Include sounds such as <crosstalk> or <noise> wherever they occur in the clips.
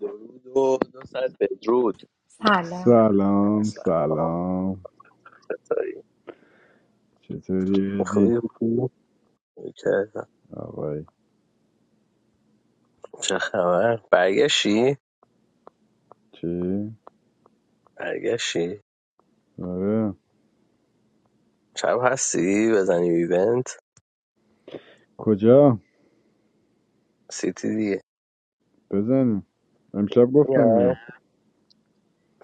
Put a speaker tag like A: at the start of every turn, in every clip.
A: درود و دو ساعت بدرود
B: Hello.
C: سلام
A: سلام
C: سلام
A: چطوری
C: چطوری دی؟
A: خوبی بودی کردم
C: آقای
A: چه خبر برگشتی
C: چی
A: برگشتی
C: آره
A: شب هستی بزنی ایونت
C: کجا
A: سیتی دیگه
C: بزنیم امشب گفتم
A: میاد
C: میام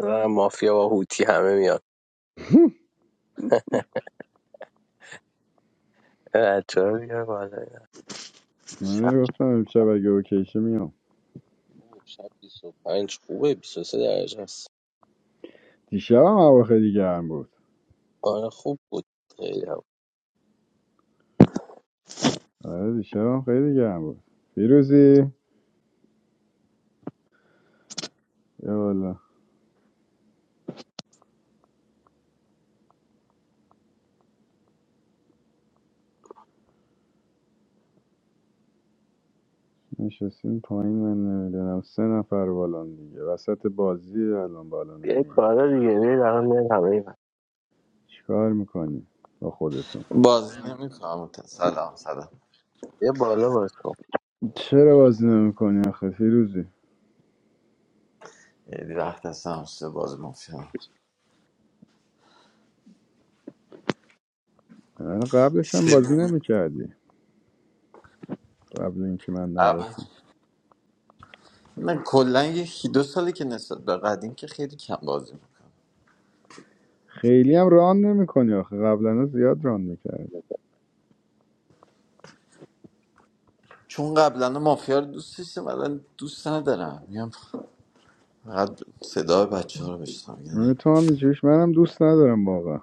A: آه، مافیا و هوتی همه میاد
C: <laughs>
A: بچه ها بیار بالا اینا. شب
C: من
A: که
C: گفتم امشب اگه اوکیشه میام
A: خوب شب 25 خوبه 23 درجه است
C: دیشب هم هوا خیلی گرم بود
A: آره خوب بود خیلی هم
C: آره دیشب هم خیلی گرم بود فیروزی یا والا نشستیم پایین من نمیدونم سه نفر بالان دیگه وسط بازی الان بالا
A: بیاید
C: نمیدونم
A: بالا دیگه بیاید الان میاد همه اینا.
C: چیکار میکنی با خودتون
D: بازی نمیکنم سلام سلام
A: بیا بالا باز کن
C: چرا بازی نمیکنی آخه فیروزی
D: یه وقت هست هم سه باز مافیا
C: من قبلش هم بازی
D: سوم
C: نمیکردی قبل اینکه من
D: اول
C: نباشم
D: نه کلا یکی دو سالی که نسبت به قدیم که خیلی کم بازی میکنم
C: خیلی هم ران نمیکنی آخه قبلا زیاد ران میکردی
D: چون قبلا مافیا رو دوست داشتم الان دوست ندارم میگم فقط صدا بچه ها رو بشنم یعنی
C: من تو هم اینجوریش منم دوست ندارم واقعا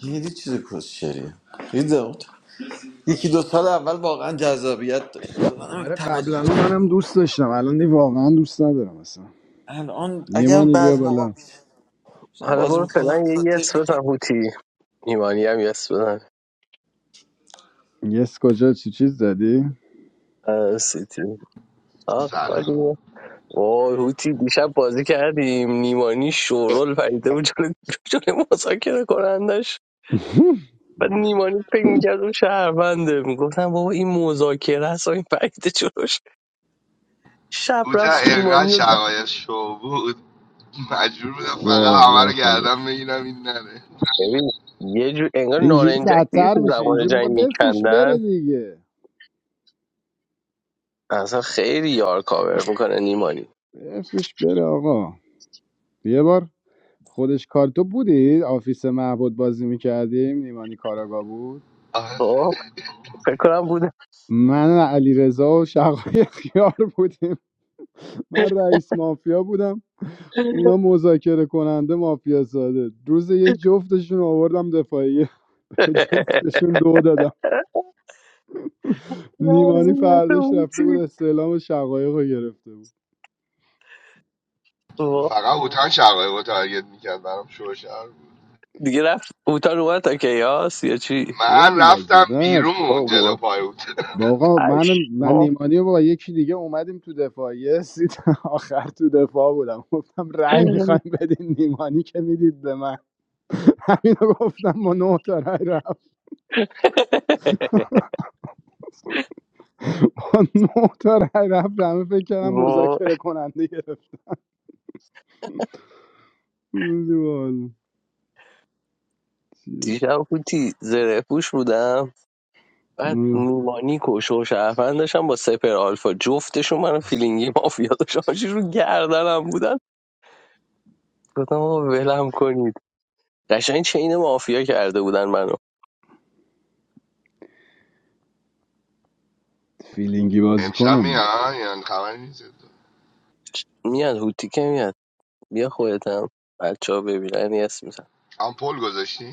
D: خیلی چیز کسشریه خیلی زود. یکی دو سال اول واقعا جذابیت داشت الان هم
C: آره
D: توجه
C: قبلا
D: کردم
C: منم دوست داشتم الان دیگه واقعا دوست ندارم اصلا
D: الان اگر
C: نیمانی بیا
D: بعض موقع
C: بالا
D: میشم
A: حالا
D: بازی
A: برو فعلا
D: میکنم
A: یه
D: خاطر
A: یس
D: اینه
A: بزن هوتی ایمانی هم یس بزن
C: یس کجا چی چیز زدی
A: آره، سیتی آه، کاری
E: Assalam.
A: نه. وای هوتی دیشب بازی کردیم نیمانی شورول پریده بود جلو جلو مذاکره کنندش بعد نیمانی فکر میکرد اون شهرونده میگفتم بابا این مذاکره است و این پریده جلوش شب
E: Pooja,
A: رفت
E: Iga,
A: نیمانی رو زد
E: Shahwa, ya shobu, ud majur na faga.
A: اوه،
C: وای
E: Hamar
C: یا خدا
E: gerdam meinam innaale.
A: ببین یه جور انگار
C: اینجوری
A: نارنجک دیگه
C: بدتر
A: تو
C: میشه
A: زبان
C: اینجوری
A: جنگ
C: میگه بفروش بره
A: میکندن
C: دیگه
A: اصلا خیلی یار کاور میکنه نیمانی
C: بفروش بره آقا یه بار خودش کار تو بودی آفیس معبود بازی میکردیم نیمانی کاراگا بود
A: خب فکر کنم بود
C: من و علیرضا و شقایق خیار بودیم من رئیس مافیا بودم اونا مذاکره کننده مافیا ساده روز یک جفتشون آوردم دفاعیه
A: <laughs>
C: به <laughs> جفتشون دو دادم نیمانی
A: یزیدت
C: فرداش
A: اون
C: رفته بود استعلام شقایق رو گرفته بود
E: Faga udhan Shahwa, ko ta ayed mikal. Bam shob shab.
A: دیگه رفت اوتان اومد تا کیاس یا چی
E: Maan
C: بردیم بازی رو.
E: raftam
C: نه
E: biramoon, jalo
A: آقا
E: payud.
C: واقعا من من
A: ما
C: نیمانی با یکی دیگه اومدیم تو دفاعیه سیت آخر تو دفاع بودم گفتم رأی میخوایم بدین نیمانی که میدید به من <laughs> همینو گفتم با نه تا رأی
A: <laughs>
C: با نه تا رای رفت همه فکر کردم
A: ما
C: مذاکره کننده گرفت والا. چیه؟
A: دیشب بودی زره پوش بودم بعد
C: نه.
A: نورانی کش و شرفند داشتم با سپر آلفا جفتشون من فیلینگی مافیا داشتم همش رو گردنم بودن گفتم آقا ولم کنید قشنگ چین مافیا کرده بودن منو
C: فیلینگی بازی کنن
E: Amshamiya, yaan khamani zid.
A: میاد هوتی که میاد بیا خودتم بچه ها ببینن یس
E: Ampol gozeshi.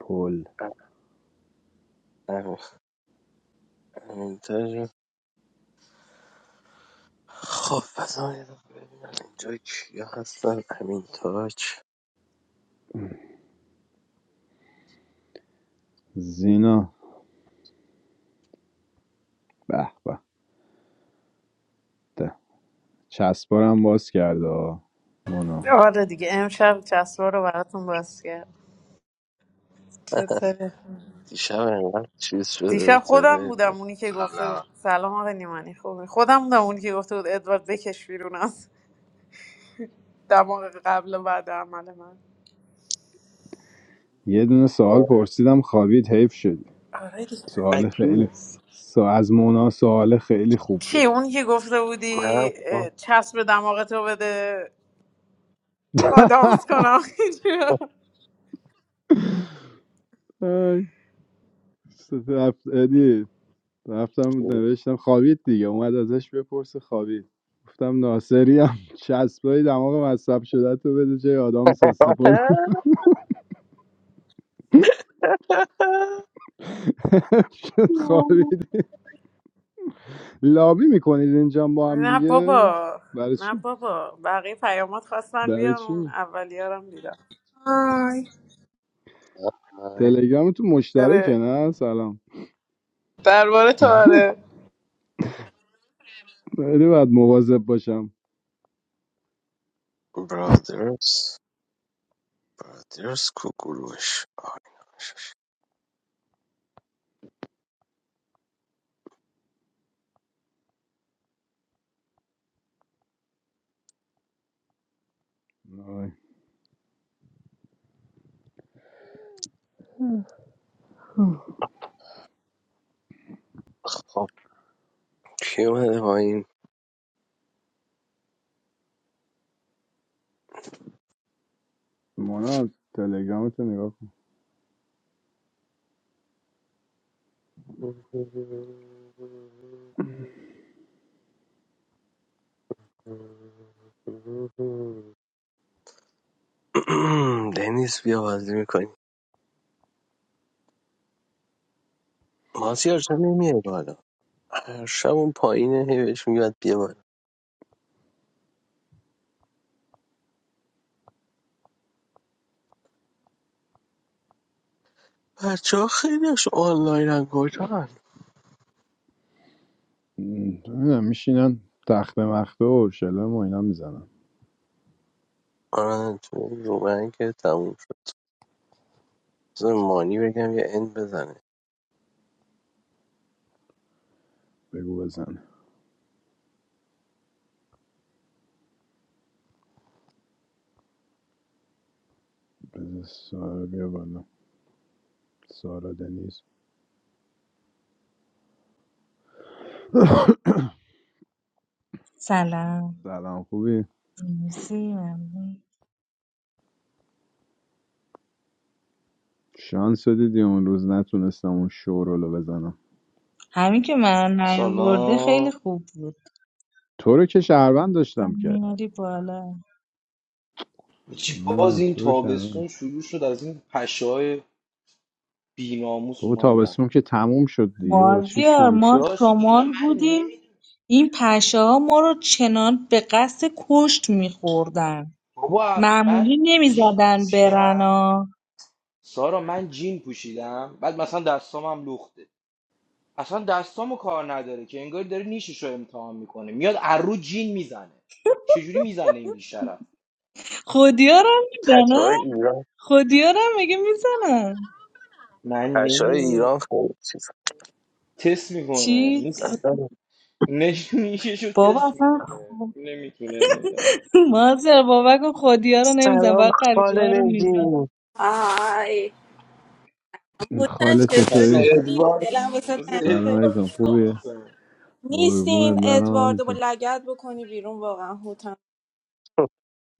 C: پل
A: میزن خب پس من یه دفعه ببینم اینجا کیا هستن امین تاج
C: زینا به به ده. چسبارم باز کرده آه. مونا
F: آره دیگه امشب جسوا رو براتون باز کرد
A: <laughs>
F: چطوره
A: دیشب انقدر چیز شده
F: دیشب
A: بود
F: خودم
A: شده
F: بودم اونی که گفته
E: Assalam.
F: بود- سلام آقا نیمانی خوبی خودم بودم اونی که گفته بود ادوارد بکش بیرون از دماغ قبل و بعد عمل من
C: یه دونه سوال
A: آه،
C: پرسیدم خوابید حیف شد
F: آره دیگه.
C: سوال
A: بکی
C: خیلی سو از مونا سوال خیلی خوب
F: چی
C: بود
F: اونی که گفته
A: منم
F: بودی اه،
A: خودم
F: چسب دماغ تو بده آدامس کنم <laughs>
C: <laughs> ای، رفت ادی. رفتم
A: بکی.
C: نوشتم خوابید دیگه اومد ازش بپرسه خوابید گفتم ناصری هم چسبای دماغ مصب شده تو بده جای آدم سستپال نشد. خوابید لابی میکنید اینجا با هم
F: نه
C: دیگه
F: بابا
C: برای
F: نه
C: چی؟
F: بابا بقیه پیامات خواستن
C: برای
F: بیان اون
C: چی؟
F: اولیارم دیدم
G: آی
A: آی،
C: تلگرام تو مشترکه
F: آره
C: نه سلام
F: درباره تو آره
C: خیلی باید مواظب باشم
A: برادرز برادرز کو گروهش آی،
C: آی،
A: خب کی اومده با این
C: مونا تلگرامتو نگاه کن
A: <clears throat> دنیس بیا بازی میکنی مازیار چرا نمیای بالا هر شب اون پایینه هی بهش میگه باید بیا بالا بچه ها خیلیش آنلاین هم کجا
C: نمیدونم میشینن تخت مخته و شلم و اینا میزنن
A: آره تو روبن که تموم شد بذار مانی بگم یه اند بزنه
C: بگو بزن بذار سارا بیا بالا سارا دنیز
H: سلام
C: سلام خوبی
H: مرسی ممنون
C: شانس رو دیدی اون روز نتونستم اون شورو رو بزنم
H: همین که من نیاورده خیلی
I: سلام
H: خوب بود
C: تو رو که شهروند
H: گفتم
C: داشتم که
H: میاری بالا
I: چی باز
C: نه
I: این
C: تو رو شهروند
I: تابستون شروع شد از این پشه های بیناموس
C: بابا
I: اومدن
C: تابستون که تموم شد دیگه با چی
H: مازیار
C: شروع
H: ما
C: شد
I: داشت اینا
H: شمال
I: من
H: بودیم
I: نمیدونم
H: این پشه ها ما رو چنان به قصد کشت میخوردن
I: بابا من
H: معمولی
I: جین
H: نمیزدن برن
I: پوشیدم
H: ها
I: سارا من جین پوشیدم بعد مثلا دستام هم لخته اصلا دستامو کار نداره که انگار داره نیشش رو امتحان میکنه میاد ارو جین میزنه چجوری میزنه این بیشرف
H: خودیا رو
A: بچه های
H: میزنن
A: ایران
H: خودیا میگه میزنن
I: من
A: بچه های
I: نمیدونم
A: ایران خیلی چیز
I: تست میکنه
H: چی؟
A: اصلا
I: نیشش رو
H: بابا
I: تست
H: اصلا
I: میکنه
H: خ-
I: نمیتونه
H: <laughs> مازیار بابا کن خودیا رو نمیزن
A: سلام
H: باید قلیبی
A: خاله
H: رو میزن
A: نگین
J: آی
C: این
J: بوتن
C: خاله
I: مثل
J: چطوری
C: چطوری
I: ادوارد
J: دلم واسه
I: مثل
J: تنگ
C: سلام
J: شد.
I: ادوارد
C: عزیزم خوبی
I: ناموسن
C: قربونت
J: نیستین
C: منم
J: ادواردو با
C: همینطور
J: لگت بکنی بیرون واقعا هوتن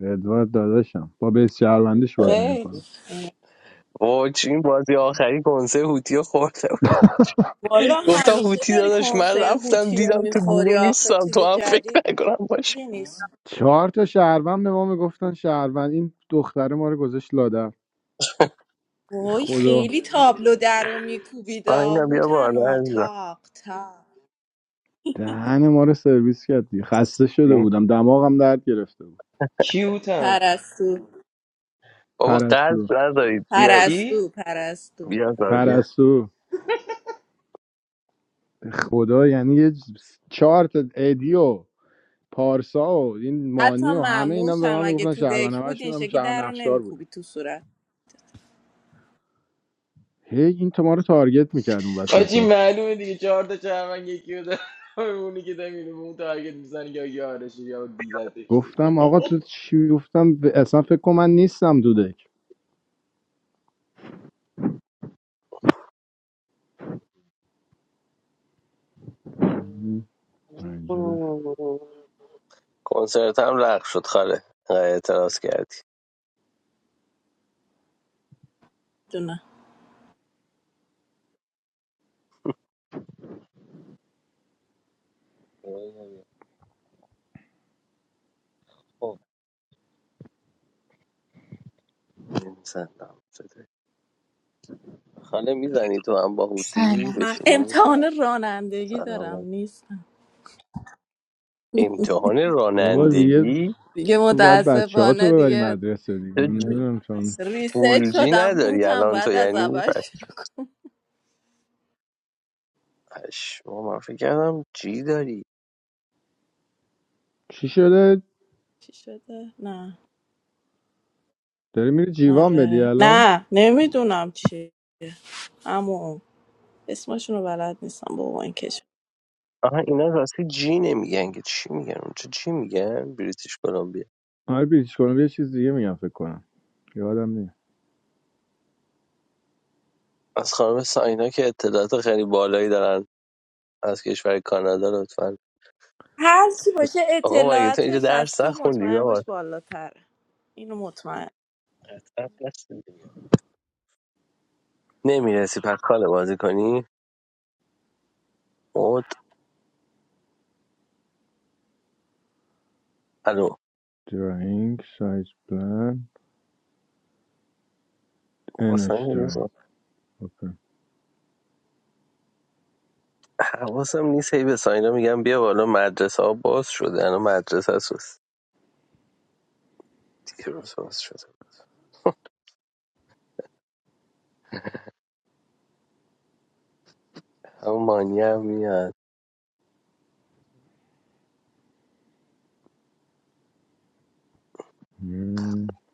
C: ادوارد داداشم با بیس شهروندیش بازی
J: خیلی
C: میکنم
A: وای چی این بازی آخری کنسه هوتی رو خورده بودم
J: والا
A: گفتم
J: همیشه
A: هوتی
J: داری
A: داداش من
J: کنسه
A: رفتم
J: هوتی رو
A: دیدم تو
J: میخوری
A: گروه
J: آخه
A: نیستم
J: چیز
A: تو هم
J: جدیدی
A: فکر نکنم باشه
J: نیست
C: چهار تا شهروند به ما میگفتن شهروند این دختره ما رو گذاشت لادر
J: وای
C: خدا
J: خیلی تابلو در رو میکوبیدا
A: آینا بیا
J: هوتن
A: بالا
J: و
A: عزیزم
J: تاق تاق
C: دهن ما رو سرویس کرد دیگه. خسته شده بودم دماغم درد گرفته بود
I: کیوتن
J: پرستو
A: بابا قلب
C: پرستو
A: ندارید بیاید
I: کی؟
J: پرستو پرستو
A: بیا کار بیا
C: پرستو خدا یعنی یه چهار تا ادی و پارسا و این
J: حتی
C: مانی و همه اینا
J: معموش
C: به
J: هم
C: من
J: اگه
C: میگفتن
J: تو
C: شهروند
J: دک بود این
C: همشون هم
J: شکلی
C: شهر
J: در رو
C: نقشدار بودن
J: نمیکوبید تو صورت
C: هی این تو ما رو تارگت میکرد اون وسط
I: آجی معلومه دیگه چهار تا چهرمن یکی رو دارم اونی که دمیره به اون تارگت میزنه یا یارشه یا دیدتش دیگه
C: گفتم آقا تو چی گفتم اصلا فکر کنم من نیستم دودک عجبه.
A: کنسرت هم رخ شد خاله اینقدر اعتراض کردی خب نمیزنم خاله میزنی تو هم با هوتی
K: سلام
J: من
A: بشینی
J: امتحان رانندگی دارم
A: سلام
J: نیستم
A: امتحان
C: بابا دیگه
A: رانندگی
J: دیگه
C: تو باید بچه ها تو
J: متاسفانه
C: ببری
J: دیگه
C: مدرسه دیگه
A: تو ج-
J: ری-
C: نمی‌دونم چون.
J: ریست
A: پولجی
J: شدم
A: نداری
J: هوتم
A: الان تو
J: باید از
A: یعنی
J: اول شروع کنم.
A: شما من فکر کردم جی داری
C: چی شده
J: چی شده؟ نه
C: داری میری جیوان بدی
J: آره
C: الان
J: نه نمیدونم چی اما اسمشون رو بلد نیستم بابا این کشور
A: آها اینا راستی جی نمیگن که چی میگن اونجا جی میگن بریتیش کلمبیا
C: آره بریش کنم یه چیز دیگه میگم فکر کنم یادم نیست
A: از خانم ساینا که اطلاعات خیلی بالایی دارن از کشور کانادا لطفا
J: هر چی باشه
A: آقا مگه تو اینجا
J: اطلاعاتش از
A: درس
J: تو
A: نخوندی
J: مطمئن
A: یا
J: باش بالاتره اینو مطمئن
A: نمیرسی پکال بازی کنی مود الو
C: درینک سایز پلان
A: آقا ساینا
C: انشتوه
A: بیا. حواسم نیست هی به ساینا میگم بیا بالا مدرسه ها باز شده الان مدرسه است و دیگه روز باز شده همون مانی هم میاد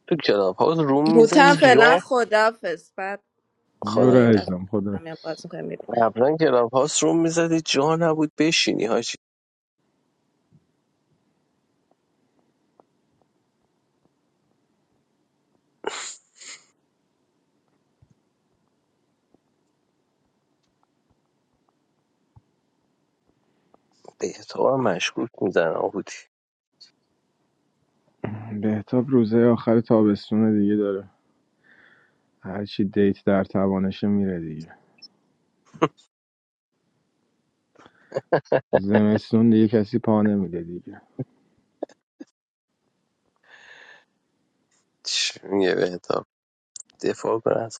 A: تو کلاب هاوس روم
J: هوتم
A: میزدی
J: فعلا
A: جا
J: خدافز بعد ایشالله
C: برو
J: یه
A: خدا
J: دفعه
C: عزیزم
J: هم
C: خدافز
J: باز می‌کنیم.
A: قبلا کلاب هاوس روم میزدی جا نبود بشینی هاچی به احتاب هم مشکوک میزن بودی
C: بهتاب روزه آخر تابستون دیگه داره هرچی دیت در توانشه میره دیگه زمستون دیگه کسی پا نمیده دیگه
A: چی میگه به احتاب دفاع کن از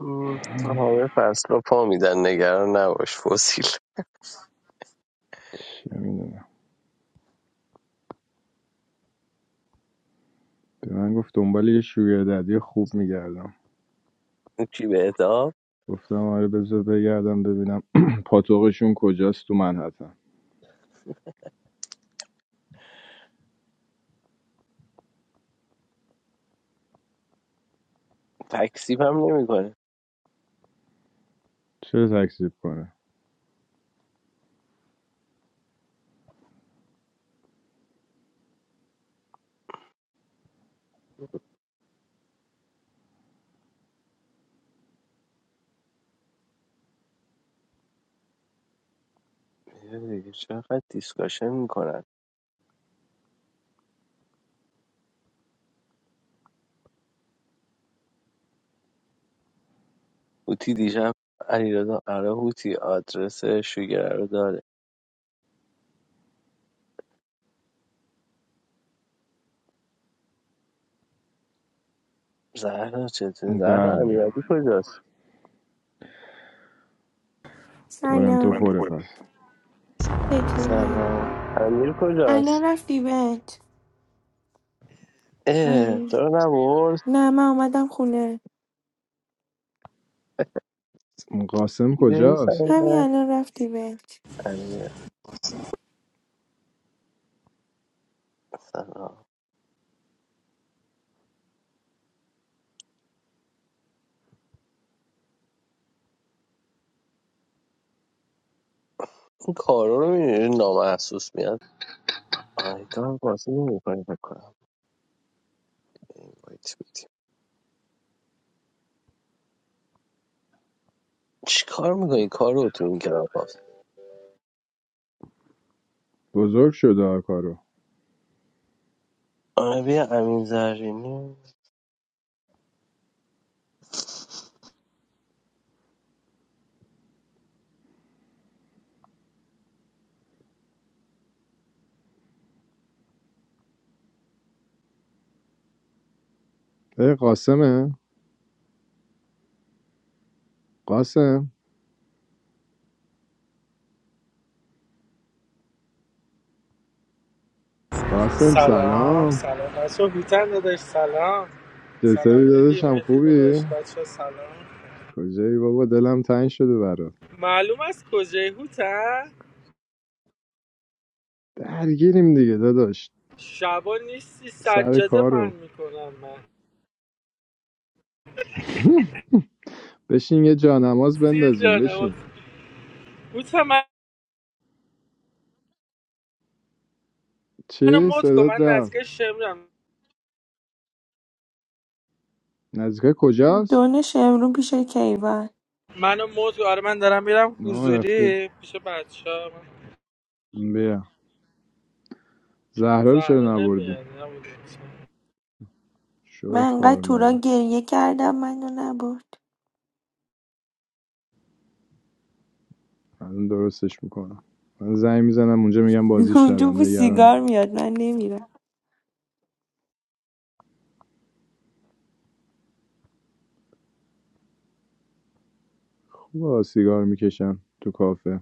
A: م، تو همه فصل پا میدن نگران نباش فسیل
C: چه میدونم به من گفت دنبال یه شوگر ددی خوب میگردم
A: <laughs> چی به ادام
C: گفتم آره بذار بگردم ببینم <clears throat> پاتوقشون کجاست تو منحتن
A: تکسیب هم نمیکنه
C: چه تکذیب کنه
A: دیگه چقدر دیسکاشن میکنن هوتی دیشب علیرضا آره هوتی آدرس شوگره رو داره زهرا چطوری زهرا
C: بله
A: امیرعلی کجاست
L: من سلام
C: تورنتو
L: بند
C: پره
L: خدا
C: پس
L: چطوری
A: سلام امیر
L: الان
A: کجاست
L: رفتی بهت
A: اه
L: آره.
A: تو رو نبرد
L: نه من اومدم خونه
C: قاسم
A: دیدی
C: کجاست
L: همین
A: سنگه
L: الان رفتی بهت
A: امیر سلام این کارا رو میبینی نامحسوس میاد آیدان بازی نمیکنی بکنم این وایت چی کار میکنی کارو تو این کلاب هاست
C: بزرگ شده ها کارو
A: آره بیا امین زرینی
C: ای قاسمه قاسم قاسم
M: سلام
C: سلام
M: سلام بچه ها بیتن داداش سلام سلام
C: چطوری
M: ایدی
C: داداشم
M: مهدی
C: خوبی؟
M: داداش بچه ها سلام
C: کجایی بابا دلم تنگ شده برات
M: معلوم از کجای هوتن
C: درگیریم دیگه داداش
M: شبا نیستی
C: سر
M: سجاده پهن
C: کارو
M: میکنم من
C: <laughs> بشین یه جانماز
M: سیر
C: بندازیم
M: جانه
C: بشین
M: هوتن منو
C: چی
M: مد کن
C: صدات
M: من
C: رفت
M: نزدیک شمرم
C: نزدیکای کجاست
L: دونه شمرون پیش کیوان
M: منو مد کن. آره من دارم میرم
C: نه رفته
M: حضوری پیش بچه ها من
C: بیا زهرا رو
M: زهره
C: چرا نبردی
M: نمیاد نبوده
C: شو
L: من انقدر
C: خار
L: تورا
C: مادر
L: گریه کردم منو نبرد
C: الان درستش میکنم من زنگ میزنم اونجا میگم
L: <laughs>
C: بازیش
L: اونجا
C: ندم
L: بو
C: نگران
L: سیگار
C: نباش
L: میاد من نمیرم
C: خوبه سیگار میکشن تو کافه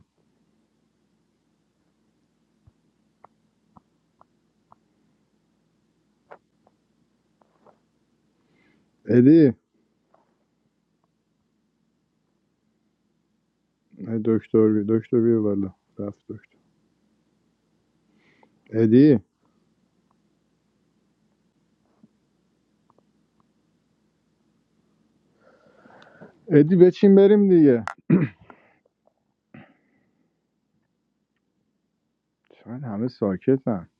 C: ادی ای دکتر بی- دکتر بیا بالا رفت ادی ادی بچین بریم دیگه چون همه ساکتن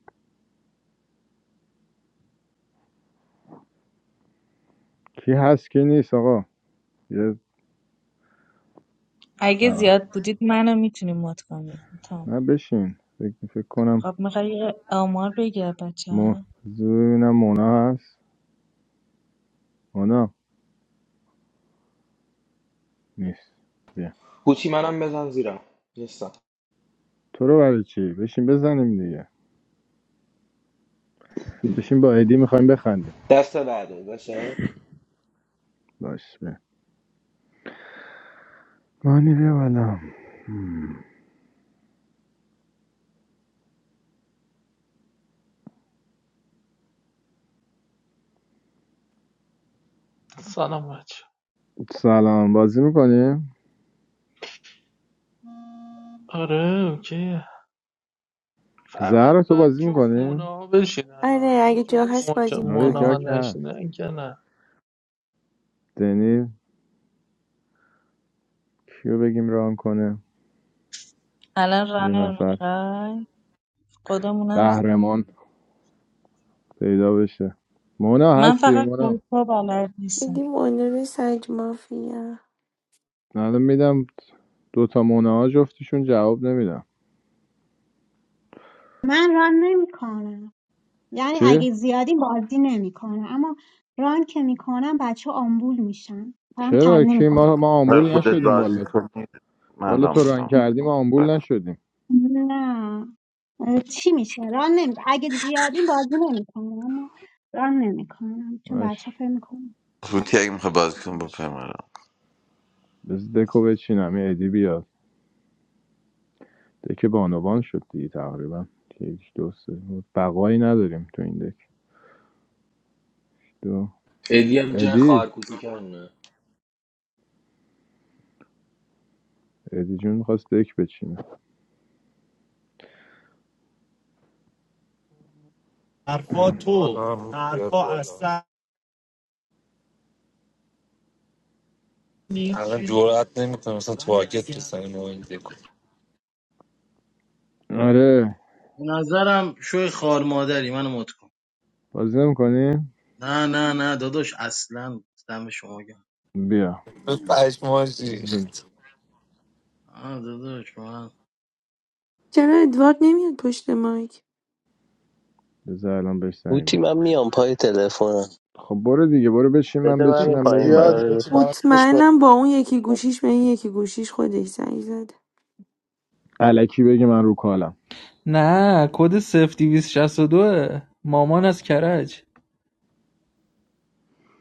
C: کی هست کی نیست آقا یه
H: اگه
C: خبر
H: زیاد بودید منو میتونی مد کنید تام
C: نه بشین فکر, فکر کنم
H: خب میخوای یه آمار بگیر بچه
C: ما
H: ها
C: ببینم مونا هست مونا نیست بیا
I: کوچی منم بزن زیرم نیستم
C: تو رو برای چی بشین بزنیم دیگه بشین با ادی میخوایم بخندیم
I: دست بعده باشه
C: باش بیا مانی بیا بالا هم.
N: سلام بچه
C: سلام بازی میکنیم
N: آره اوکی فقط
C: زهر تو
N: باید
C: بازی
N: جفت مونه
C: میکنیم
N: ها بشینن ها.
L: آره
N: یعنی
L: اگه جا
N: جفت
L: هست
N: مش...
L: بازی
C: آره
N: مونه
L: میکنه
C: جا
N: ها
C: که هست
N: نشینن که نه
C: دنی کیو بگیم ران کنه
H: الان
C: یه
H: رانر
C: نفر
H: میخوای خودمونم زیاد.
C: قهرمان پیدا بشه مونا
H: من
C: هستی
H: فقط
C: مونا
H: کارتو بلد نیستم
L: بدیم اونور سج مافیا
C: الان میدم دوتا تا مونا ها جفتشون جواب نمیدم
O: من ران نمیکنم یعنی
C: چی؟
O: اگه زیادی بازی نمیکنم اما ران که میکنم بچه آمبول میشن هم تل
C: چرا کی
O: نمیکنم
C: ما ما آمبول
D: خودت
C: نشدیم
D: بازی
C: والا
D: کنی من
C: والا
D: رام
C: تو ران
D: میکنم
C: کردیم ما آمبول نشدیم
O: نه اه، چی میشه ران نمی... اگه زیادی بازی نمیکنم اما ران نمیکنم چون
C: باش
O: بچه فکر میکنم
D: فوتی اگه میخوای بازی کنم با رام
C: بز دکو بچینم یه ادی بیاد دک بانوان شد دیگه تقریبا یک دو سه بقایی نداریم تو این دک دو
I: ادی هم جای
C: ادی
I: خارکوتی کنه
C: ادی جون میخواست دک بچینه
P: حرفا تو آدم حرفا اصلا الان جرأت نمیکنه مثلا تارگت بزنه ما این دکو
C: آره
Q: به نظرم شوی خار مادری منو مت کن
C: بازی نمیکنی
Q: نه نه نه داداش اصلا دم شما گم
C: بیا
P: به پشماش ریخت
Q: آه داداش من
L: چرا ادوارد نمیاد پشت مایک
C: بذار الان بهش زنگ
A: هوتی
C: بزنم.
A: من میام پای تلفنم
C: خب برو دیگه برو بشین من
A: بده
R: تیم
A: منو
C: بچینم
A: پایین
C: بریم
R: زیادی
C: دیگه
A: منو بده
R: بچی
A: پایین.
R: من بکش بالا
L: مطمئنم با اون
R: بکش
L: یکی
R: بالا.
L: گوشیش به این یکی گوشیش خودش زنگ زده
C: الکی بگی من رو کالم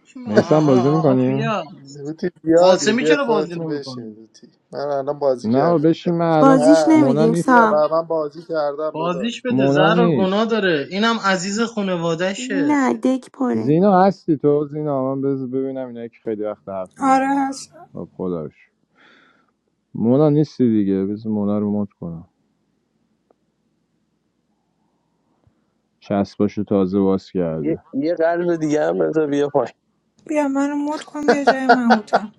Q: چی ما آه،
C: میسم بازی میکنی
Q: آفیا
R: لوتی زیادی
Q: قاسمی
R: بیا
Q: چرا بازی
R: خودتون بشین
Q: نمیکنه
R: لوتی من الان بازی
C: نه بابا،
R: کردم
C: بشین من الان
L: بازیش
R: نه
C: مونا
L: نمیدیم
R: ب-
C: نیست
R: بیا
L: سام
R: با من بازی کردم
Q: بازیش
R: داداش من
Q: بده
R: بازی
C: مونا
Q: زهر و
R: نشم
Q: گناه
C: نیست
Q: داره اینم عزیز خانوادهشه
L: نه دک پره
C: زینا هستی تو زینا من بذار ببینم اینا که خیلی وقت حرف
G: آره
C: نمیزنه
G: هستم
C: خب خدا رو شکر. مونا نیستی دیگه بذار مونا رو مد کنم چسب باشه تازه باز
A: یه,
C: کرده
A: یه قلب دیگه هم بذار بیا پایین
G: بیا منو مد کن بیا
R: <laughs>
G: جای من هوتن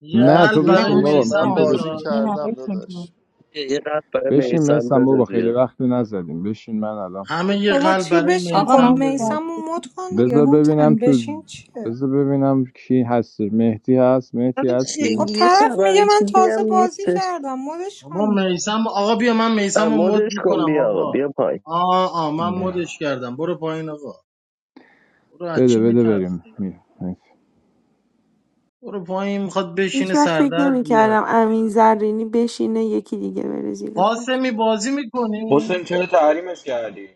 Q: یه
R: نه
C: نه
R: از
C: تو
Q: قلب
H: نه
R: اینا
Q: برای
C: بشین بابا
R: بشین
H: عزیزم،
Q: میسم
R: من
C: میخوام تو
H: نه
R: بازی
Q: بذار
C: بشین
H: دیگه
R: کردم
H: نباشین تو.
R: داداش
A: یه یه قلب برای
C: بشین
A: میسم
C: میسم
A: بذار
C: بابا خیلی
A: بیا.
C: وقت نزدیم بشین من الان
Q: همه یه
G: بابا
Q: قلب
G: چی
Q: برای
G: بشین
H: آقا
G: خب
H: من
Q: میسم بذار
G: میسمو مد کن دیگه
C: بذار ببینم
G: هوتن
C: تو
G: بشین چیه
C: بذار ببینم کی هستی مهدی هست مهدی
A: آره،
C: هستی
G: خب
A: خیلی
G: طرف
A: خبر
G: میگه من
A: چیزی هم
G: تازه بازی
A: نیستش
G: کردم مدش
Q: بابا
G: کن دیگه
Q: میسم آقا بیا من
A: آره،
Q: میسم رو مد
A: مدش کن
Q: میکنم
A: بیا آقا
Q: آقا
A: بیا پایین
Q: آ آه من
C: نه.
Q: مدش کردم برو پایین آقا برو از
C: بده
Q: چی
C: بده بریم
Q: میترسی
C: می- مهدی
Q: برو پایین میخواد
L: هیچ
Q: بشینه
L: وقت فکر
Q: سردرد
L: نمی کردم
Q: بیاره
L: امین زرینی بشینه یکی دیگه بره زیر فرش
Q: قاسمی بازی میکنی
I: حسین چرا تحریمش کردی؟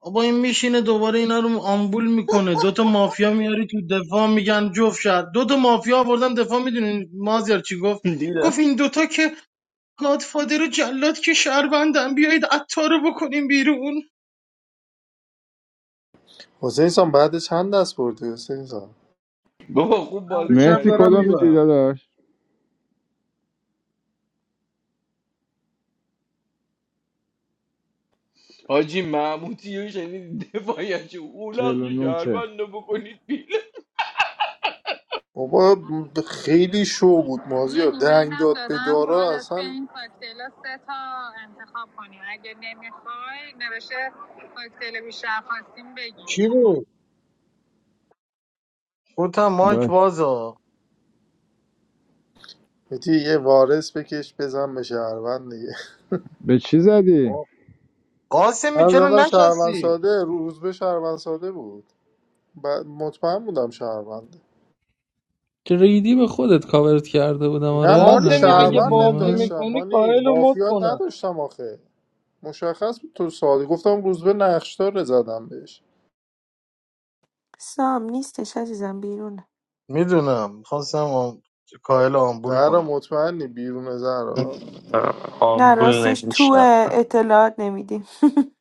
Q: بابا این میشینه دوباره اینا رو آمبول میکنه دوتا مافیا میاری تو دفاع میگن جفت شد دوتا مافیا آوردن دفاع میدونین مازیار چی گفت گفت
I: دیدم
Q: این دوتا که گادفادر و جلاد که شهروندن بیایید عطار رو بکنیم بیرون
R: حسین سان بعد چند دست بردی حسین سان
I: بابا خوب
Q: هر
I: بازی
Q: شب
C: مهدی
I: کردی دیگه
Q: دارم
C: کدوم میدی
Q: میبرم
I: میسم
C: داداش
I: حاجی محمودی رو شنید دفاعیش اولاق
C: چهل و نه چه
I: شهروند رو بکنید
R: بابا ب- خیلی شو بود مازی ها دنگ داد به دارا اصلا
Q: چی بود؟ گفتم مایک
C: باش
Q: بازا
R: بتی یه وارث بکش بزن به شهروند دیگه
C: به چی زدی
Q: آه.
R: <laughs>
Q: قاسمی
R: من
Q: چرا
R: زدم شهروند
Q: نشستی؟
R: ساده روز به شهروند ساده بود ب... مطمئن بودم شهرونده
N: که ریدی به خودت کاورت کرده بودم
R: نه
N: آره
R: مانی
Q: قاسمی
N: نزده
Q: اگه
N: بودی به
R: شهروندت
Q: بازی
N: من
R: داشتم
Q: میکنی
R: مانی
Q: کایل رو مد
R: مافیات
Q: کن.
R: نداشتم آخه مشخص بود تو سالی گفتم روز به نقشدار رو زدم بهش
L: سام نیستش عزیزم بیرونه
Q: میدونم خواستم آم... کاهل آمبول
R: زهرا
Q: کنم
R: مطمئنی بیرون زهرا
P: آه،
L: نه
P: آمبول
L: راستش تو
P: نمیشم
L: اطلاعات نمیدیم <laughs>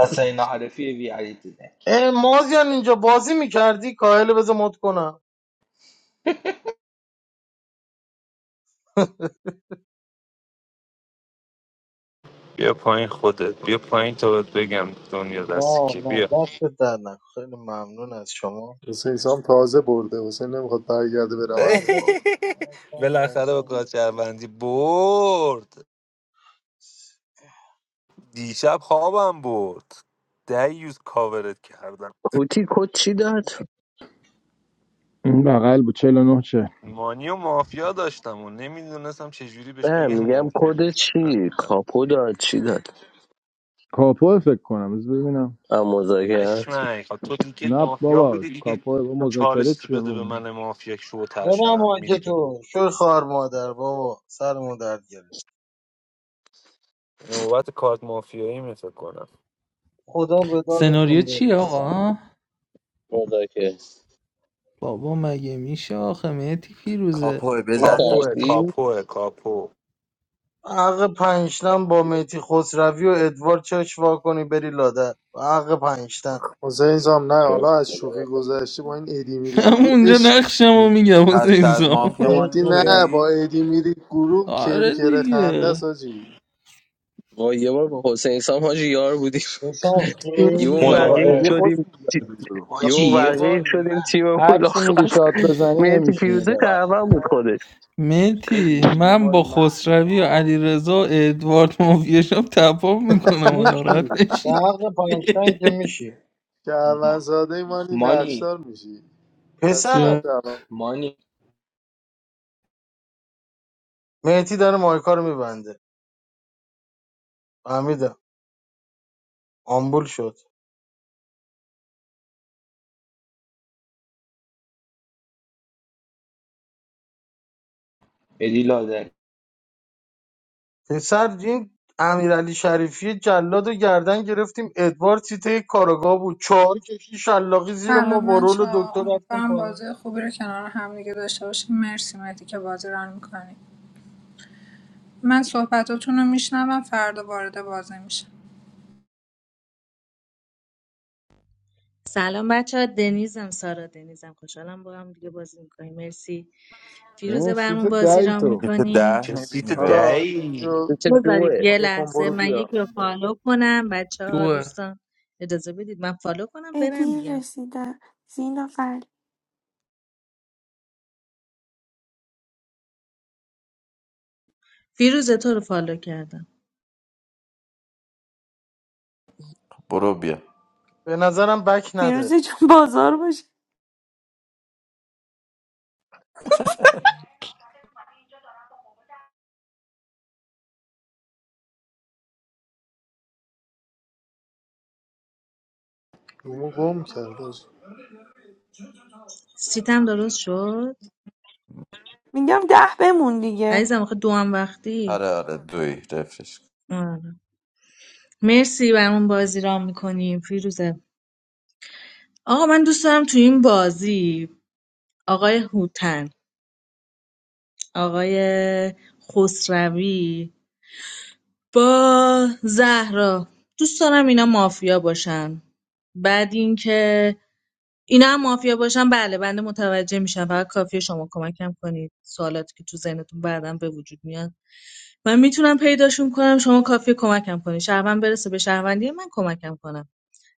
I: مثلا این عرفی وی علی دیدک
Q: اه مازیان اینجا بازی میکردی کاهل بذار مد کنم <laughs>
P: بیا پایین خودت بیا پایین تا بهت بگم دنیا دستی
Q: نه
P: که
Q: نه
P: بیا
Q: دست در نکن خیلی ممنون از شما
R: حسین سام تازه برده حسین نمیخواد برگرده به
Q: نه
R: روند
Q: داداش
R: باخت
P: <laughs>
Q: اصلا بازی
P: بالاخره به کارچربندی برد
Q: نیست.
P: دیشب خوابم برد ده یوز کاورت کردم
A: هوتی کد چی داد؟
C: این بغل بود چهل و نه چه
P: مانی و مافیا داشتم و نمیدونستم چجوری بهش
A: نه
P: بگم
A: میگم کد
P: مافیا
A: چی؟ کاپو داد چی داد؟
C: کاپو فکر کنم بذار ببینم
A: آه، مذاکره است.
P: پشمک خب تو دیگه
C: نه
P: مافیا
C: بابا
P: بودی دیگه
C: کاپو با مذاکره
P: چالش تو
C: چیه
P: بده به من
C: با
P: مافیا شوتر
Q: نه
P: شم
Q: ما که
P: میری به
Q: تو شوی خار مادر بابا سرمو درد گرفت
P: نوبت کارت مافیایی می فکر کنم
Q: خدا به
N: سناریو
Q: دادتون
N: چیه
Q: برس
N: آقا
A: مذاکره
N: بابا مگه میشه آخه مهتی فیروزه
D: کاپو بزنی.
P: کاپوه
Q: آره
A: میترسی؟
P: کاپوه کاپو
Q: حق پنجتن با میتی خسروی و ادوار چشوا کنی بری لاده حق پنجتن
R: حسین سام نه حالا از شوخی گذشته با این ادی
N: <laughs>
R: میری
N: هم
R: گروه
N: اونجا
R: عشق
N: نقشم و
R: می‌کنی.
N: میگم
D: هست
N: حسین
D: از
N: سام.
D: مافیا مانی
R: جدی نه با
D: تویی
R: ادی میری گروه
N: آره
R: کرکر خنده
N: دیگه
R: ساجی
A: با یه بار با حسین سام حاجی یار بودیم <laughs>
Q: حسام خیلی
A: یهو وقیح
C: ادی
I: مذاکره
C: خوش
Q: لادریه
A: شدیم تی-
C: میگذره برو
R: <laughs>
I: حاجی
A: یهو
I: یه
A: وقیح
I: بار
A: شدیم
I: من
A: تیممون
C: هر چی
A: لاخ
C: میگه
A: رفت
C: شاد بزنی
A: مهدی
C: نمیشینه
A: فیروزه
C: دقیقا
A: قهوه بود
I: یادته
A: خودش
I: ادی
N: مهتی
I: یه
N: من
I: بار
N: با
I: من
N: خسروی و
I: تو
N: علی و ادوارد مافیشم تپاب میکنم و
Q: میشی
N: ناراحت
Q: به
N: نشی
Q: حق پنجتن
N: <laughs>
Q: که میشی
I: م-
R: شهروندزاده مانی
I: مانی
R: نقشدار میشی دست قبل
Q: پسر
N: جا-
R: شهروند
I: مانی
Q: مهتی داره مایکا رو میبنده فهمیدم آمبول شد
I: ادی
Q: پسر این امیرعلی شریفی جلاد رو گردن گرفتیم ادوارد سیته کاراگاه بود چهار کشی شلاقی زیر ما
G: سلام
Q: با
G: بچه
Q: رول
G: ها
Q: دکتر رفتیم
G: امیدوارم
Q: پایین
G: بازی خوبی رو کنار هم دیگه داشته باشیم مرسی مهدی که بازی ران میکنی. من صحبتاتون رو میشنوم فردا وارد بازی میشم
H: سلام بچه ها دنیزم سارا دنیزم خوشحالم با هم دیگه بازی میکنیم مرسی فیروزه
C: این سیت
H: برمون بازی
C: دهی
H: را
C: تو
D: سیت ده
H: میکنیم
P: چه سیت
D: میبینی
R: آره
D: به
R: آره شو
P: دهی
A: چه
H: بذارید
A: دوه
H: یه
R: خدا کن
H: لحظه
R: برو
H: من
R: بیا
H: یکی رو فالو کنم بچه ها
N: دوه
H: دوستان اجازه بدید من فالو کنم برم
L: ادی
H: بیام
L: رسیدم زینا فر
H: فیروزه تو رو فالو کردم
D: برو بیا
Q: به نظرم بک نده
L: فیروزه چون بازار باشه
R: رومو گم کردش
H: سیتم درست شد
L: میگم ده بمون دیگه
H: عزیزم آخه دو هم وقتی
D: آره آره دوی رفرش کن.
H: آره. مرسی برامون بازی رام میکنیم فیروزه آقا من دوست دارم تو این بازی آقای هوتن آقای خسروی با زهرا دوست دارم اینا مافیا باشن بعد اینکه اینا هم مافیا باشن بله بنده متوجه میشم فقط کافیه شما کمکم کنید سوالاتی که تو ذهنتون بعدم به وجود میاد من میتونم پیداشون کنم شما کافیه کمکم کنی شهروند برسه به شهروندی من کمکم کنم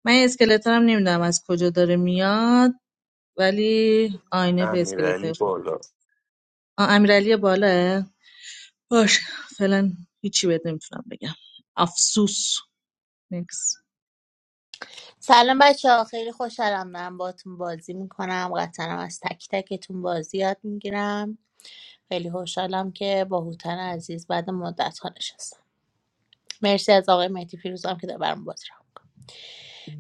H: من یه اسکلتارم نمیدونم از کجا داره میاد ولی آینه به
P: امیرعلی
H: اسکلتای خوبی
P: بالا
H: آ امیرعلی بالاه باشه فعلا هیچی بهت نمیتونم بگم افسوس نکس
K: سلام بچه ها خیلی خوشحالم دارم باتون بازی میکنم قطعا از تک تکتون بازی یاد میگیرم خیلی خوشحالم که با هوتن عزیز بعد مدت ها نشستم مرسی از آقای مهدی فیروزم که داره برام بازی رو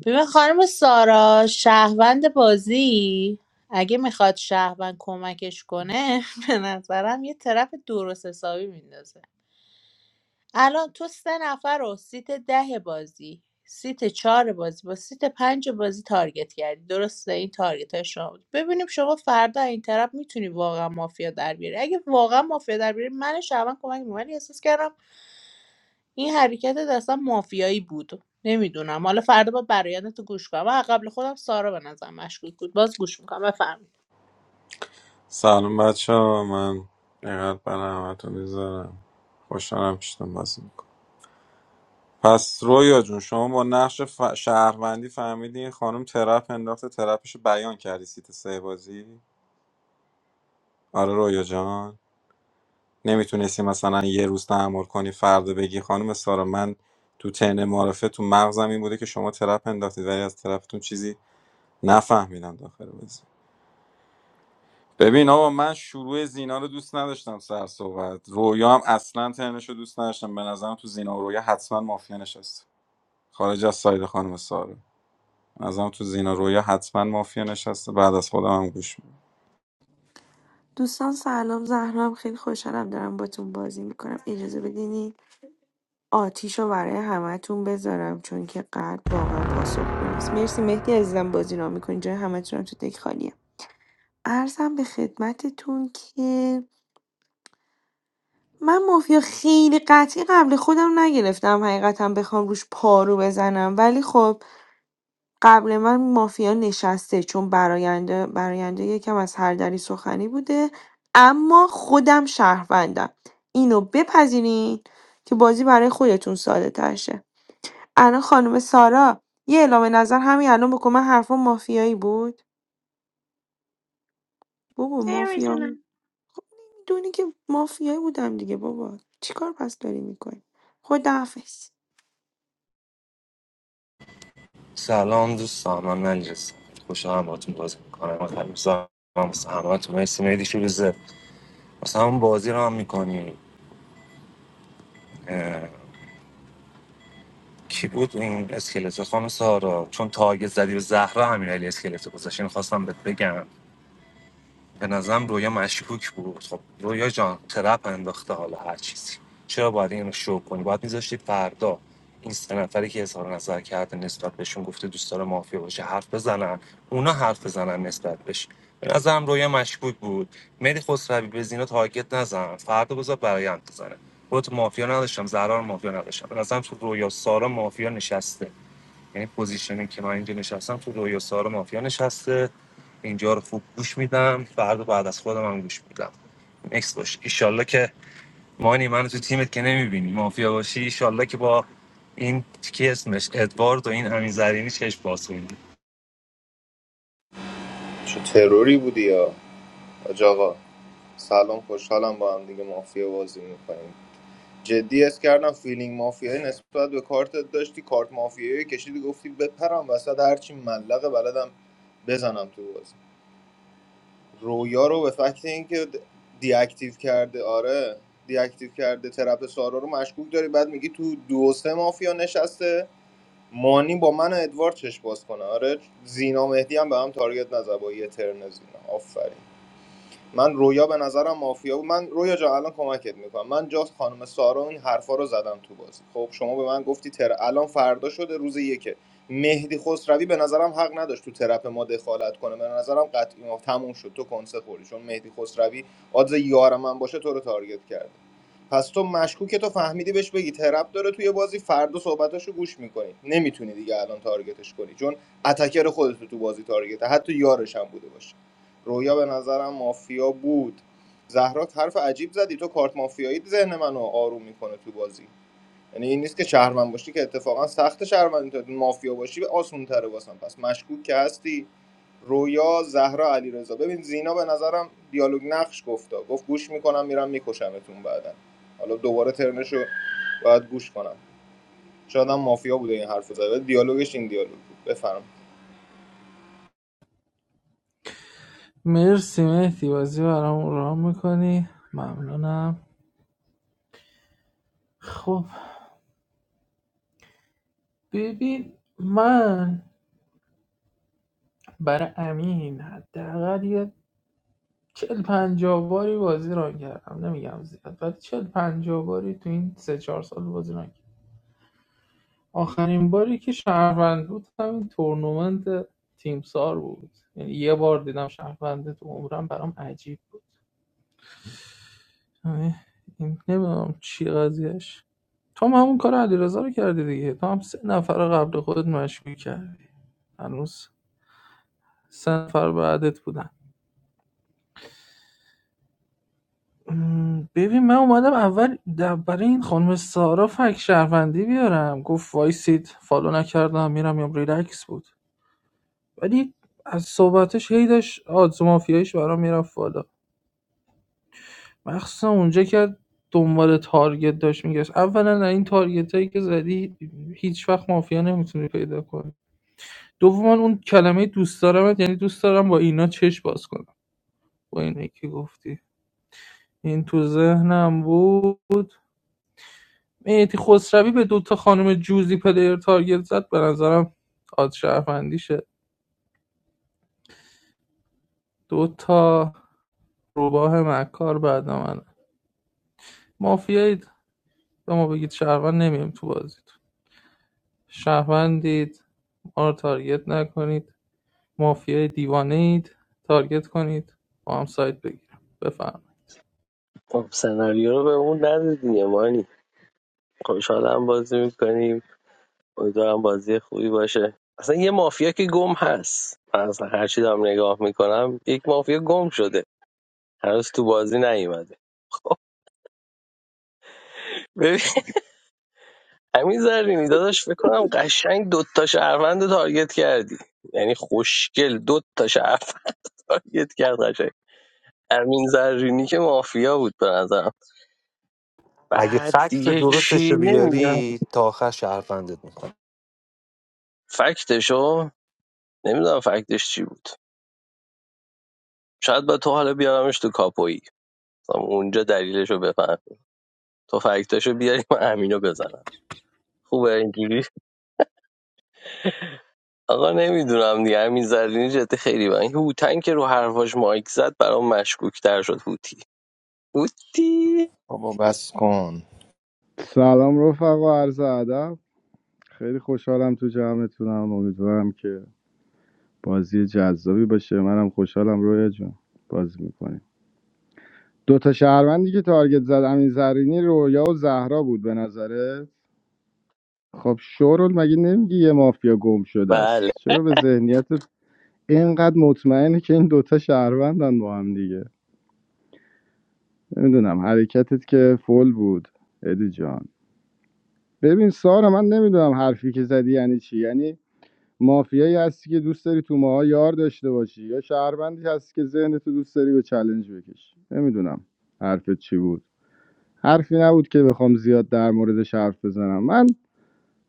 K: ببین خانم سارا شهروند بازی اگه میخواد شهروند کمکش کنه <laughs> به نظرم یه طرف درست حسابی میندازه الان تو سه نفر رو سیت ده بازی سیت چهار بازی با سیت پنج بازی تارگت کردی درسته این تارگت های شما بود ببینیم شما فردا این طرف میتونی واقعا مافیا در بیاری اگه واقعا مافیا در بیاری من شعبان کمک می‌کنم. ولی احساس کردم این حرکت اصلا مافیایی بود نمیدونم حالا فردا با برایند تو گوش کنم من قبل خودم سارا به نظر مشکوک بود باز گوش میکنم بفرمایید.
S: سلام بچه ها من اینقدر برای همتون میذارم خوشحالم پیشتون بازی میکنم پس رویا جون شما با نقش ف... شهروندی فهمیدی این خانم ترپ انداخته ترپش رو بیان کردی سیت سه بازی آره رویا جان نمیتونستی مثلا یه روز تحمل کنی فردا بگی خانم سارا من تو تن معرفه تو مغزم این بوده که شما ترپ انداختید ولی از ترپتون چیزی نفهمیدم داخل بازی ببین آقا من شروع زینا رو دوست نداشتم سر صحبت رویا هم اصلا تنش رو دوست نداشتم به نظرم تو زینا و رویا حتما مافیا نشسته خارج از ساید خانم ساره به نظرم تو زینا و رویا حتما مافیا نشسته بعد از خودم هم گوش می‌دم.
L: دوستان سلام زهرام خیلی خوشحالم دارم باتون بازی میکنم اجازه بدین این آتیش رو برای همتون بذارم چون که قلب واقعا پاسخگو نیست مرسی مهدی عزیزم بازی را میکنی جای همتونم تو دک خالیه عرضم به خدمتتون که من مافیا خیلی قطعی قبل خودم نگرفتم حقیقتا بخوام روش پارو بزنم ولی خب قبل من مافیا نشسته چون براینده براینده یکم از هر دری سخنی بوده اما خودم شهروندم اینو بپذیرین که بازی برای خودتون ساده تر شه الان خانم سارا یه اعلام نظر همین الان بکن من حرفا مافیایی بود بابا مافیا
H: نمیدونم
L: دونی که مافیایی بودم دیگه بابا چیکار پس داری میکنی خداحافظ
P: سلام دوستان من نرگسم خوشحالم باهاتون بازی میکنم مثلا واسه همه تو مرسی میدی فیروزه مثلا همون بازی رو هم میکنی کی بود این اسکلت خانم سارا چون تاگ زدی به زهرا امیرعلی اسکلت گذاشت اینو خواستم بهت بگم به نظرم رویا مشکوک بود خب رویا جان ترپ انداخته حالا هر چیزی چرا باید این رو شو کنی باید میذاشتی فردا این سه نفری که اظهار نظر کرده نسبت بهشون گفته دوست داره مافیا باشه حرف بزنن اونا حرف بزنن نسبت بهش به نظرم رویا مشکوک بود مری خسروی به زینا تارگت نزن فردا بذار برایم بزنه خودت مافیا نداشتم زرار مافیا نداشتم به نظرم تو رویا سارا مافیا نشسته یعنی پوزیشنی که من اینجا نشستم تو رویا سار مافیا نشسته اینجا رو خوب گوش میدم فردا بعد از خودم هم گوش میدم نکس باش ایشالله که مانی من تو تیمت که نمیبینی مافیا باشی ایشالله که با این کی اسمش ادوارد و این همین زرینی چشم باز کنی.
T: چه تروری بودی یا حاج آقا سلام خوشحالم با هم دیگه مافیا بازی میکنیم جدی اس کردم فیلینگ مافیایی نسبت به کارتت داشتی کارت مافیایی کشیدی گفتی بپرم وسط هرچی ملقه بلدم بزنم تو بازی رویا رو به فکت اینکه د- دیاکتیو کرده آره دیاکتیو کرده ترپ سارا رو مشکوک داری بعد میگی تو دو و سه مافیا نشسته مانی با من و ادوارد چش باز کنه آره زینا مهدی هم به هم تارگت نزد با یه ترن زینا آفرین من رویا به نظرم مافیا بود من رویا جا الان کمکت میکنم من جاست خانم سارا این حرفا رو زدم تو بازی خب شما به من گفتی تر الان فردا شده روز یکه مهدی خسروی به نظرم حق نداشت تو ترپ ما دخالت کنه به نظرم قطعی ما تموم شد تو کنسه خوری چون مهدی خسروی آدز یار من باشه تو رو تارگت کرده پس تو مشکوکه تو فهمیدی بهش بگی ترپ داره توی بازی فردا صحبتاشو گوش میکنی نمیتونی دیگه الان تارگتش کنی چون اتکر خودت تو بازی تارگت حتی یارش هم بوده باشه رویا به نظرم مافیا بود زهرا حرف عجیب زدی تو کارت مافیایی ذهن منو آروم میکنه تو بازی یعنی این نیست که شهروند باشی که اتفاقا سخت شهروند تو مافیا باشی آسون تره واسم پس مشکوک که هستی رویا زهرا علیرضا ببین زینا به نظرم دیالوگ نقش گفتا گفت گوش میکنم میرم میکشمتون بعدا حالا دوباره ترنشو باید گوش کنم شاید هم مافیا بوده این حرف رو زده دیالوگش این دیالوگ بود بفرم
N: مرسی مهدی بازی برام راه میکنی ممنونم خب ببین من برای امین حداقل یه چل پنجاه باری بازی ران کردم نمیگم زیاد ولی چل پنجاه باری تو این سه چهار سال بازی ران کردم آخرین باری که شهروند بود همین تورنمنت تیمسار بود یعنی یه بار دیدم شهروند تو عمرم برام عجیب بود آره. این نمیدونم چی قضیهش تو هم همون کار علیرضا رو کردی دیگه تو هم سه نفر قبل خودت مشکوک کردی هنوز سه نفر بعدت بودن م، ببین من اومدم اول در- برای این خانم سارا فک شهروندی بیارم گفت وایسید فالو نکردم میرم یا ریلکس بود ولی از صحبتش هی داشت آدز مافیایش برام میرفت مخصوصا اونجا که دنبال تارگت داشت میگشت اولا این تارگت هایی که زدی هیچ وقت مافیا نمیتونی پیدا کنی دوما اون کلمه دوست دارم یعنی دوست دارم با اینا چش باز کنم با اینایی که گفتی این تو ذهنم بود مهدی خسروی به دوتا خانم جوزی پلیر تارگت زد به نظرم آد شرفندیشه دوتا روباه مکار بعد من مافیایی به ما بگید شهروند نمیم تو بازی شهروندید ما رو تارگت نکنید مافیای دیوانه اید تارگت کنید با هم سایت بگیرم بفرمایید
A: خب سناریو رو به اون ندید دیگه مانی خوشحالم بازی میکنیم امیدوارم بازی خوبی باشه اصلا یه مافیا که گم هست من اصلا هرچی دارم نگاه میکنم یک مافیا گم شده هنوز تو بازی نیومده خب ببین همین زرینی داداش فکر کنم قشنگ دوتا شهروند رو تارگت کردی یعنی خوشگل دوتا شهروند <laughs> تارگت کرد قشنگ امین زرینی که مافیا بود به نظرم
P: اگه
A: بعد
P: فکت
A: دیگه
P: درستش
A: کی
P: رو
A: نمیدونم
P: بیاری تا آخر شهروندت میکنم
A: فکتشو نمیدونم فکتش چی بود شاید با تو حالا بیارمش تو کاپویی مثلا اونجا دلیلشو بفهم تو فکتشو بیاری من امینو بزنم خوبه اینجوری آقا نمیدونم دیگه امین زرینی جدی خیلی با این هوتن که رو حرفاش مایک زد برام مشکوک تر شد هوتی بودی
T: بابا بس کن
C: سلام رفقا عرض ادب خیلی خوشحالم تو جمعتونم امیدوارم که بازی جذابی باشه منم خوشحالم رویا جان بازی میکنیم دوتا تا شهروندی که تارگت زد امین زرینی رویا و زهرا بود به نظره خب شورل مگه نمیگی یه مافیا گم شده
A: بله
C: است چرا به ذهنیت اینقدر مطمئنه که این دوتا شهروندن با هم دیگه نمیدونم حرکتت که فول بود ادی جان ببین سارا من نمیدونم حرفی که زدی یعنی چی یعنی مافیایی هستی که دوست داری تو ماها یار داشته باشی یا شهروندی هستی که ذهن تو دوست داری به چلنج بکشی نمیدونم حرفت چی بود حرفی نبود که بخوام زیاد در موردش حرف بزنم من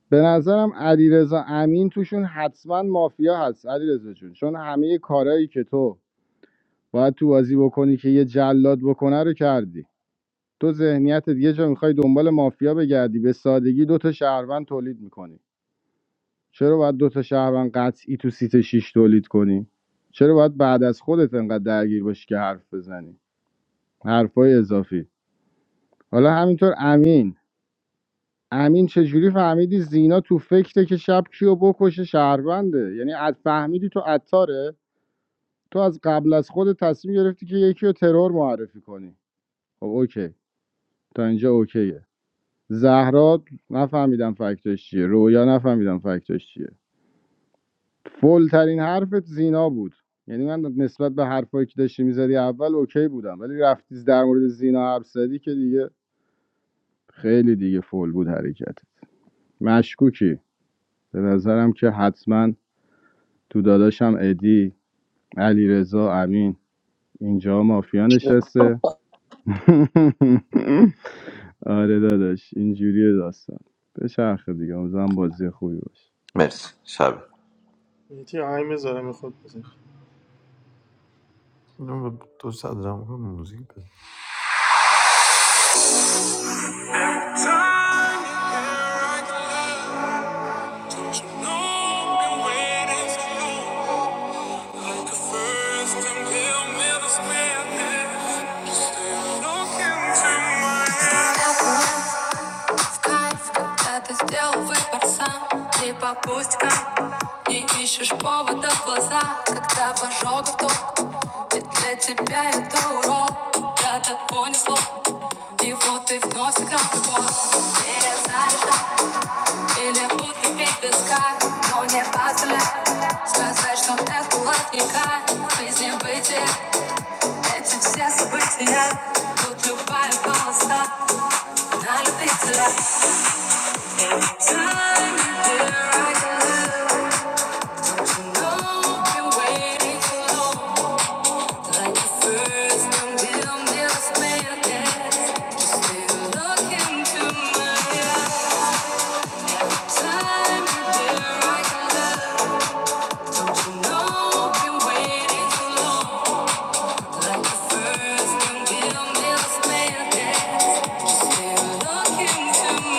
C: به نظرم علیرضا امین توشون حتما مافیا هست علیرضا جون چون همه کارهایی که تو باید تو بازی بکنی که یه جلاد بکنه رو کردی تو ذهنیتت یه جا میخوای دنبال مافیا بگردی به سادگی دوتا تا شهروند تولید میکنی چرا باید دو تا شهروند قطعی تو سیت 6 تولید کنی چرا باید بعد از خودت انقدر درگیر باشی که حرف بزنی حرفای اضافی حالا همینطور امین امین چجوری فهمیدی زینا تو فکره که شب کیو بکشه شهرونده یعنی از فهمیدی تو عطاره تو از قبل از خود تصمیم گرفتی که یکی رو ترور معرفی کنی خب اوکی تا اینجا اوکیه زهرا نفهمیدم فکتش چیه رویا نفهمیدم فکتش چیه فولترین حرفت زینا بود یعنی من نسبت به حرفایی که داشتی میزدی اول اوکی بودم ولی رفتی در مورد زینا حرف زدی که دیگه خیلی دیگه فول بود حرکتت مشکوکی به نظرم که حتما تو داداشم ادی علی رضا امین اینجا مافیا نشسته <laughs> آره داداش اینجوریه داستان به چرخ دیگه امیدوارم بازی خوبی باشه
D: مرسی شب
R: میتی آهی میذاره میخواد
D: اینو به دو صد رام کنم موزیک Кайф, когда ты сделал выбор сам Не по пустякам, не ищешь повода в глаза Когда в ожогах ток, ведь для тебя это урок Я так понесло, и вот ты вновь сыграл в любовь Перезаряжай, или утопить песка Но не позволяй сказать, что это была книга Жизни бытия, эти все события Тут любая полоса на любителя Looking to my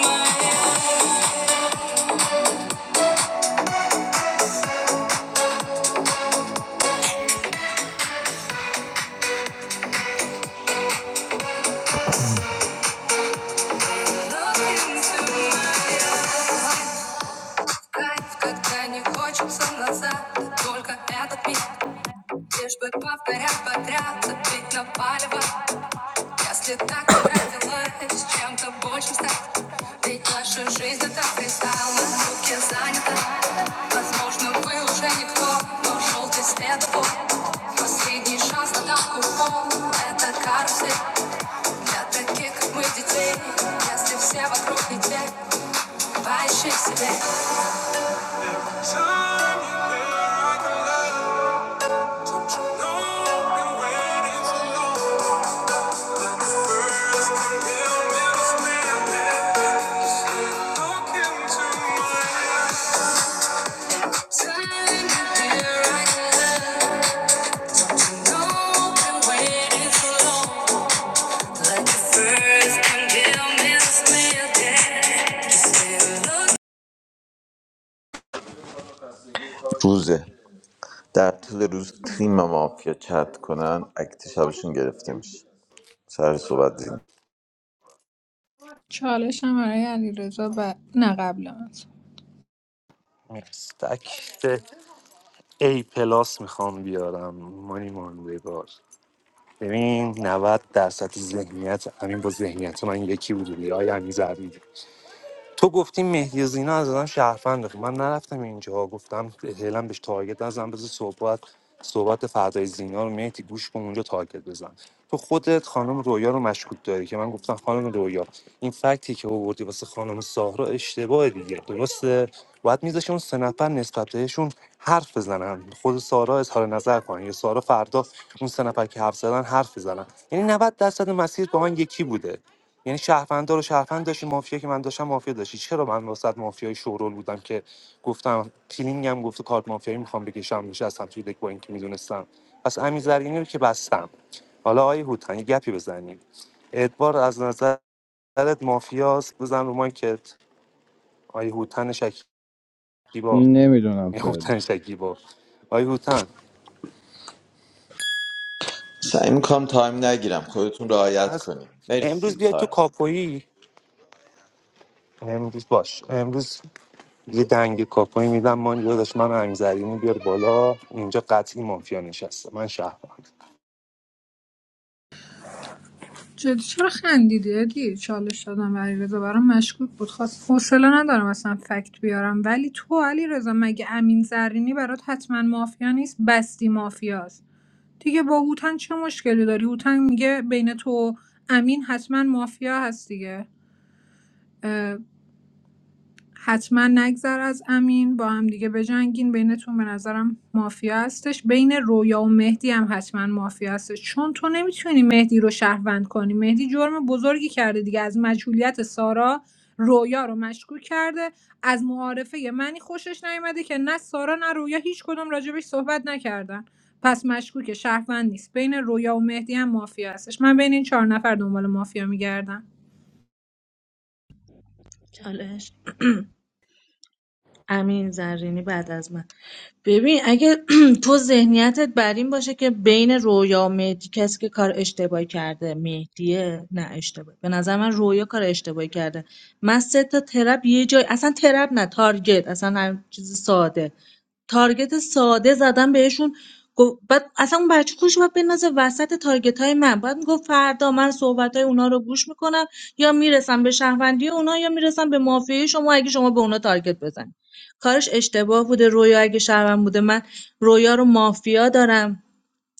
D: eyes. Look into my eyes. Кайф, когда не хочется назад Только этот миг Лишь бы повторять подряд Цепить на палево Если так и родилась Чем-то большим стать Ведь наша жизнь это фристайл На сутки занята Возможно, вы уже никто Но желтый след его. Последний шанс на давку Это карусель Для таких, как мы, детей Если все вокруг не те Поищи в себе روزه در طول روز تیم مافیا چت کنن اکت شبشون گرفته میشه سر صحبت دیم
G: چالشم برای علیرضا ب... نه قبل من
P: فکت ای پلاس میخوام بیارم مانی مانده بار ببین 90 درصد ذهنیت همین با ذهنیت من یکی بودی آیا همین زرمی تو گفتی مهدی زینا از آدم شهروند من نرفتم اینجا گفتم فعلا بهش تارگت نزن بذار صحبت صحبت فردای زینا رو مهدی گوش کن اونجا تارگت بزن تو خودت خانم رویا رو مشکوک داری که من گفتم خانم رویا این فکتی که آوردی واسه خانم ساهرا اشتباه دیگه درسته باید میذاشی اون سه نفر نسبت بهشون حرف بزنن خود سارا اظهار نظر کنه یا سارا فردا اون سه نفر که حرف زدن حرف بزنن یعنی 90 درصد مسیر با من یکی بوده یعنی شهروندا رو شهروند داشتی مافیا که من داشتم مافیا داشتی چرا من واسط مافیای شورول بودم که گفتم کلینگم هم گفته کارت مافیایی میخوام بکشم نشستم توی دک با اینکه میدونستم پس امین زرینی رو که بستم حالا آقای هوتن یه گپی بزنیم ادوار از نظرت مافیاست بزن رو مایکت آقای هوتن شکیبا
C: این نمیدونم
P: یا
C: فعلا
P: هوتن شکیبا آقای هوتن
D: سعی میکنم تایم نگیرم خودتون رعایت
P: از
D: کنیم
P: امروز
D: مرسی
P: بیاید تو
D: تایم
P: کاپویی امروز باش امروز یه دنگ کاپوی میدم من داداش من امیرزرینی بیار بالا اینجا قطعی مافیا نشسته من شهروند
G: جدی چرا خندیدی ادی چالش دادم به علیرضا برام مشکوک بود خواست حوصله ندارم اصلا فکت بیارم ولی تو علیرضا مگه امین زرینی برات حتما مافیا نیست بستی مافیاست دیگه با هوتن چه مشکلی داری هوتن میگه بین تو و امین حتما مافیا هست دیگه حتما نگذر از امین با هم دیگه بجنگین بینتون به نظرم مافیا هستش بین رویا و مهدی هم حتما مافیا هستش چون تو نمیتونی مهدی رو شهروند کنی مهدی جرم بزرگی کرده دیگه از مجهولیت سارا رویا رو مشکوک کرده از معارفه منی خوشش نیومده که نه سارا نه رویا هیچ کدوم راجبش صحبت نکردن پس مشکوک شهروند نیست بین رویا و مهدی هم مافیا هستش من بین این چهار نفر دنبال مافیا میگردم
H: چالش امین زرینی بعد از من ببین اگه <clears throat> تو ذهنیتت بر این باشه که بین رویا و مهدی کسی که کار اشتباهی کرده مهدیه نه اشتباهی به نظر من رویا کار اشتباهی کرده من سه تا ترپ یه جای اصلا ترپ نه تارگت اصلا هم چیز ساده تارگت ساده زدم بهشون گفت بعد اصلا اون بچه خوش باید بندازه وسط تارگت های من بعد میگفت فردا من صحبت های اونا رو گوش میکنم یا میرسم به شهروندی اونا یا میرسم به مافیای شما اگه شما به اونا تارگت بزنید کارش اشتباه بوده رویا اگه شهروند بوده من رویا رو مافیا دارم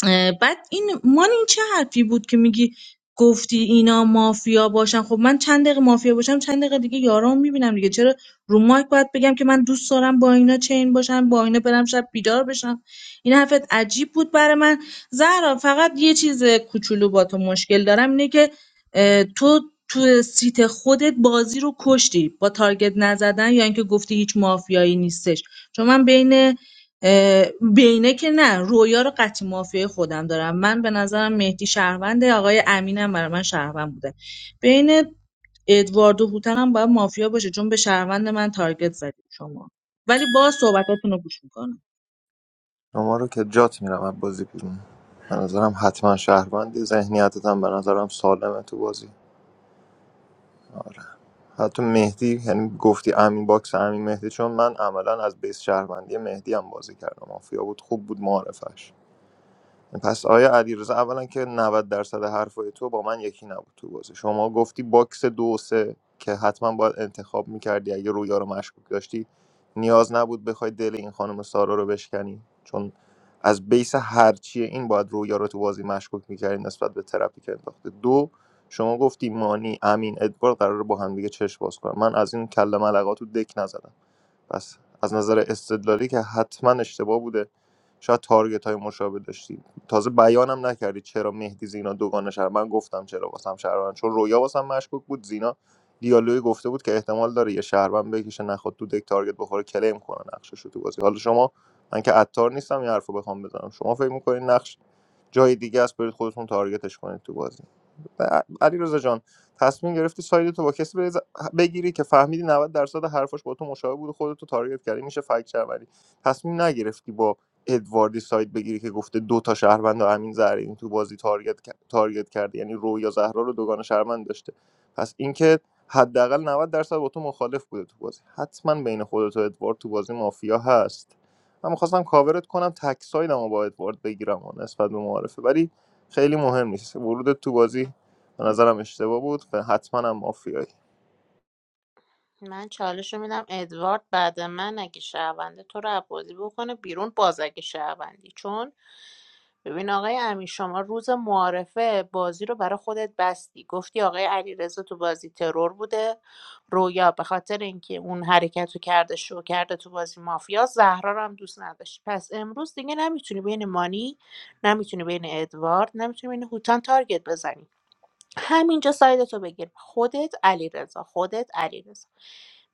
H: اه، بعد این مان این چه حرفی بود که میگی گفتی اینا مافیا باشن خب من چند دقیقه مافیا باشم چند دقیقه دیگه یارام میبینم دیگه چرا رو مایک باید بگم که من دوست دارم با اینا چین باشم با اینا برم شب بیدار بشم این حرفت عجیب بود برای من زهرا فقط یه چیز کوچولو با تو مشکل دارم اینه که اه، تو تو سیت خودت بازی رو کشتی با تارگت نزدن یا اینکه گفتی هیچ مافیایی نیستش چون من بین بینه که نه رویا رو قطعی مافیای خودم دارم من به نظرم مهدی شهرونده آقای امینم برای من شهروند بوده بین ادوارد و هوتن هم باید مافیا باشه چون به شهروند من تارگت زدید شما ولی با صحبتاتون رو گوش میکنم
T: شما رو که جات میرم از بازی بیرون به نظرم حتما شهروندی ذهنیتت هم به نظرم سالمه تو بازی آره. حتی مهدی یعنی گفتی امین باکس امین مهدی چون من عملا از بیس شهروندی مهدی هم بازی کردم مافیا بود خوب بود معرفش پس آیا علیرضا اولا که 90 درصد حرفای تو با من یکی نبود تو بازی شما گفتی باکس دو و سه که حتما باید انتخاب میکردی اگه رویا رو مشکوک داشتی نیاز نبود بخوای دل این خانم سارا رو بشکنی چون از بیس هرچیه این باید رویا رو تو بازی مشکوک میکردی نسبت به ترپی که انداخته دو شما گفتی مانی امین ادوارد قرار با هم دیگه چشم باز کنن من از این کله ملقا تو دک نزدم پس از نظر استدلالی که حتما اشتباه بوده شاید تارگت های مشابه داشتی تازه بیانم نکردی چرا مهدی زینا دوگانه شهر من گفتم چرا واسم شهروند چون رویا واسم مشکوک بود زینا دیالوگی گفته بود که احتمال داره یه شهروند بکشه نخواد تو دک تارگت بخوره کلیم کنه نقشش رو تو بازی حالا شما من که عطار نیستم این حرفو بخوام بزنم شما فکر میکنین نقش جای دیگه است برید خودتون تارگتش کنید تو بازی علی رضا جان تصمیم گرفتی ساید تو با کسی بز- بگیری که فهمیدی 90 درصد حرفاش با تو مشابه بود و خودتو تارگت کردی میشه فکت شهروندی تصمیم نگرفتی با ادواردی ساید بگیری که گفته دو تا شهروند و امین زهرین تو بازی تارگت ک- تارگت کرده یعنی رویا زهرا رو دوگان شهروند داشته پس اینکه حداقل 90 درصد با تو مخالف بوده تو بازی حتما بین خودت و ادوارد تو بازی مافیا هست من میخواستم کاورت کنم تک سایدم با ادوارد بگیرم و نسبت به معارفه ولی خیلی مهم نیست ورود تو بازی به نظرم اشتباه بود و حتما هم مافیایی
K: من چالش رو میدم ادوارد بعد من اگه شهرونده تو رو عبازی بکنه بیرون باز اگه شهروندی چون ببین آقای امیر شما روز معارفه بازی رو برای خودت بستی گفتی آقای علیرضا تو بازی ترور بوده رویا به خاطر اینکه اون حرکت رو کرده شو کرده تو بازی مافیا زهرا رو هم دوست نداشتی پس امروز دیگه نمیتونی بین مانی نمیتونی بین ادوارد نمیتونی بین هوتان تارگت بزنی همینجا سایدتو بگیر خودت علیرضا خودت علیرضا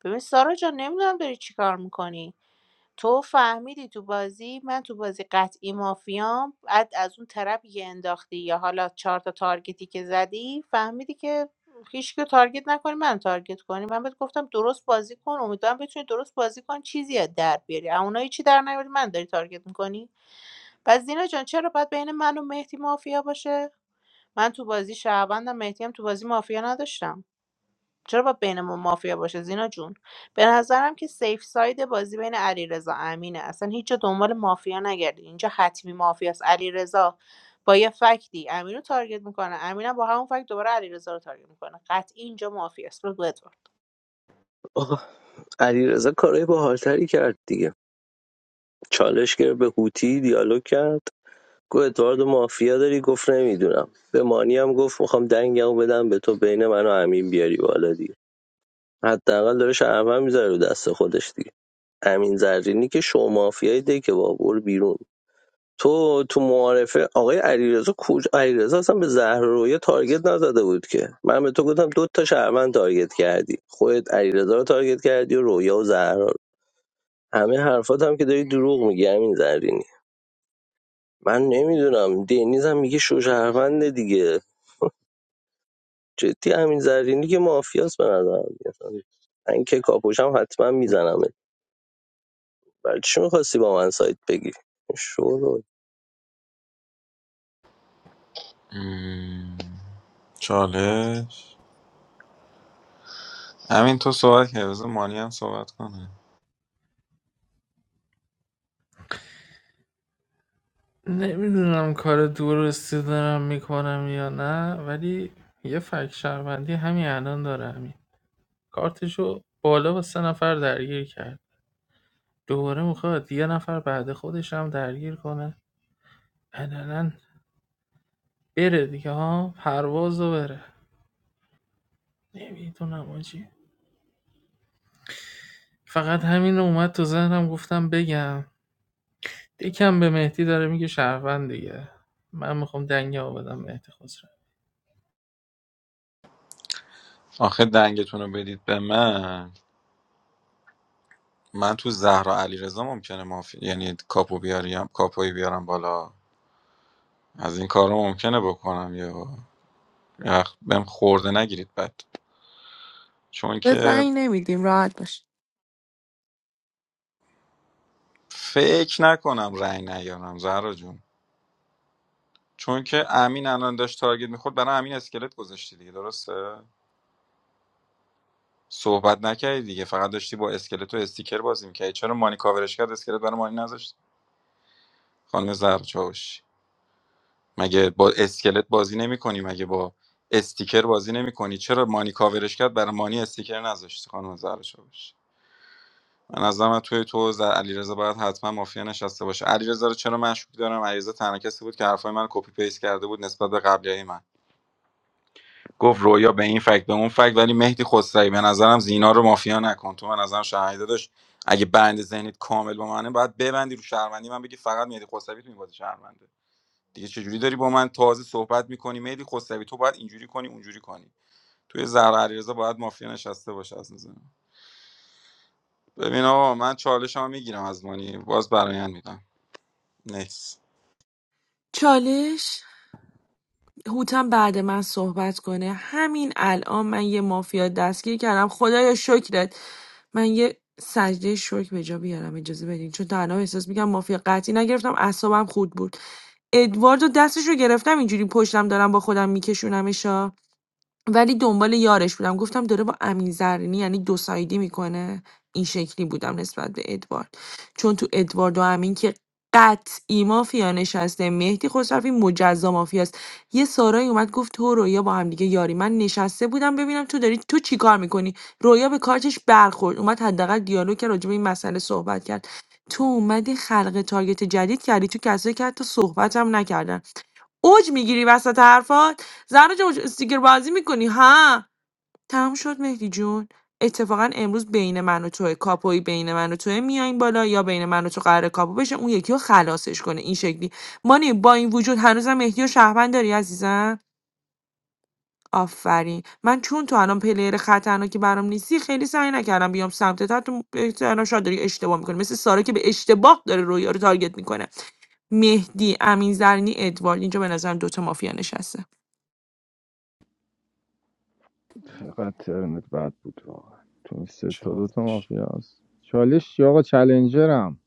K: ببین سارا جان نمیدونم داری چیکار میکنی تو فهمیدی تو بازی من تو بازی قطعی مافیام بعد از اون طرفی که انداختی یا حالا چهار تا تارگتی که زدی فهمیدی که هیچ که تارگت نکنی من تارگت کنی من بهت گفتم درست بازی کن امیدوارم بتونی درست بازی کن چیزی از در بیاری اونایی چی در نیاری من داری تارگت میکنی پس دینا جان چرا باید بین من و مهدی مافیا باشه من تو بازی شهروندم مهدی هم تو بازی مافیا نداشتم چرا باید بین ما مافیا باشه زینا جون به نظرم که سیف ساید بازی بین علیرضا امینه اصلا هیچ جا دنبال مافیا نگردی اینجا حتمی مافیاست علیرضا با یه فکتی امین رو تارگت میکنه امینم با همون فکت دوباره علیرضا رو تارگت میکنه قطعی اینجا مافیاست بگو ادوارد
A: آه، علیرضا کارهای باحالتری کرد دیگه چالش گرفت به هوتی دیالوگ کرد گفت ادوارد و مافیا داری گفت نمیدونم به مانی هم گفت میخوام دنگمو بدم به تو بین من و امین بیاری بالا دیگه حداقل داره شهروند میذاره رو دست خودش دیگه امین زرینی که شو مافیای دیگه با برو بیرون تو تو معارفه آقای علیرضا کجا علیرضا اصلا به زهر روی تارگت نزده بود که من به تو گفتم دو تا شهروند تارگت کردی خودت علیرضا رو تارگت کردی و رویا و زهرا رو همه حرفات هم که داری دروغ میگی همین زرینی من نمیدونم دنیز هم میگه شو شهرونده دیگه جدی همین زرینی که مافیاس به نظر میاد. من که کاپوشم حتما میزنم برای چی میخواستی با من سایت بگیری شو رو
S: مم، چالش همین تو صحبت که بذار مانی هم صحبت کنه
N: نمیدونم کار درستی دارم میکنم یا نه ولی یه فک شهروندی همین الان داره همین کارتشو بالا با سه نفر درگیر کرد دوباره میخواد یه نفر بعد خودش هم درگیر کنه علنا بره دیگه ها پرواز رو بره نمیدونم آجی فقط همین رو اومد تو ذهنم گفتم بگم یکم به مهدی داره میگه شهروند دیگه من میخوام دنگمو بدم مهدی خسرو
S: آخه دنگتون رو بدید به من من تو زهرا علیرضا ممکنه مافیا یعنی کاپو بیاریم کاپوی بیارم بالا از این کارا ممکنه بکنم یهو اخ بهم خورده نگیرید بعد چون
L: بهت
S: که
L: رأی نمیدیم راحت باش
S: فکر نکنم رنگ نیارم زهرا جون چون که امین الان داشت تارگت میخورد برای امین اسکلت گذاشتی دیگه درسته صحبت نکردی دیگه فقط داشتی با اسکلت و استیکر بازی میکردی چرا مانی کاورش کرد اسکلت برای مانی نذاشت خانم زهرا چاوش مگه با اسکلت بازی نمیکنی مگه با استیکر بازی نمیکنی چرا مانی کاورش کرد برای مانی استیکر نذاشتی خانم زهرا چاوش من از نظرم توی تو ز- علیرضا باید حتما مافیا نشسته باشه علیرضا رو چرا مشکوک دارم علیرضا تنها کسی بود که حرفای من کپی پیست کرده بود نسبت به قبلیای من گفت رویا به این فکت به اون فکت ولی مهدی خسروی به نظرم زینا رو مافیا نکن تو به نظرم شهریده داشت اگه بند ذهنیت کامل با منه باید ببندی رو شهروندی من بگی فقط مهدی خسروی تو این بازی شهرونده دیگه چجوری داری با من تازه صحبت میکنی مهدی خسروی تو باید اینجوری کنی اونجوری کنی توی زهر علیرضا باید مافیا نشسته باشه از نظرم ببین آقا من چالشمو میگیرم از مانی باز برایند میدم نیست
L: چالش هوتم بعد من صحبت کنه همین الان من یه مافیا دستگیر کردم خدایا شکرت من یه سجده شکر به جا بیارم اجازه بدین چون تا الان احساس میکنم مافیا قطعی نگرفتم اعصابم خود بود ادواردو دستش رو گرفتم اینجوری پشتم دارم با خودم میکشونمش ولی دنبال یارش بودم گفتم داره با امین زرینی یعنی دو سایدی میکنه این شکلی بودم نسبت به ادوارد چون تو ادوارد و امین که قطعی مافیا نشسته مهدی خسروی مجزا مافیاست یه سارایی اومد گفت تو رویا با هم دیگه یاری من نشسته بودم ببینم تو داری تو چی کار میکنی رویا به کارتش برخورد اومد حداقل دیالوگ که راجع به این مسئله صحبت کرد تو اومدی خلق تارگت جدید کردی تو کسایی که حتی صحبت هم نکردن اوج میگیری وسط حرفات زهرا جا اوج استیکر بازی میکنی ها تمام شد مهدی جون اتفاقا امروز بین من و توه کاپوی بین من و توه میایم بالا یا بین من و تو قرار کاپو بشه اون یکی رو خلاصش کنه این شکلی مانی با این وجود هنوزم مهدی و شهروند داری عزیزم آفرین من چون تو الان پلیر خطرناکی برام نیستی خیلی سعی نکردم بیام سمتت حتی احتمالاً شاید داری اشتباه میکنی مثل سارا که به اشتباه داره رویا رو تارگت میکنه مهدی امین زرینی ادوارد اینجا به نظرم دوتا مافیا نشسته
C: چقدر ترنت بد بود واقعا تو این سه تا دو تا
P: چالش
C: مافیا هست چالش یا آقا چلنجرم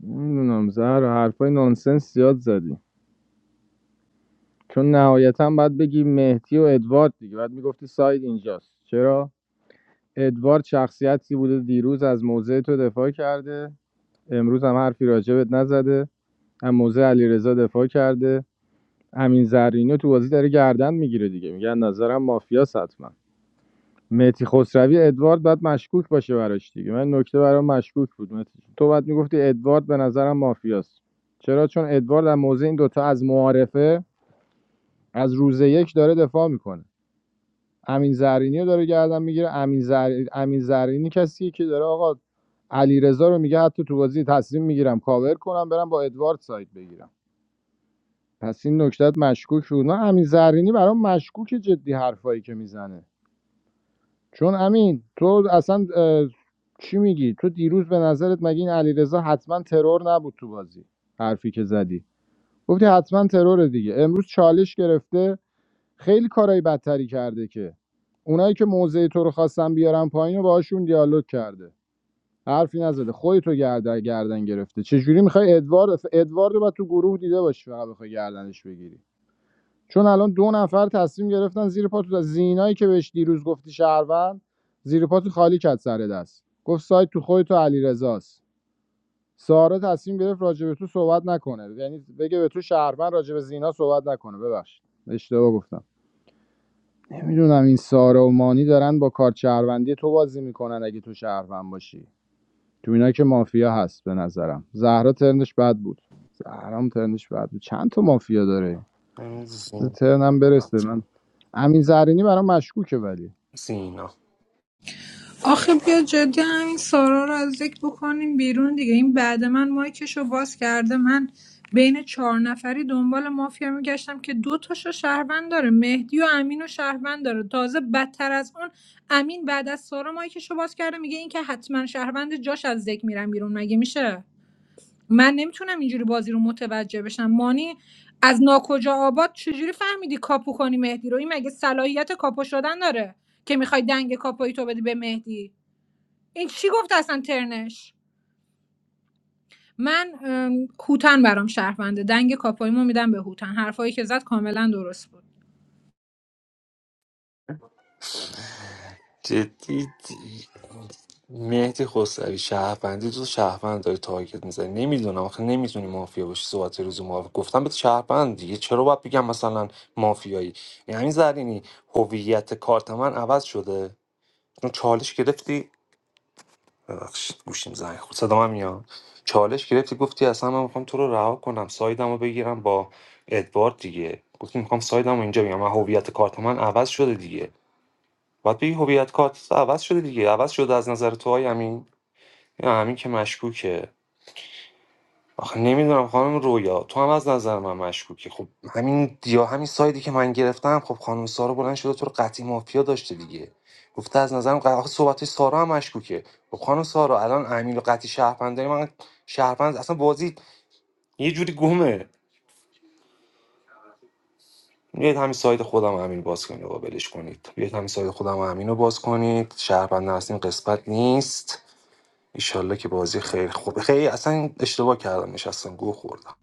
C: نمیدونم زهر و حرفای نانسنس زیاد زدی چون نهایتا باید بگی مهدی و ادوارد دیگه بعد میگفتی ساید اینجاست چرا ادوارد شخصیتی بوده دیروز از موضع تو دفاع کرده امروز هم حرفی راجبت نزده از موضع علیرضا دفاع کرده امین زرینی تو بازی داره گردن میگیره دیگه میگن نظرم مافیاس حتما مهدی خسروی ادوارد باید مشکوک باشه براش دیگه من نکته برام مشکوک بود مهدی. تو باید میگفتی ادوارد به نظرم مافیاست چرا چون ادوارد در موضع این دوتا از معارفه از روز یک داره دفاع میکنه امین زرینی رو داره گردن میگیره امین, زر... امین زرینی کسی که داره آقا علیرضا رو میگه حتی تو بازی تصمیم میگیرم کاور کنم برم با ادوارد سایت بگیرم پس این نکتت مشکوک بود من امین زرینی برام مشکوکه جدی حرفایی که میزنه چون امین تو اصلا اه، چی میگی تو دیروز به نظرت مگه این علیرضا حتما ترور نبود تو بازی حرفی که زدی گفتی حتما تروره دیگه امروز چالش گرفته خیلی کارهای بدتری کرده که اونایی که موضع تو رو خواستن بیارن پایین و باهاشون دیالوگ کرده حرفی نزده خودتو گردن گردن گرفته چجوری میخوای ادوارد ادوارد رو باید تو گروه دیده باشی فقط بخوای گردنش بگیری چون الان دو نفر تصمیم گرفتن زیر پا تو زینایی که بهش دیروز گفتی شهروند زیر پا تو خالی کرد سر دست گفت سایت تو خودت تو علیرضاست سارا تصمیم گرفت راجع به تو صحبت نکنه یعنی بگه به تو شهروند راجع به زینا صحبت نکنه ببخشید اشتباه گفتم نمیدونم این سارا و مانی دارن با کارت شهروندی تو بازی میکنن اگه تو شهروند باشی تو اینا که مافیا هست به نظرم زهرا ترنش بد بود زهرام ترنش بد بود چند تا مافیا داره
P: من زین-
C: ترنم برسه من امین زرینی برام مشکوکه ولی
P: زینا
G: آخه بیا جدی همین سارا رو از یک بکنیم بیرون دیگه این بعد من مایکش رو باز کرده من بین چهار نفری دنبال مافیا میگشتم که دو تاشو شهروند داره مهدی و امین و شهروند داره تازه بدتر از اون امین بعد از سارا مایکش رو باز کرده میگه این که حتما شهروند جاش از ذک میرم بیرون مگه میشه من نمیتونم اینجوری بازی رو متوجه بشم مانی از ناکجا آباد چجوری فهمیدی کاپو کنی مهدی رو این مگه صلاحیت کاپو شدن داره که میخوای دنگ کاپوی تو بدی به مهدی این چی گفت اصلا ترنش من ام، هوتن برام شهرونده دنگ کاپایمو میدم به هوتن حرفایی که زد کاملا درست بود
P: جدی دی- مهدی خسروی شهروندی تو شهروند داری تارگت میزنی نمیدونم آخه نمیتونی مافیا باشی صحبت روز معاف گفتم به تو شهروند دیگه چرا باید بگم مثلا مافیایی یعنی زرینی هویت کارت من عوض شده چون چالش گرفتی ببخشید گوشیم زنگ خورد صدا من میاد چالش گرفتی گفتی اصلا من میخوام تو رو رها کنم سایدم رو بگیرم با ادوارد دیگه گفتی میخوام سایدم رو اینجا بگیرم من هویت کارت من عوض شده دیگه باید بگی هویت کارت عوض شده دیگه عوض شده از نظر تو های همین همین که مشکوکه آخه نمیدونم خانم رویا تو هم از نظر من مشکوکی خب همین یا همین سایدی که من گرفتم خب خانم سارا بلند شده تو رو قطعی مافیا داشته دیگه گفته از نظرم ق- آخه صحبت سارا هم مشکوکه خب خانم سارا الان امین و قطعی شهروند داری من شهروند اصلا بازی یه جوری گمه بیاید همین ساید خودم امین باز کنید آقا ولش کنید بیاید همین ساید خودم امین رو باز کنید شهروند هستیم قسمت نیست ایشالله که بازی خیلی خوب خیلی اصلا اشتباه کردم نشستم گوه خوردم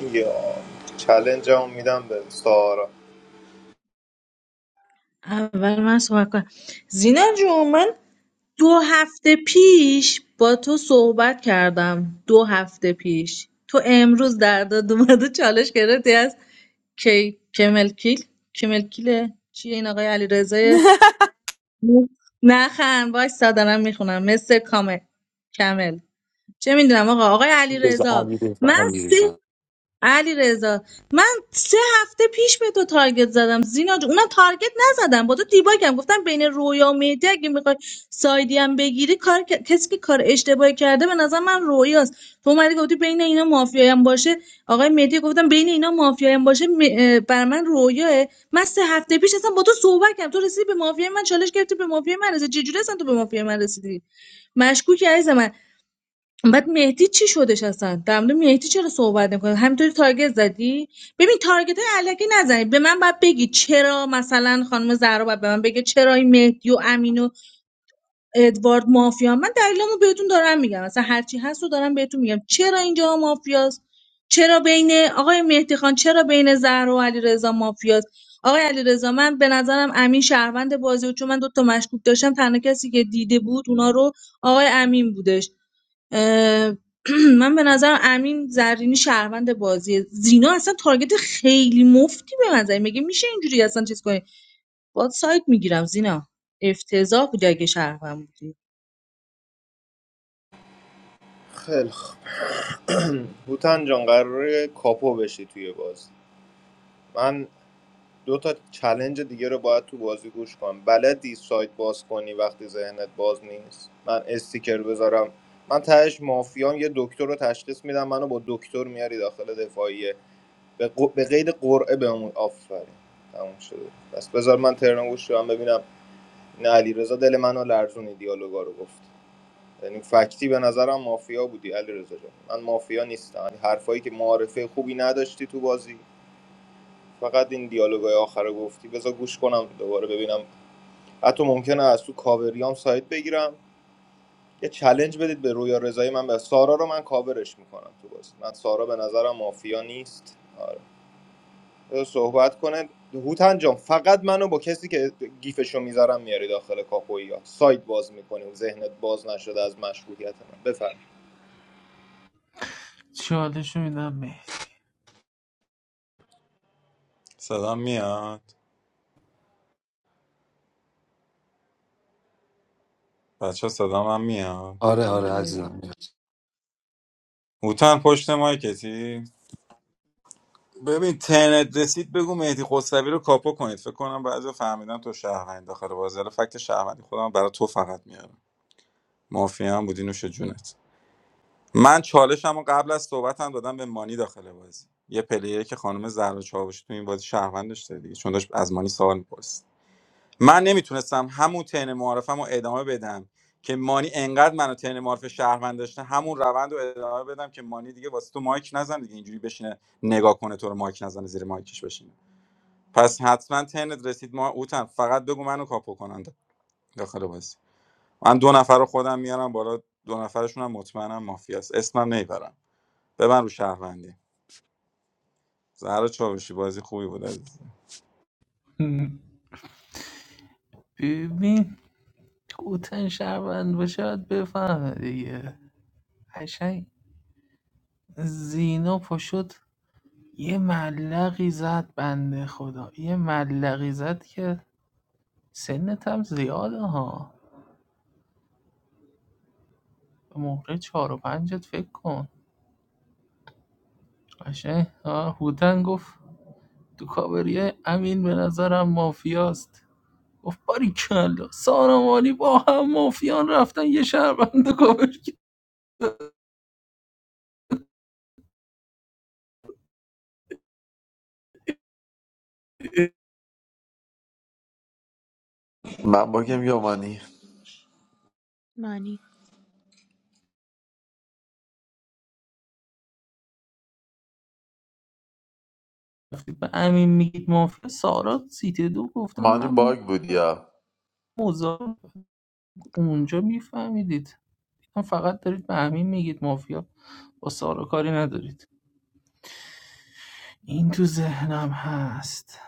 T: یا چلنج هم میدم به سارا
H: اول من صحبت کنم زینا جون من دو هفته پیش با تو صحبت کردم دو هفته پیش تو امروز در داد اومد و چالش گرفتی از کی کمل کیل کمل کیله چیه این آقای علیرضا نخند وایسا دارم میخونم مثل کامل کمل چه میدونم آقا آقای علی رضا من سه
P: علیرضا.
H: علیرضا من سه هفته پیش به تو تارگت زدم زینا جون. اونم تارگت نزدم با تو دیباگم گفتم بین رویا و مهدی اگه میخوای سایدی هم بگیری کار کسی که کار اشتباهی کرده به نظر من رویاست تو اومدی گفتی بین اینا مافیایی هم باشه آقای مهدی گفتم بین اینا مافیایی هم باشه م- اه، بر من رویاه من سه هفته پیش اصلا با تو صحبت کردم تو رسیدی به مافیای من چالش گرفتی به مافیای من رسیدی چجوری اصلا تو به مافیای من رسیدی مشکوکی عزیز من بعد مهدی چی شدش اصلا در مورد مهدی چرا صحبت نمیکنه همینطوری تارگت زدی ببین تارگت های علکی نزنید به من باید بگی چرا مثلا خانم زهرا باید به من بگه چرا این مهدی و امین ادوارد مافیا من دلیلمو بهتون دارم میگم مثلا هرچی هست رو دارم بهتون میگم چرا اینجا مافیاست چرا بین آقای مهدی خان چرا بین زهرا و علیرضا مافیاست آقای علیرضا من به نظرم امین شهروند بازی بود چون من دوتا مشکوک داشتم تنها کسی که دیده بود اونا رو آقای امین بودش اه، <clears throat> من به نظرم امین زرینی شهروند بازیه زینا اصلا تارگت خیلی مفتی به نظر میگه میشه اینجوری اصلا چیز کنی باید سایت میگیرم زینا افتضاح بودی اگه شهروند بودی
T: خیلی خوب هوتن جان قراره کاپو بشی توی بازی من دو تا چلنج دیگه رو باید تو بازی گوش کنم بلدی سایت باز کنی وقتی ذهنت باز نیست من استیکر بذارم من تهش مافیام یه دکتر رو تشخیص میدم منو با دکتر میاری داخل دفاعیه به, قو... به قید قرعه بهمون آفرین تموم شده بس بذار من ترنم گوش کنم ببینم نه علیرضا دل منو لرزون این دیالوگا رو گفت یعنی فکتی به نظرم مافیا بودی علیرضا جان من مافیا نیستم یعنی حرفایی که معارفه خوبی نداشتی تو بازی فقط این دیالوگای آخر رو گفتی بذار گوش کنم دوباره ببینم حتی ممکنه از تو کاوریام سایت بگیرم یه چالش بدید به رویا رضایی من به سارا رو من کاورش میکنم تو بازی من سارا به نظرم مافیا نیست آره. صحبت کنه هوتن جان فقط منو با کسی که گیفشو میذارم میاری داخل کاپویا سایت باز میکنی و ذهنت باز نشده از مشغولیت من بفرم
N: چالش میدم مهدی
S: صدام میاد بچه صدام هم میاد
P: آره آره عزیزم
S: هوتن پشت مای کسی ببین تنت رسید بگو مهدی خسروی رو کاپو کنید فکر کنم بعضی فهمیدن تو شهروند داخل بازی حالا فکت شهروندی خودم برای تو فقط میارم مافیا هم بودی نوش جونت من چالشم و قبل از صحبتم دادم به مانی داخل بازی یه پلیری که خانم زهرا چاوشی تو این بازی شهروند داشته دیگه چون داشت از مانی سوال می‌پرسید من نمیتونستم همون تن معارفم رو ادامه بدم که مانی انقدر منو تن معارف شهروند داشته همون روند رو ادامه بدم که مانی دیگه واسه تو مایک نزن دیگه اینجوری بشینه نگاه کنه تو رو مایک نزنه زیر مایکش بشینه پس حتما تنت رسید ما اوتن فقط بگو منو کاپو کنند داخل بازی من دو نفر رو خودم میارم بالا دو نفرشون هم مطمئنم مافیاست اسمم نمیبرم ببن رو شهروندی زهر چاوشی بازی خوبی بود عزیزم.
N: <laughs> ببین گوتن شهروند باشه باید بفهمه دیگه قشنگ زینا پاشد یه ملقی زد بنده خدا یه ملقی زد که سنت هم زیاده ها به مهره چهار و پنجت فکر کن قشنگ آه، هوتن گفت تو کابری امین به نظرم مافیاست گفت باریکلا سارامانی با هم مافیان رفتن یه شهروند کابل
D: من باگم یا مانی
K: مانی
N: به امین میگید مافیا سارا سیت دو گفته
D: مانی
N: من
D: باگ بود یا
N: موزار اونجا میفهمیدید فقط دارید به امین میگید مافیا با سارا کاری ندارید این تو ذهنم هست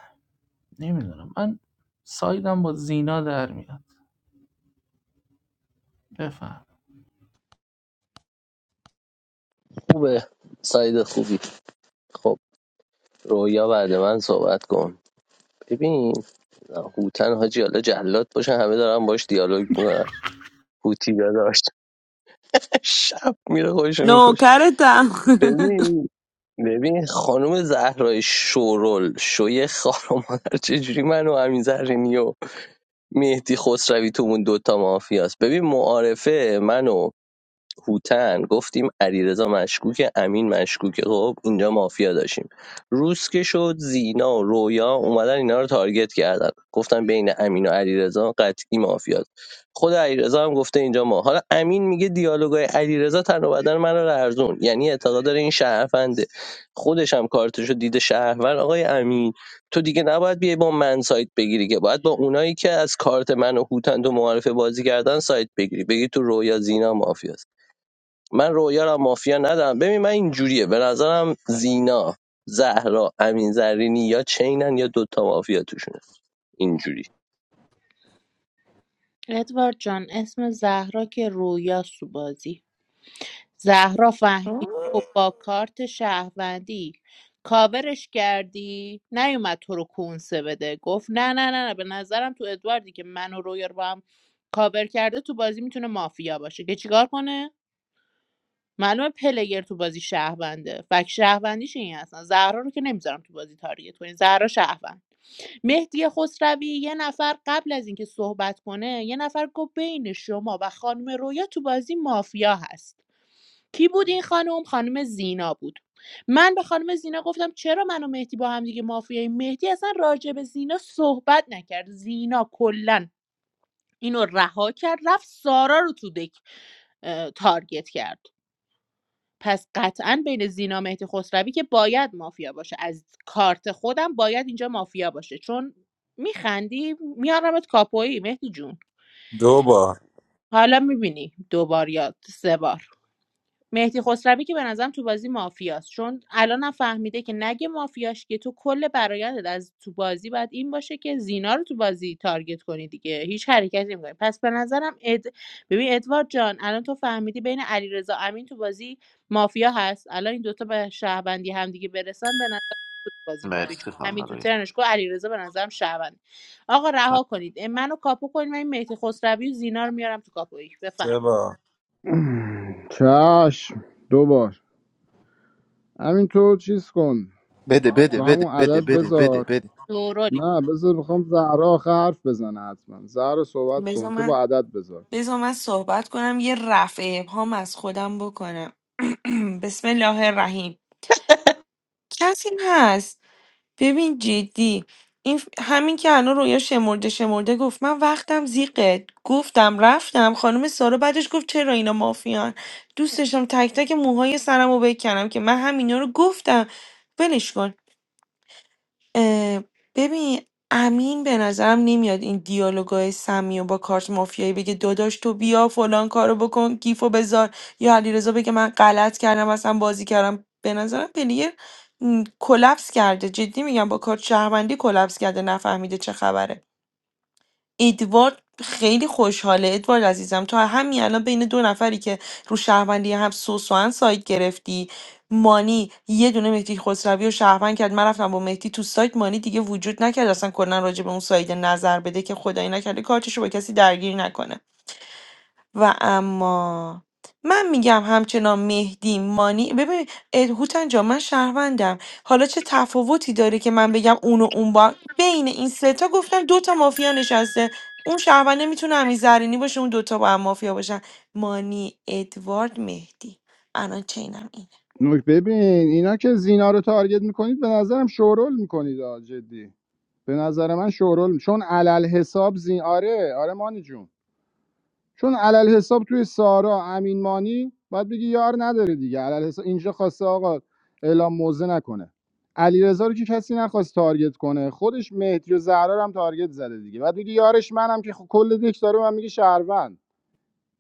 N: نمیدونم من سایدم با زینا در میاد بفهم
A: خوبه ساید خوبی خب رویا بعد من صحبت کن ببین هوتن حاجی حالا جلاد باشن همه دارن باش دیالوگ میکنن هوتی داشت <laughs> شب میره خودشو میکش
L: نوکرتم <laughs>
A: ببین ببین خانم زهرای شورل شوی خار مادر <laughs> چجوری من و امین زرینی و مهدی خسروی تو اون دوتا مافیاست ببین معارفه منو هوتن گفتیم علیرضا مشکوکه امین مشکوکه خب اینجا مافیا داشتیم روز که شد زینا و رویا اومدن اینا رو تارگت کردن گفتن بین امین و علیرضا قطعی مافیاست خود علیرضا هم گفته اینجا ما حالا امین میگه دیالوگای علیرضا تن و بدن منو لرزون یعنی اعتقاد داره این شهرفنده خودش هم کارتشو دیده شهرور آقای امین تو دیگه نباید بیای با من سایت بگیری که باید با اونایی که از کارت من و هوتن تو معارفه بازی کردن سایت بگیری بگی تو رویا زینا مافیا. من رویا را مافیا ندارم ببین من اینجوریه به نظرم زینا زهرا امین زرینی یا چینن یا دوتا مافیا توشونه اینجوری
K: ادوارد جان اسم زهرا که رویاست تو بازی زهرا فهمید تو با کارت شهروندی کاورش کردی نیومد تو رو کونسه بده گفت نه نه نه نه به نظرم تو ادواردی که من و رویر با هم کاور کرده تو بازی میتونه مافیا باشه که چیکار کنه معلومه پلیر تو بازی شهرونده فک شهروندیش این هستن زهرا رو که نمیذارم تو بازی تاریت کنی زهرا شهروند مهدی خسروی یه نفر قبل از اینکه صحبت کنه یه نفر گفت بین شما و خانم رویا تو بازی مافیا هست کی بود این خانم خانم زینا بود من به خانم زینا گفتم چرا من و مهدی با هم دیگه مافیایی مهدی اصلا راجع به زینا صحبت نکرد زینا کلا اینو رها کرد رفت سارا رو تو دک اه، تارگت کرد پس قطعا بین زینا مهدی خسروی که باید مافیا باشه از کارت خودم باید اینجا مافیا باشه چون میخندی میارمت کاپویی مهدی جون
S: دو بار
K: حالا میبینی دوبار یا سه بار مهدی خسروی که به نظرم تو بازی مافیاست چون الان هم فهمیده که نگه مافیاش که تو کل برایندت از تو بازی باید این باشه که زینا رو تو بازی تارگت کنی دیگه هیچ حرکتی نمی‌کنی پس به نظرم اد... ببین ادوارد جان الان تو فهمیدی بین علیرضا امین تو بازی مافیا هست الان این دوتا به شهروندی همدیگه برسن به نظر تو بازی مافیا چون
D: مرسی خانم
K: امین تو
D: روی
K: ترنش کو علیرضا به نظرم شهروند آقا
D: تایم
K: رها کنید منو کاپو کنید من این مهدی خسروی و زینا رو میارم تو کاپویی
S: سه
K: بفرمایید
S: بار
C: چشم دوبار امین تو چیز کن
T: بده بده
C: با
T: بده
C: همون
T: بده
C: عدد
T: بده بده
C: بذار
T: بده
K: دورولی
C: نه بذار میخوام زهرا آخه حرف بزنه حتما زهرا صحبت
L: بذار
C: کن تو
L: من
C: با عدد بذار
L: بذار من صحبت کنم یه رفع ابهام از خودم بکنم <clears throat> بسم الله الرحیم کسی هست ببین جدی این ف- همین که الان رویا شمرده شمرده گفت من وقتم زیقه گفتم رفتم خانم سارا بعدش گفت چرا اینا مافیان دوست داشتم تک تک موهای سرم رو بکنم که من همینا رو گفتم ولش کن اه، ببین امین به نظرم نمیاد این دیالوگای سمی و با کارت مافیایی بگه داداش تو بیا فلان کارو بکن گیفو بذار یا علیرضا بگه من غلط کردم اصلا بازی کردم به نظرم پلیر م، کلپس کرده جدی میگم با کارت شهروندی کلپس کرده نفهمیده چه خبره ادوارد خیلی خوشحاله ادوارد عزیزم تو همین الان بین دو نفری که رو شهروندی هم سوسوان سایت گرفتی مانی یه دونه مهدی خسروی رو شهروند کرد من رفتم با مهدی تو سایت مانی دیگه وجود نکرد اصلا کلا راجع به اون سایت نظر بده که خدایی نکرده کارتش رو با کسی درگیری نکنه و اما من میگم همچنان مهدی مانی ببین اه، هوتن جان من شهروندم حالا چه تفاوتی داره که من بگم اون و اون با بین این سه تا گفتم دو تا مافیا نشسته اون شهرونده میتونه همین زرینی باشه اون دوتا با هم مافیا باشن مانی ادوارد مهدی الان چینم اینه
C: نوک ببین اینا که زینا رو تارگت میکنید به نظرم شورول میکنید جدی به نظر من شورول چون علل حساب زین آره آره مانی جون چون علل حساب توی سارا امین مانی باید بگی یار نداره دیگه علل حساب اینجا خواسته آقا اعلام موزه نکنه علیرضا رو که کسی نخواست تارگت کنه خودش مهدی و زهرا هم تارگت زده دیگه بعد بگی یارش منم که خب کل دک داره به من میگه شهروند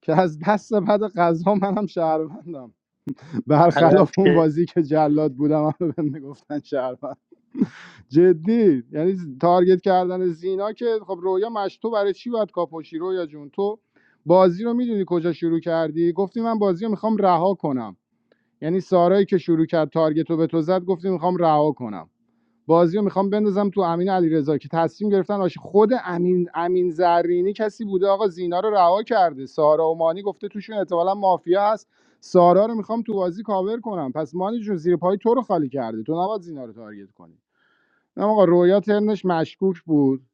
C: که از دست بعد قضا منم شهروندم <laughs>
A: حالا
C: برخلاف اون
A: که
C: بازی که جلاد بودم همه بهم میگفتن شهروند جدی یعنی تارگت کردن زینا که خب رویا مشتو برای چی باید کاپوشی رویا جون تو بازی رو میدونی کجا شروع کردی گفتی من بازی رو میخوام رها کنم یعنی سارایی که شروع کرد تارگت رو به تو زد گفتی میخوام رها کنم بازی رو میخوام بندازم تو امین علیرضا که تصمیم گرفتن آش خود امین امین زرینی کسی بوده آقا زینا رو رها کرده سارا و مانی گفته توشون احتمالا مافیا هست سارا رو میخوام تو بازی کاور کنم پس مانی جون زیر پای تو رو خالی کرده تو نباید زینا رو تارگت کنی نه آقا رویا ترنش مشکوک بود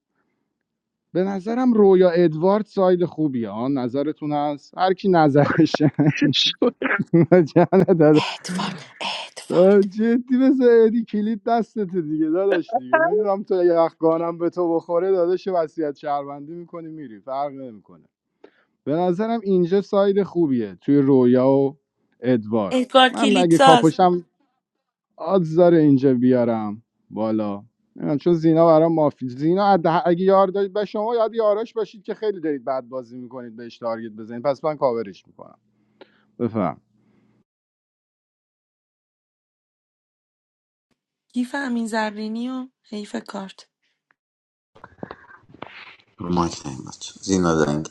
C: به نظرم رویا ادوارد ساید خوبیه ها نظرتون هست هر کی نظرشه <laughs> جان دادا
L: ادوارد
C: آه،
L: ادوارد
C: جدی مثل ادی کلید دستت دیگه داداش دیگه نمیدونم تو یخگانم به تو بخوره داداش وصیت شهروندی میکنی میری فرق نمیکنه به نظرم اینجا ساید خوبیه توی رویا و ادوارد
L: ادوارد
C: من اگه
L: کلیتساز
C: کاپوشم آدز داره اینجا بیارم بالا نمیدونم چون زینا برام مافی زینا حد- اگه یار دارید به شما یاد یاراش باشید که خیلی دارید بد بازی میکنید بهش تارگت بزنید پس من کاورش میکنم بفهم
L: گیف همین زرینی و حیف کارت
D: رو مایک نیمت زینا دنگ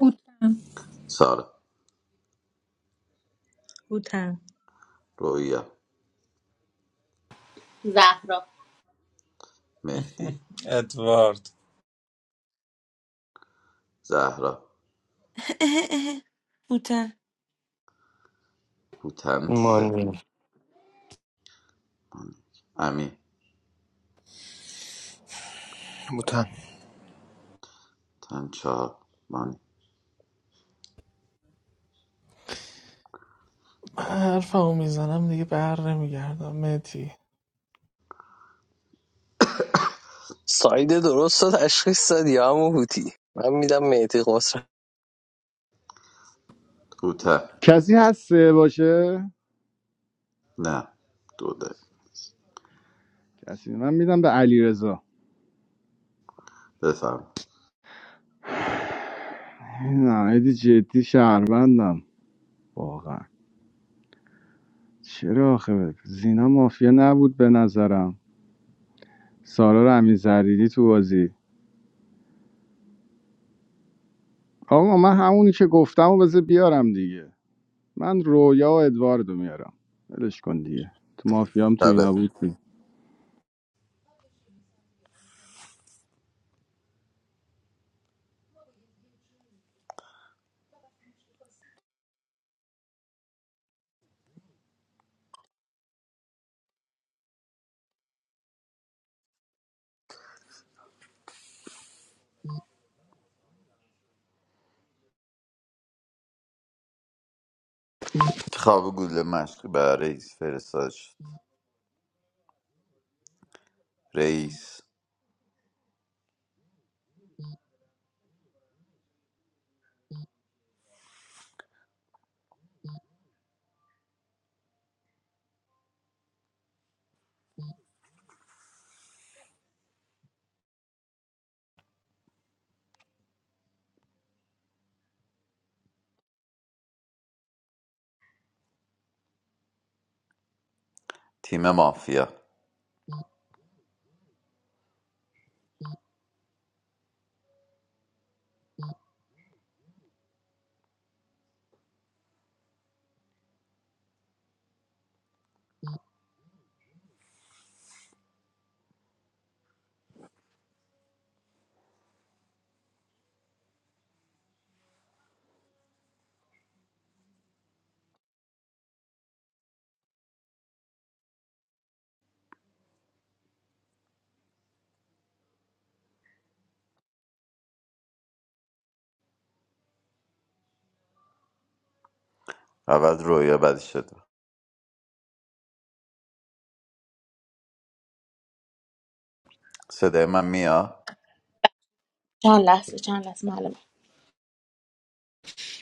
G: هوتن
D: سارا
H: هوتن
D: رویا
K: زهرا
S: <laughs>
D: مهدی
S: ادوارد
D: زهرا
L: <laughs> هوتن
D: هوتن سه
P: مانی
D: مانی امی
T: بوتن
D: هوتن چهار مانی
N: من حرفمو میزنم دیگه بر نمیگردم متی
A: ساید درست رو تشخیص دادی یا همون هوتی من میدم مهدی قصر
D: هوتن
C: کسی هسته باشه
D: نه دو ده
C: کسی من میدم به علیرضا
D: بفهم
C: نه ادی جدی شهروندم واقعا چرا آخه زینا مافیا نبود به نظرم سارا رمیز زریری تو بازی آقا من همونی که گفتم و بذار بیارم دیگه من رویا و ادواردو میارم ولش کن دیگه تو مافیام تو
D: شبه
C: اینا بود من یار
D: خواب گل مشقی برای رئیس فرستاد شد رئیس تیم مافیا اول رویا بعد شد، صدای من میاد
K: چند لحظه چند لحظه معلومه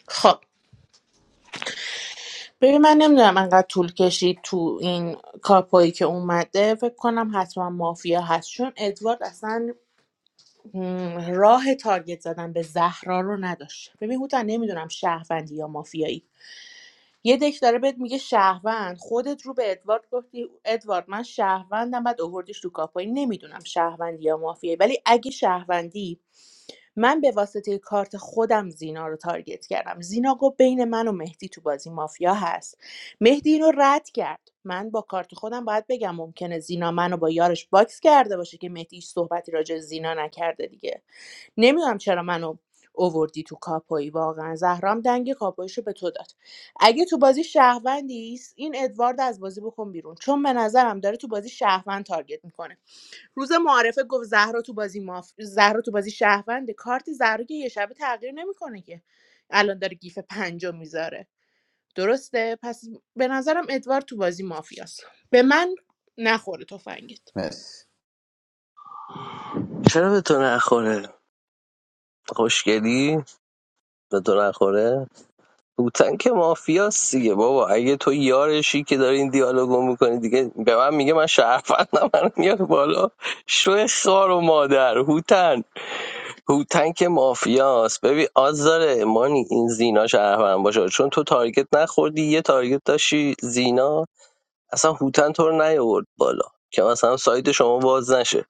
K: خب ببین من نمیدونم انقدر طول کشید تو این کاپایی که اومده فکر کنم حتما مافیا هست چون ادوارد اصلا م، راه تارگت زدن به زهرا رو نداشت ببین هوتن نمیدونم شهروندی یا مافیایی یه دک داره بهت میگه شهروند خودت رو به ادوارد گفتی ادوارد من شهروندم بعد اووردیش تو کاپایی نمیدونم شهروندی یا مافیایی ولی اگه شهروندی من به واسطه کارت خودم زینا رو تارگت کردم زینا گفت بین من و مهدی تو بازی مافیا هست مهدی اینو رد کرد من با کارت خودم باید بگم ممکنه زینا منو با یارش باکس کرده باشه که مهدی هیچ صحبتی راجع به زینا نکرده دیگه نمیدونم چرا منو اووردی تو کاپویی واقعا زهرام دنگ کاپویشو به تو داد اگه تو بازی شهروندی است، این ادوارد از بازی بکن بیرون چون به نظرم داره تو بازی شهروند تارگت میکنه روز معارفه گفت زهرا تو بازی ماف... زهرا تو بازی شهروند کارت زهرا که یه شبه تغییر نمیکنه که الان داره گیف پنجم میذاره درسته پس به نظرم ادوار تو بازی مافیاست به من نخوره تفنگت
D: مرسی
A: چرا به تو نخوره خوشگلی به تو نخوره هوتن که مافیاست دیگه بابا اگه تو یارشی که داری این دیالوگو میکنی دیگه به من میگه من شرفندم من میاره بالا شوی خار و مادر هوتن هوتن که مافیاست ببین آز داره مانی این زینا شهروند باشه چون تو تارگت نخوردی یه تارگت داشتی زینا اصلا هوتن تو رو نیاورد بالا که مثلا سایت شما باز نشه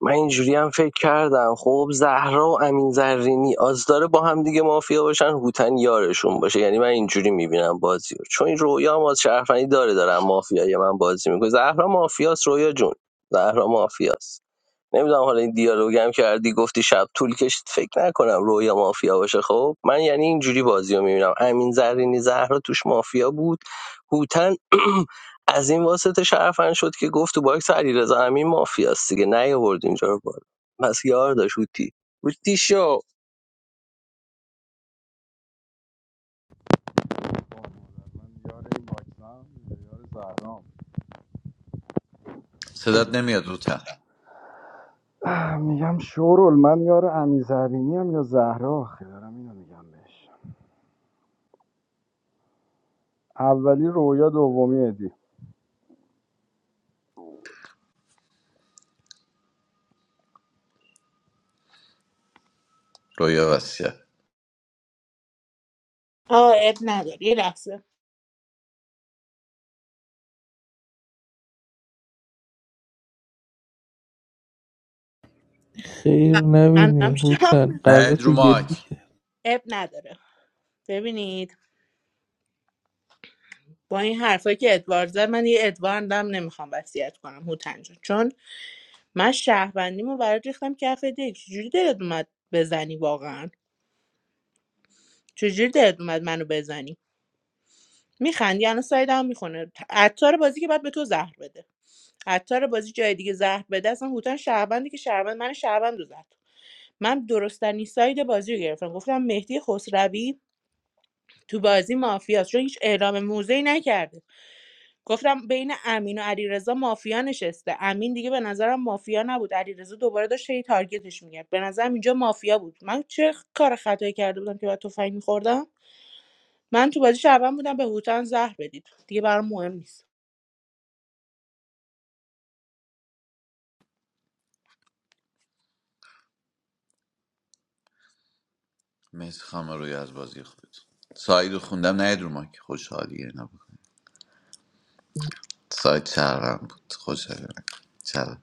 A: من اینجوری هم فکر کردم خب زهرا و امین زرینی آز داره با هم دیگه مافیا باشن هوتن یارشون باشه یعنی من اینجوری میبینم بازی رو چون این رویا هم از شهروندی داره دارم مافیای من بازی میکنه زهرا مافیاست رویا جون زهرا مافیاست نمیدونم حالا این دیالوگم کردی گفتی شب طول کشید فکر نکنم رویا مافیا باشه خب من یعنی اینجوری بازی رو میبینم امین زرینی زهرا توش مافیا بود هوتن <clears throat> از این واسطه شرفن شد که گفت تو باکس علیرضا امین مافیاست دیگه نیاورد اینجا رو بالا پس یار داشت هوتی هوتی شو
C: این باکسم یا یار زهرام
D: صدات نمیاد هوتن
C: میگم شورول من یار امیرزرینی هم یا زهرا آخه دارم اینو میگم بهش اولی رویا دومی ادی
D: رویا وسیه
K: آه اب نداره یه لحظه
N: خیر
K: من دارم
N: نبینیم هوتن
K: شم
D: نه
N: غذا تو
D: رو ماک
N: گلی
K: اب نداره ببینید با این حرفایی که ادوار زد من یه ادواردم نمیخوام وصیت کنم هوتن جون. چون من شهروندیمو برات ریختم کف دک چجوری دلت اومد بزنی واقعا چجوری دلت اومد منو بزنی میخندی الان سایدم میخونه عطار بازی که بعد به تو زهر بده عطار بازی جای دیگه زهر بده اصلا هوتن شهروندی که شهروند من شهروند رو زد من درستنی ساید بازی رو گرفتم گفتم مهدی خسروی تو بازی مافیاست چون هیچ اعلام موضعی نکرده گفتم بین امین و علیرضا مافیا نشسته امین دیگه به نظرم مافیا نبود علیرضا دوباره داشت هی تارگتش میگرد به نظرم اینجا مافیا بود من چه کار خطایی کرده بودم که باید تفنگ میخوردم من تو بازی شهروند بودم به هوتن زهر بدید دیگه برام مهم نیست
D: مرسی خانم رویا از بازی خودت سایدو خوندم نه رو ماک خوشحالیه نبود سایت شهرم بود خوشحالیه چرا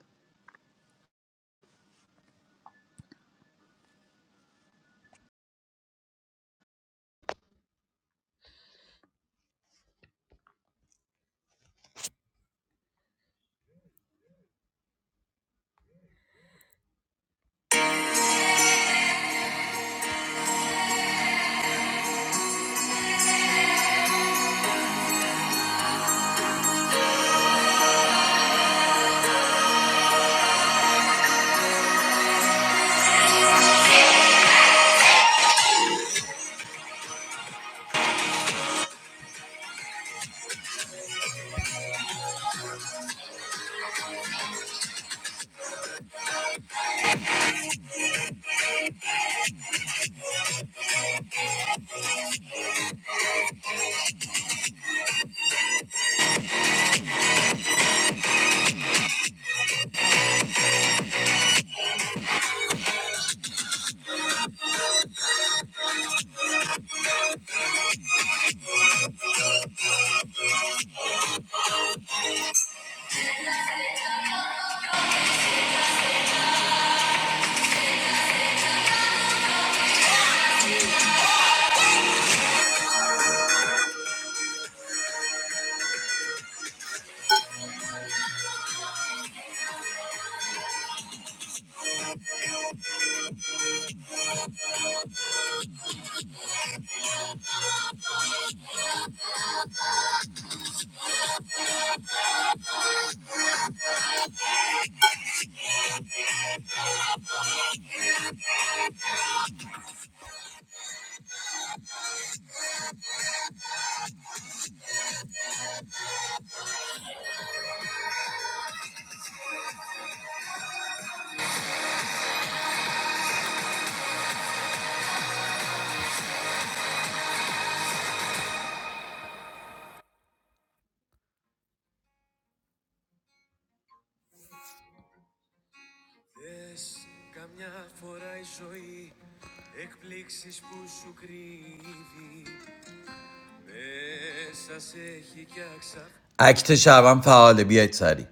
D: اکت شهروند فعاله بیاید سریع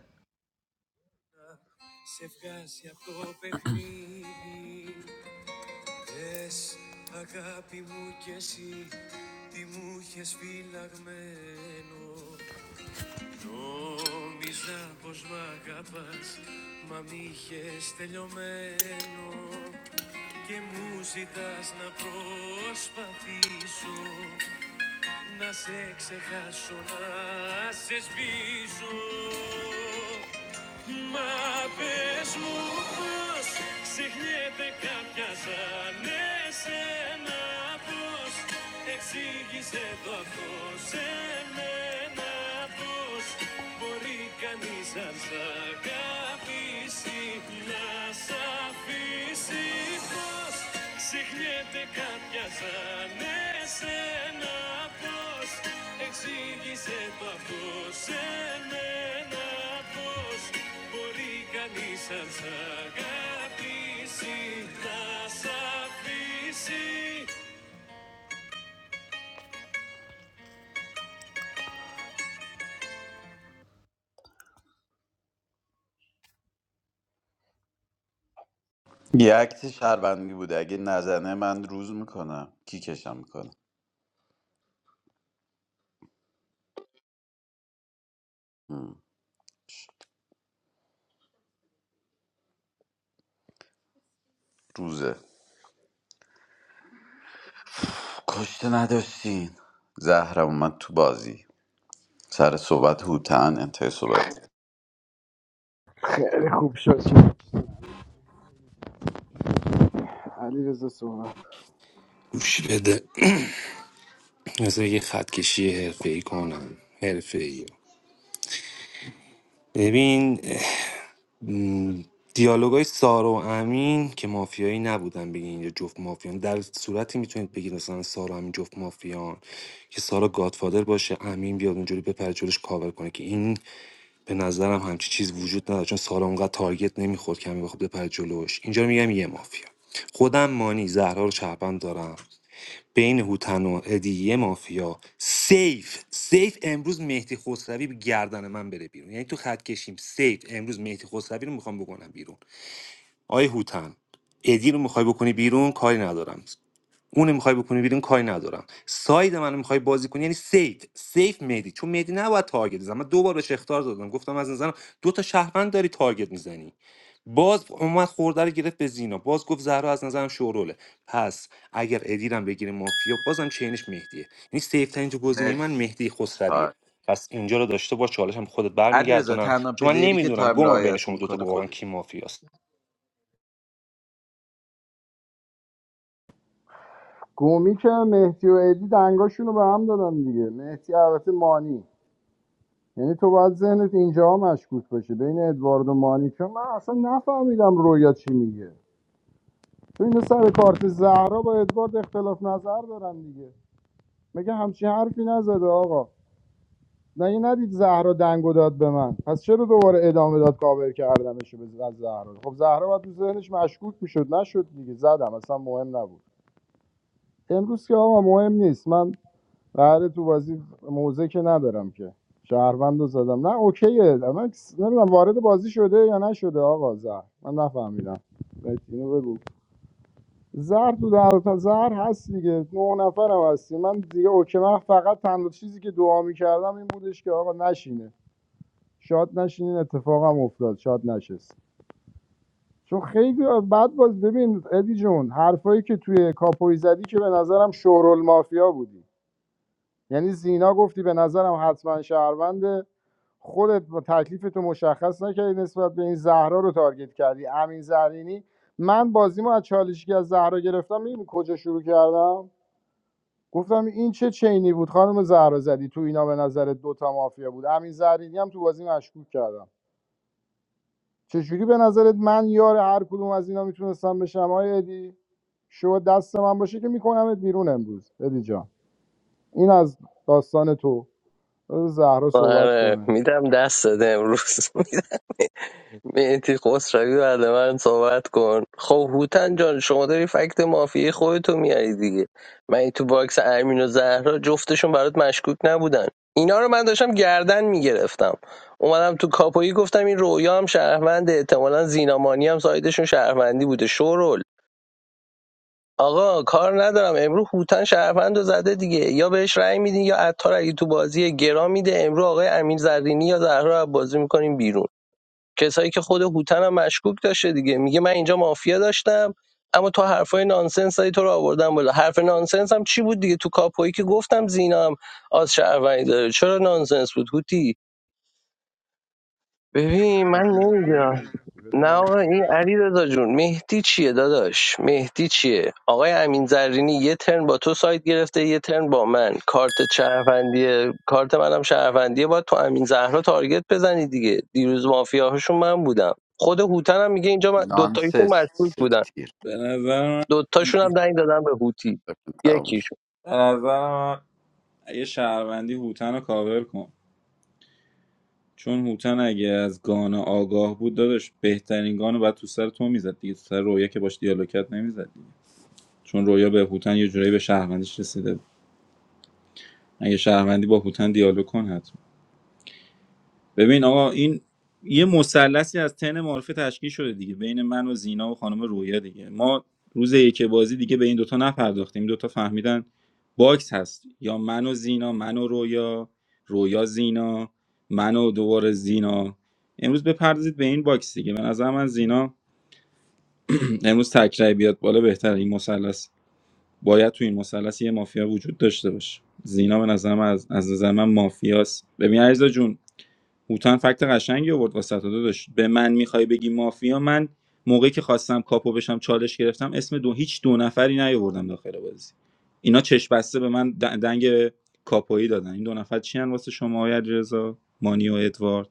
D: یه عکت شهروندی بوده اگه نزنه من روز میکنم کیکشم میکنم روزه کشته نداشتین زهرم اومد تو بازی سر صحبت هوتن انتهای صحبت
C: خیلی خوب شد علی رضا صحبت
P: گوش بده مثلا یه خط کشی حرفه ای کنم حرفه ای ببین م، دیالوگای سارا و امین که مافیایی نبودن بگین اینجا جفت مافیان در صورتی میتونید بگید مثلا سارا و امین جفت مافیان که سارا گادفادر باشه امین بیاد اونجوری بپره جلوش کاور کنه که این به نظرم همچی چیز وجود نداره چون سارا اونقدر تارگت نمیخورد که همین بخواد بپره جلوش اینجا رو میگم یه مافیا خودم مانی زهرا رو چربند دارم بین هوتن و هدیه مافیا سیف سیف امروز مهدی خسروی به گردن من بره بیرون یعنی تو خط کشیم سیف امروز مهدی خسروی رو میخوام بکنم بیرون آی هوتن ادی رو میخوای بکنی بیرون کاری ندارم اون میخوای بکنی بیرون کاری ندارم ساید من میخوای بازی کنی یعنی سیف سیف مهدی چون مهدی نباید تارگت بزنه من دو بار بهش اخطار دادم گفتم از نظرم دو تا شهروند داری تارگت میزنی باز اومد خورده رو گرفت به زینا باز گفت زهرا از نظرم شوروله پس اگر ادیرم بگیره مافیا بازم چینش مهدیه یعنی سیف ترین گزینه من
D: مرسی
P: مهدی خسرویه پس اینجا رو داشته باش چالش هم خودت
D: عدی رضا
P: برمیگردونم
D: تنها
P: چون من
D: پلیری که
P: نمیدونم
D: تایم
P: گمم بین
D: رعایت
P: شما دو تا
D: میکنه
P: واقعا
D: خودت
P: کی مافیاست
C: گومی که مهدی و ادی دنگاشونو به هم دادن دیگه مهدی البته مانی یعنی تو باید ذهنت اینجا مشکوک باشه بین ادوارد و مانی چون من اصلا نفهمیدم رویا چی میگه تو اینا سر کارت زهرا با ادوارد اختلاف نظر دارن دیگه مگه همچین حرفی نزده آقا مگه ندید زهرا دنگو داد به من پس چرا دوباره ادامه داد کاور کردنش به ز- از زهرا خب زهرا باید تو ذهنش مشکوک میشد نشد دیگه زدم اصلا مهم نبود امروز که آقا مهم نیست من قراره تو بازی موزه که ندارم که شهروند رو زدم نه اوکیه من نمیدونم وارد بازی شده یا نشده آقا زهر من نفهمیدم اینو بگو زهر تو در تا زهر هست دیگه نه نفر هم هستی من دیگه اوکی من فقط تنها چیزی که دعا میکردم این بودش که آقا نشینه شاد نشینین اتفاقم افتاد شاد نشست چون خیلی بعد باز ببین ادی جون حرفایی که توی کاپوی زدی که به نظرم شورول مافیا بودی یعنی زینا گفتی به نظرم حتما شهرونده خودت با تکلیف تو مشخص نکردی نسبت به این زهرا رو تارگت کردی امین زرینی من بازیمو از چالشی که از زهرا گرفتم میدونی کجا شروع کردم گفتم این چه چینی بود خانم زهرا تو اینا به نظرت دوتا مافیا بود همین زرینی هم تو بازی مشکوک کردم چجوری به نظرت من یار هر کدوم از اینا میتونستم بشم های ادی شو دست من باشه که میکنمت بیرون امروز ادی جان این از داستان تو بذار زهرا صحبت
A: آره
C: کنه
A: میدم دست داده امروز <laughs> مهدی خسروی بعد من صحبت کن خب هوتن جان شما داری فکت مافیای خودتو میاری دیگه من این تو باکس امین و زهرا جفتشون برات مشکوک نبودن اینا رو من داشتم گردن میگرفتم اومدم تو کاپویی گفتم این رویا هم شهرونده احتمالا زینامانی هم سایدشون شهروندی بوده شورول آقا کار ندارم امرو هوتن شهروند رو زده دیگه یا بهش رأی میدین یا عطار اگه تو بازی گرا میده امرو آقای امین زرینی یا زهرا رو بازی میکنیم بیرون کسایی که خود هوتن هم مشکوک داشته دیگه میگه من اینجا مافیا داشتم اما تو حرفای نانسنس هایی تو رو آوردم بالا حرف نانسنس هم چی بود دیگه تو کاپویی که گفتم زینا هم از شهروندی داره چرا نانسنس بود هوتی
C: <laughs>
A: ببین من
C: از مافیای
A: نمیدونم
C: من بده
A: نه
C: من
A: آقا این
C: صحبت.
A: علی رضا جون مهدی چیه داداش مهدی چیه آقای امین زرینی یه ترن با تو سایت گرفته یه ترن با من کارت شهروندیه کارت منم شهروندیه باید تو امین زهرا تارگت بزنی دیگه دیروز مافیاهاشون من بودم خود هوتن هم میگه اینجا من دوتاییشون
D: نانسس
A: مشکوک بودن
D: سکتیر
S: به نظر من
A: دوتاشون هم دنگ دادن به هوتی
D: تمام شد
S: به نظرم یه شهروندی هوتن رو کاور کن چون هوتن اگه از گان آگاه بود داداش بهترین گان رو بعد تو سر تو میزد دیگه تو سر رویا که باش دیالوگ کرد نمیزد چون رویا به هوتن یه جورایی به شهروندیش رسیده بود اگه شهروندی با هوتن دیالوگ کن ببین آقا این یه مثلثی از تن معرفه تشکیل شده دیگه بین من و زینا و خانم رویا دیگه ما روز یک بازی دیگه به این دوتا نپرداختیم این دوتا فهمیدن باکس هست یا من و زینا من و رویا رویا زینا من و دوباره زینا امروز بپردازید به این باکس دیگه به نظر من زینا <clears throat> امروز تکرای بیاد بالا بهتره این مثلث باید تو این مثلث یه مافیا وجود داشته باشه زینا به نظر من از, از نظر من مافیاست ببین عزیزا جون هوتن فکت قشنگی آورد واسه تو داشت به من میخوای بگی مافیا من موقعی که خواستم کاپو بشم چالش گرفتم اسم دو هیچ دو نفری نیاوردم داخل بازی اینا چشم بسته به من دن- دنگ کاپویی دادن این دو نفر چی ان واسه شما آقای علیرضا مانی و ادوارد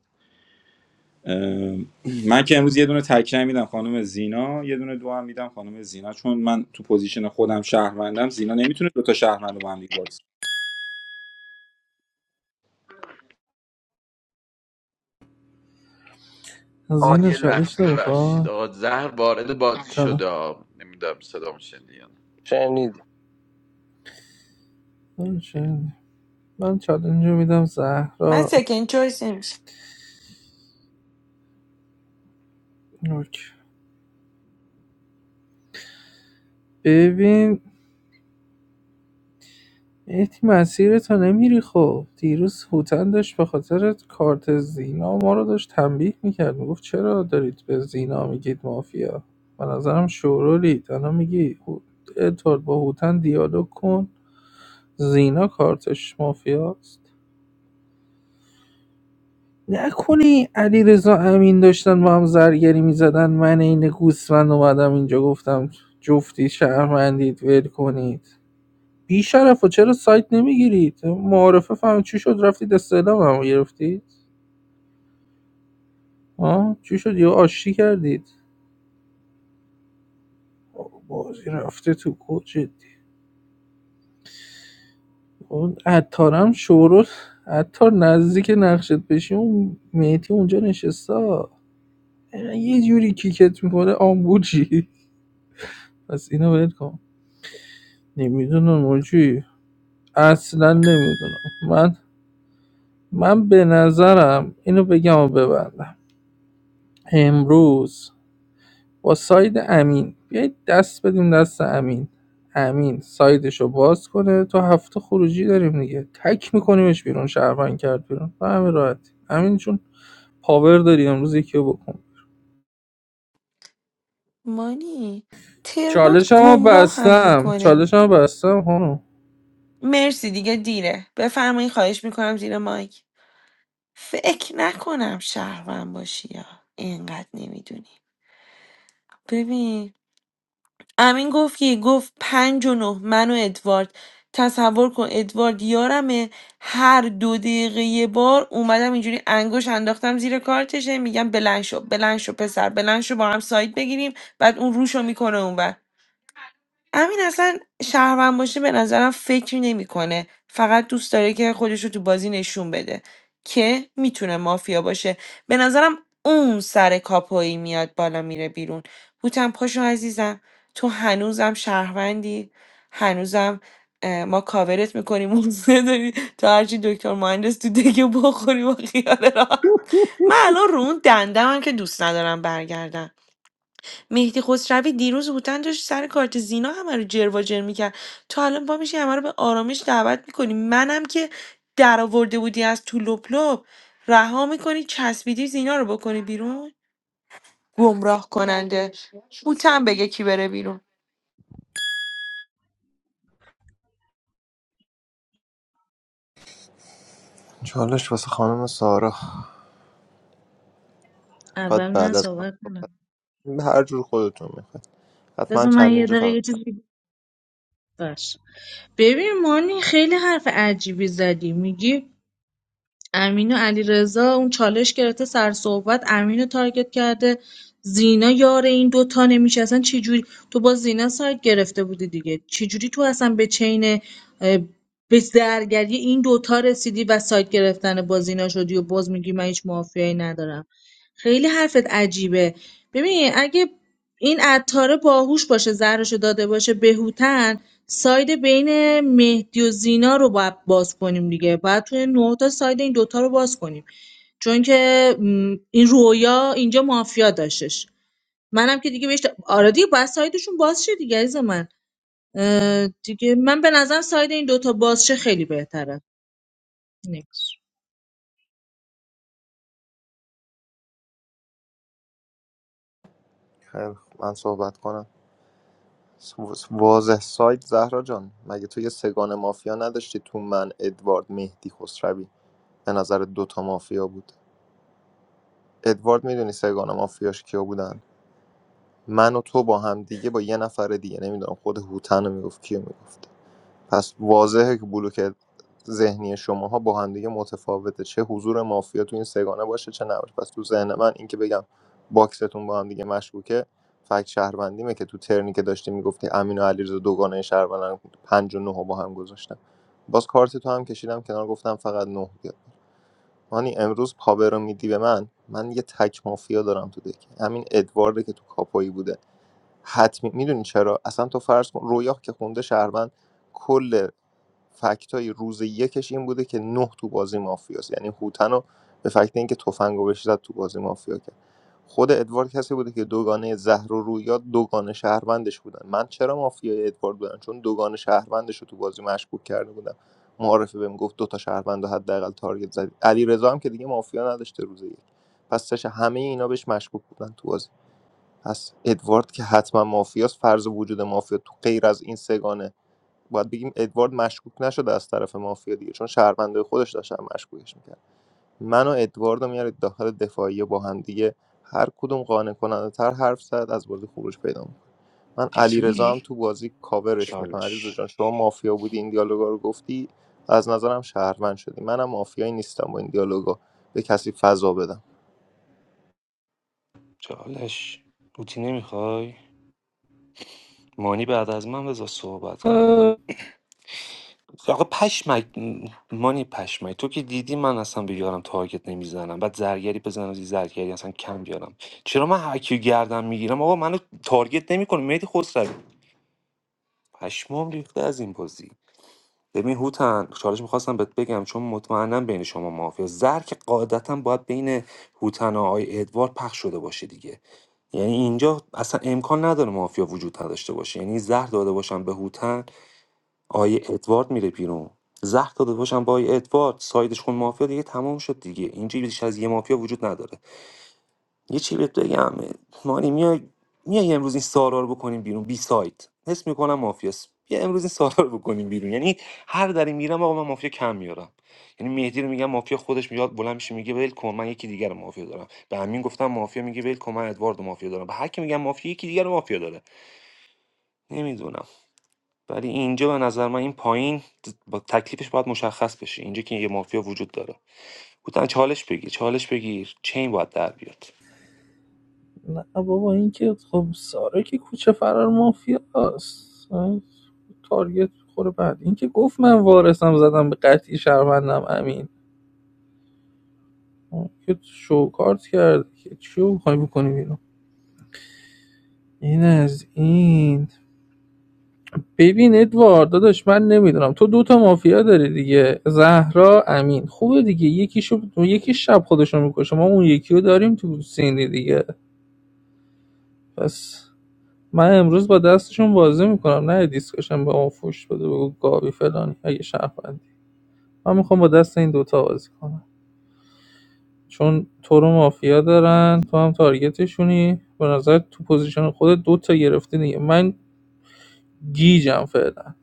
S: ام، من که امروز یه دونه تکریم میدم خانم زینا یه دونه دو هم میدم خانم زینا چون من تو پوزیشن خودم شهروندم زینا نمیتونه دو تا شهروند رو با هم دیگه باکس کنه.
N: از
D: آه
N: یه
D: یه
N: چالش
D: لحظه
N: نمیخوای؟
D: ببخشید آقا زهر وارد بازی
N: چرا؟
D: شده نمیدونم صدام شنیدی یا نه
A: یکیشون
N: نمیشه. من چالش رو میدم
L: من
N: زهرا
L: سکن چویس
N: اوکی. ببین مهدی مسیر تا نمیری خب دیروز هوتن داشت به خاطر کارت زینا ما رو داشت تنبیه میکرد میگفت چرا دارید به زینا میگید مافیا به نظرم شورولید الان میگی هو- ادوارد با هوتن دیالوگ کن زینا کارتش مافیاست نکنه این علیرضا امین داشتن با هم زرگری میزدن من این گوسفند اومدم اینجا گفتم جفتی شهروندید ول کنید بی شرفا چرا سایت نمیگیرید معارفه فهم چی شد رفتید استعلام هم گرفتید آه چی شد یا آشتی کردید بازی رفته تو کجدی اون عطارم شورت عطار نزدیک نقشت بشی اون میتی اونجا نشسته یه جوری کیکت میکنه آمبوجی پس اینو ول کن نمیدونم آجی اصلا نمیدونم من من به نظرم اینو بگم و ببندم امروز با ساید امین بیایید دست بدیم دست امین امین سایدشو باز کنه تو هفته خروجی داریم دیگه تک میکنیمش بیرون شهروند کرد بیرون و همین راحتی امین چون پاور داری امروز یکی رو بکن
L: مانی ترنات
N: چالشمو
L: گمراه هم
N: بستم
L: میکنه
N: چالشمو بستم خانم
L: مرسی دیگه دیره بفرمایین خواهش میکنم زیر مایک فکر نکنم شهروند باشی یا اینقدر نمیدونی ببین امین گفت که گفت پنج و نه من و ادوارد تصور کن ادوارد یارمه هر دو دقیقه یه بار اومدم اینجوری انگوش انداختم زیر کارتشه میگم بلند شو بلند شو پسر بلند شو با هم سایت بگیریم بعد اون روشو میکنه اونور امین اصلا شهروند باشه به نظرم فکر نمیکنه فقط دوست داره که خودش رو تو بازی نشون بده که میتونه مافیا باشه به نظرم اون سر کاپویی میاد بالا میره بیرون هوتم پاشو عزیزم تو هنوزم شهروندی هنوزم اه، ما کاورت میکنیم موزه داری تا هرچی دکتر مهندس تو دیگه بخوری با خیال راحت من الان رو اون دندم که دوست ندارم برگردم مهدی خسروی دیروز هوتن داشت سر کارت زینا همه رو جر و جر میکرد تو الان پا میشی همه رو به آرامش دعوت میکنی منم که در آورده بودی از تو لپ لپ رها میکنی چسبیدی زینا رو بکنی بیرون گمراه کننده هوتن بگه کی بره بیرون
T: چالش واسه خانم سارا قد
H: اول من
T: بعد از
H: صحبت کنم
T: من هر جور خودتون میخواد حتما
H: بذار من یه
T: چلنج
H: دقیقه
T: فقط
H: یه چیزی باش ببین مانی خیلی حرف عجیبی زدی میگی امین و علیرضا اون چالش گرفته سر صحبت امین رو تارگت کرده زینا یار این دوتا نمیشه اصلا چی جوری تو با زینا سایت گرفته بودی دیگه چی جوری تو اصلا به چین اه، به درگری این دوتا رسیدی و سایت گرفتن با زینا شدی و باز میگی من هیچ مافیایی ندارم خیلی حرفت عجیبه ببین اگه این عطاره باهوش باشه زهرشو داده باشه بهوتن ساید بین مهدی و زینا رو باید باز کنیم دیگه باید توی نه تا ساید این دوتا رو باز کنیم چون که م، این رویا اینجا مافیا داشتش منم که دیگه بهش آره دیگه باید سایدشون باز شه دیگه عزیز من دیگه من به نظرم ساید این دوتا باز شه خیلی بهتره نیکس.
T: خیلی خوب. من صحبت کنم س- واضح سایت زهرا جان مگه تو یه سگان مافیا نداشتی تو من ادوارد مهدی خسروی به نظر دوتا مافیا بود ادوارد میدونی سگانه مافیاش کیا بودن من و تو با هم دیگه با یه نفر دیگه نمیدونم خود هوتن رو میگفت کیو میگفت پس واضحه که بلوک ذهنی شماها با هم دیگه متفاوته چه حضور مافیا تو این سگانه باشه چه نباشه پس تو ذهن من اینکه بگم باکستون با هم دیگه مشکوکه فکت شهروندیمه که تو ترنی که داشتی میگفتی امین و علیرضا دوگانه شهروندن پنج و نه رو با هم گذاشتم باز کارت تو هم کشیدم کنار گفتم فقط نه بیاد مانی امروز پاور رو میدی به من من یه تک مافیا دارم تو دک همین ادوارد که تو کاپایی بوده حتمی میدونی چرا اصلا تو فرض کن رویا که خونده شهروند کل فکتای روز یکش این بوده که نه تو بازی مافیاست یعنی هوتن رو به فکت اینکه تفنگو بهش زد تو بازی مافیا کرد خود ادوارد کسی بوده که دوگانه زهر و رویا دوگانه شهروندش بودن من چرا مافیای ادوارد بودن چون دوگانه شهروندش رو تو بازی مشکوک کرده بودن معارفه بهم گفت دو تا شهروند رو حداقل تارگت زدی علیرضا هم که دیگه مافیا نداشته روز یک پس چش همه اینا بهش مشکوک بودن تو بازی پس ادوارد که حتما مافیاست فرض وجود مافیا تو غیر از این سگانه باید بگیم ادوارد مشکوک نشده از طرف مافیا دیگه چون شهرونده خودش داشتن مشکوکش می‌کردن. من و ادواردو میارید داخل دفاعیه با هم دیگه هر کدوم قانع کننده تر حرف زد از بازی خروج پیدا میکنه من
P: چی
T: علیرضا هم
P: چی؟
T: تو بازی کاورش میکنم علیرضا
P: چالش
T: جان شما مافیا بودی این دیالوگا رو گفتی از نظرم شهروند شدی منم مافیایی نیستم با این دیالوگا به کسی فضا بدم
P: چالش روتی نمیخوای مانی بعد از من بذار صحبت کنه آقا پشمک مانی پشمک تو که دیدی من اصلا به یارم تارگت نمیزنم بعد زرگری بزنم زی زرگری اصلا کم بیارم چرا من هرکی رو گردم میگیرم آقا منو تارگت نمیکنه مهدی خسروی پشمام ریخته از این بازی ببین هوتن چالش میخواستم بهت بگم چون مطمئنم بین شما مافیا زر که قاعدتا باید بین هوتن و آقای ادوار پخش شده باشه دیگه یعنی اینجا اصلا امکان نداره مافیا وجود نداشته باشه یعنی زهر داده باشم به هوتن آیه ادوارد میره بیرون زهر داده باشم با آیه ادوارد سایدش خون مافیا دیگه تمام شد دیگه اینجا بیش از یه مافیا وجود نداره یه چی بهت بگم مانی میای میای امروز این سارا رو بکنیم بیرون بی سایت حس میکنم مافیاست بیا امروز این سارا رو بکنیم بیرون یعنی هر دری میرم آقا من مافیا کم میارم یعنی مهدی رو میگم مافیا خودش میاد بلند میشه میگه ول کن من یکی دیگر رو مافیا دارم به همین گفتم مافیا میگه ول کن من ادوارد رو مافیا دارم به هر کی میگم مافیا یکی دیگر رو مافیا داره نمیدونم ولی اینجا به نظر من این پایین با تکلیفش باید مشخص بشه اینجا که یه مافیا وجود داره بودن چالش بگیر چالش بگیر چین باید در بیاد
N: نه بابا این که خب سارا که کوچه فرار مافیاست تارگت خوره بعد این که گفت من وارثم زدم به قطعی شهروندم امین که شوکارت کرد که چی رو میخوای بکنی بیرون این از این ببین ادوارد داداش من نمیدونم تو دوتا مافیا داری دیگه زهرا امین خوبه دیگه یکی یکیشو یکی شب خودشو میکشه ما اون یکی رو داریم تو سینی دیگه پس من امروز با دستشون بازی میکنم نه دیسکشن به اون فوش بده بگو گاوی فلانی اگه شهروندی من میخوام با دست این دوتا بازی کنم چون تو رو مافیا دارن تو هم تارگتشونی به نظر تو پوزیشن خودت دوتا گرفتی دیگه من گیجم فعلا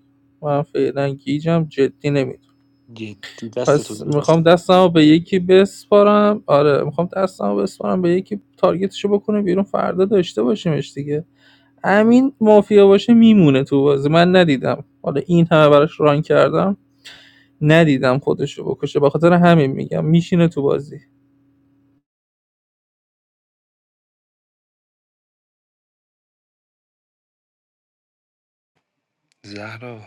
N: من فعلا گیجم جدی نمیدونم
P: جدی دست تو
N: پس
P: بود
N: میخوام
P: دست
N: دستمو به یکی بسپارم آره میخوام دستمو بسپارم به یکی تارگتشو بکنه بیرون فردا داشته باشیمش دیگه امین مافیا باشه میمونه تو بازی من ندیدم حالا این همه براش ران کردم ندیدم خودشو بکشه به خاطر همین میگم میشینه تو بازی
P: زهرا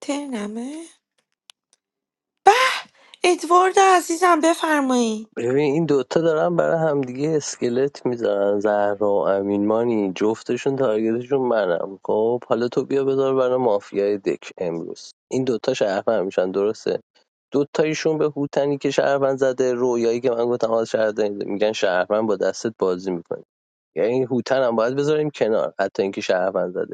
L: ترنمه ادوارد عزیزم بفرمایید
A: ببین این دوتا دارن برای همدیگه اسکلت میذارن زهرا و امین مانی جفتشون تارگتشون منم خب حالا تو بیا بذار برای مافیای دک امروز این دوتا شهروند میشن درسته دوتایشون به هوتنی که شهروند زده رویایی که من گفتم از شهروند میگن شهروند با دستت بازی میکنه یعنی هوتن هم باید بذاریم کنار حتی اینکه شهروند زده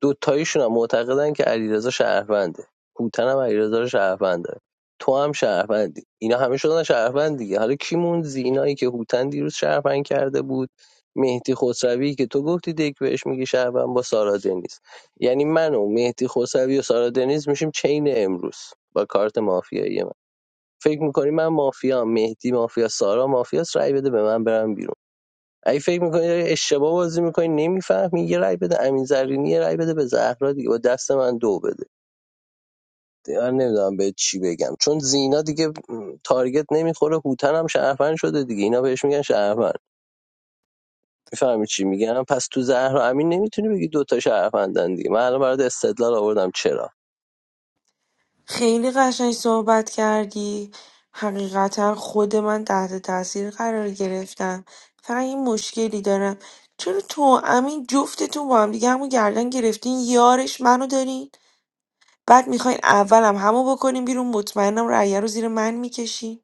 A: دوتاییشون هم معتقدن که علیرضا شهرونده هوتن هم علیرضا رو شهروند داره تو هم شهروندی اینا همه شدن شهروند دیگه حالا کی موند زینایی که هوتن دیروز شهروند کرده بود مهدی خسروی که تو گفتی دک بهش میگی شهروند با سارا دنیز یعنی من و مهدی خسروی و سارا دنیز میشیم چین امروز با کارت مافیایی من فکر میکنی من مافیا مهدی مافیا سارا مافیاس رای بده به من برم بیرون اگه فکر میکنی اشتباه بازی میکنی نمیفهمی یه رای بده امین زرینی یه رأی بده به زهرا دیگه با دست من دو بده من نمیدونم به چی بگم چون زینا دیگه م، تارگت نمیخوره هوتن هم شهروند شده دیگه اینا بهش میگن شهروند میفهمی چی میگم پس تو زهرا امین نمیتونی بگی دوتا شهروندن دیگه من الان برات استدلال آوردم چرا
L: خیلی قشنگ صحبت کردی حقیقتا خود من تحت تاثیر قرار گرفتم فقط یه مشکلی دارم چرا تو امین جفتتون با هم دیگه همو گردن گرفتین یارش منو دارین بعد میخواین اولم همو بکنین بیرون مطمئنم رأیه رو زیر من میکشین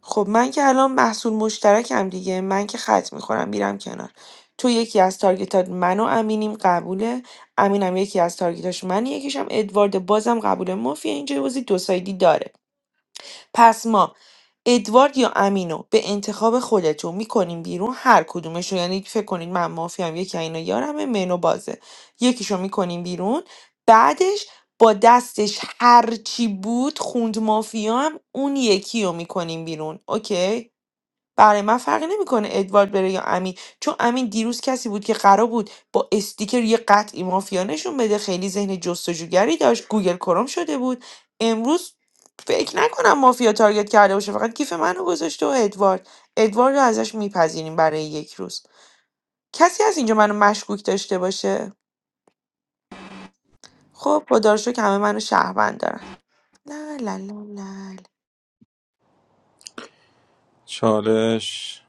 L: خب من که الان محصول مشترکم دیگه من که خط میخورم میرم کنار تو یکی از تارگتات من و امینیم قبوله امینم یکی از تارگتاش من یکیشم ادوارد بازم قبوله مافیا اینجا بازی دو سایدی داره پس ما ادوارد یا امینو به انتخاب خودتون میکنیم بیرون هر کدومش رو یعنی فکر کنید من مافیام یکی اینا یارمه منو بازه یکیشو میکنیم بیرون بعدش با دستش هر چی بود خوند مافیا هم اون یکی رو میکنیم بیرون اوکی برای من فرقی نمیکنه ادوارد بره یا امین چون امین دیروز کسی بود که قرار بود با استیکر یه قطعی مافیا نشون بده خیلی ذهن جستجوگری داشت گوگل کروم شده بود امروز فکر نکنم مافیا تارگت کرده باشه فقط کیف منو گذاشته و ادوارد ادوارد رو ازش میپذیریم برای یک روز کسی از اینجا منو مشکوک داشته باشه خب خدا رو شکر همه منو شهروند دارن لا لا لا لا.
S: چالش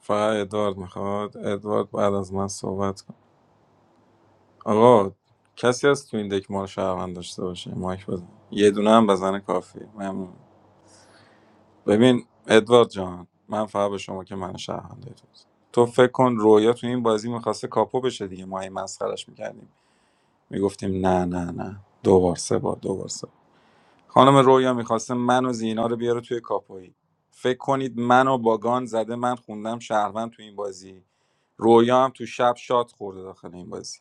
S: فقط ادوارد میخواد ادوارد بعد از من صحبت آقا کسی از تو این دک مال شهروند داشته باشه مایک بزن یه دونه هم بزنه کافیه ممنون ببین ادوارد جان من فقط به شما که من شهروند دارم. تو فکر کن رویا تو این بازی میخواسته کاپو بشه دیگه ما این مسخرش میکردیم میگفتیم نه نه نه دو بار سه بار دو بار سه بار. خانم رویا میخواسته من و زینا رو بیاره توی کاپویی فکر کنید منو باگان زده من خوندم شهروند تو این بازی رویا هم تو شب شات خورده داخل این بازی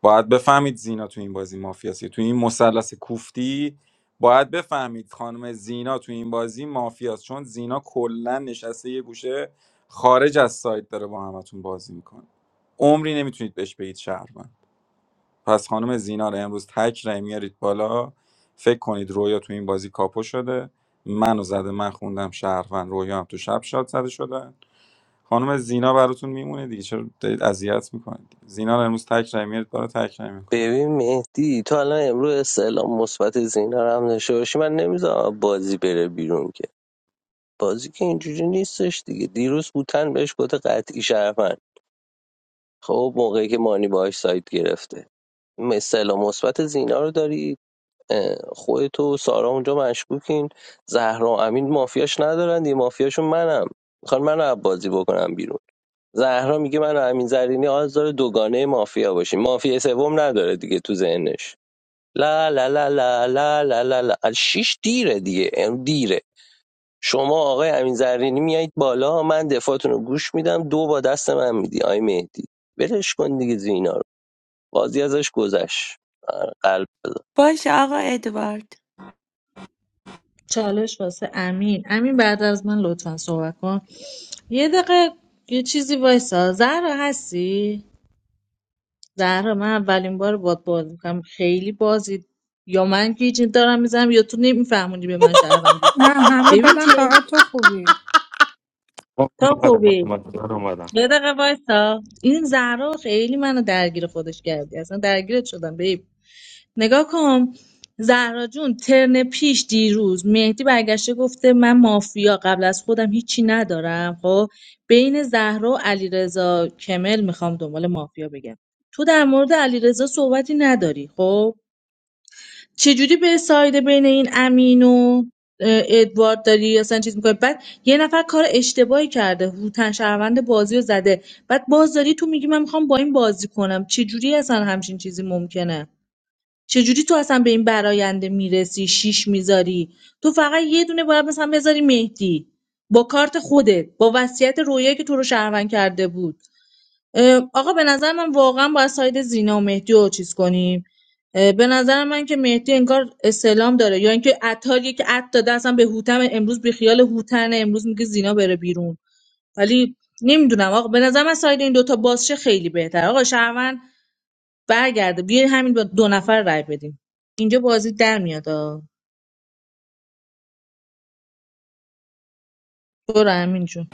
S: باید بفهمید زینا تو این بازی مافیاست تو این مثلث کوفتی باید بفهمید خانم زینا تو این بازی مافیاست چون زینا کلا نشسته یه گوشه خارج از سایت داره با همتون بازی میکنه عمری نمیتونید بهش بگید شهروند پس خانم زینا رو امروز تک رای میارید بالا فکر کنید رویا تو این بازی کاپو شده منو زده من خوندم شهروند رویا هم تو شب شاد زده شدن خانم زینا براتون میمونه دیگه چرا دارید اذیت میکنید زینا رو امروز تک رای میارید بالا تک رای می‌کنید.
A: ببین مهدی تو الان امروز استعلام مثبت زینا رو هم داشته باشی من نمیذارم بازی بره بیرون که بازی که اینجوری نیستش دیگه دیروز بوتن بهش گفته قطعی شرفن خب موقعی که مانی باهاش سایت گرفته مثلا مثبت زینا رو داری اه، خودت و سارا اونجا مشکوکین زهرا و امین مافیاش ندارن یه مافیاشون منم میخوان منو از بازی بکنم بیرون زهرا میگه من و امین زرینی آز داره دوگانه مافیا باشیم مافیا سوم نداره دیگه تو ذهنش لا لا لا لا لا لا لا لا از شیش دیره دیگه ام دیره شما آقای امین زرینی میایید بالا من دفاعتون رو گوش میدم دو با دست من میدی آی مهدی ولش کن دیگه زینا رو. بازی ازش گذشت آره، قلب بزن
L: باشه آقا ادوارد
H: چالش واسه امین امین بعد از من لطفا صحبت کن یه دقیقه یه چیزی وایسا زهرا هستی زهرا من اولین بار باد باز میکنم خیلی بازی یا من گیج دارم میزنم یا تو نمیفهمونی به من شهروندی
G: نه همه
H: ببین
G: بدن
H: تن-
G: فقط تو خوبی
P: آه، من
H: تا
P: اومدم من
H: خوبه
P: اومدم من اومدم
H: یه دقیقه وایسا این زهرا خیلی منو درگیر خودش کردی اصلا درگیرت شدم بیب نگاه کن زهرا جون ترن پیش دیروز مهدی برگشته گفته من مافیا قبل از خودم هیچی ندارم خب بین زهرا و علیرضا کمل میخوام دنبال مافیا بگم تو در مورد علیرضا صحبتی نداری خب چجوری به سایده بین این امین و اه، ادوارد داری اصلا چیز میکنی بعد یه نفر کار اشتباهی کرده هوتن شهروند بازی رو زده بعد باز داری تو میگی من میخوام با این بازی کنم چجوری اصلا همچین چیزی ممکنه چجوری تو اصلا به این براینده میرسی شیش میذاری تو فقط یه دونه باید مثلا بذاری مهدی با کارت خودت با وصیت رویایی که تو رو شهروند کرده بود اه، آقا به نظر من واقعا باید ساید زینا و مهدی رو چیز کنیم اه، به نظر من که مهدی انگار استعلام داره یا اینکه عطار که عط داده اصلا به هوتم امروز بیخیال هوتن امروز میگه زینا بره بیرون ولی نمیدونم آقا به نظر من ساید این دوتا بازشه خیلی بهتر آقا شهروند برگرده بیاین همین با دو نفر رای بدیم اینجا بازی در میاد آقا. برو همین جون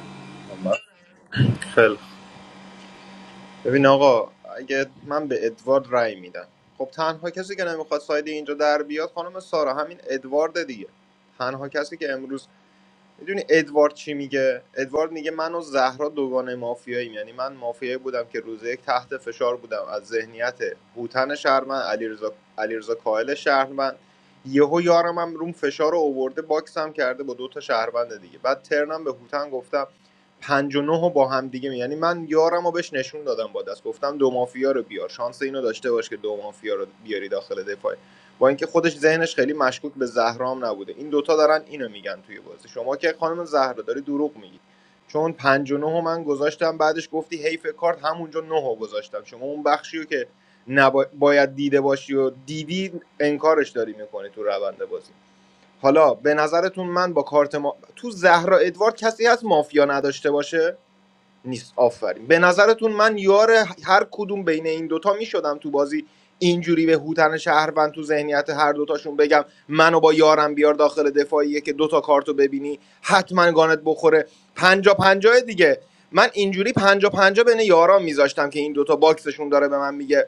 T: خیلی خوب. ببین آقا اگه من به ادوارد رأی میدم خب تنها کسی که نمیخواد سایدی اینجا در بیاد خانم سارا همین ادوارد دیگه تنها کسی که امروز میدونی ادوارد چی میگه ادوارد میگه من و زهرا دوگانه مافیاییم یعنی من مافیایی بودم که روز یک تحت فشار بودم از ذهنیت هوتن شهرمن علیرضا علیرضا کاهل شهرمن یهو یارم هم روم فشار رو اوورده باکسم کرده با دو تا شهروند دیگه بعد ترنم به هوتن گفتم پنج و نه رو با هم دیگه می یعنی من یارم رو بهش نشون دادم با دست گفتم دو مافیا رو بیار شانس اینو داشته باش که دو مافیا رو بیاری داخل دفاع با اینکه خودش ذهنش خیلی مشکوک به زهرام نبوده این دوتا دارن اینو میگن توی بازی شما که خانم زهرا داری دروغ میگی چون پنج و نه رو من گذاشتم بعدش گفتی حیف کارت همونجا نه رو گذاشتم شما اون بخشی که نباید دیده باشی و دیدی انکارش داری میکنی تو روند بازی حالا به نظرتون من با کارت ما... تو زهرا ادوارد کسی هست مافیا نداشته باشه نیست آفرین به نظرتون من یار هر کدوم بین این دوتا میشدم تو بازی اینجوری به هوتن شهروند تو ذهنیت هر دوتاشون بگم منو با یارم بیار داخل دفاعیه که دوتا کارتو ببینی حتما گانت بخوره پنجا پنجاه دیگه من اینجوری پنجا پنجا بین یارام میذاشتم که این دوتا باکسشون داره به من میگه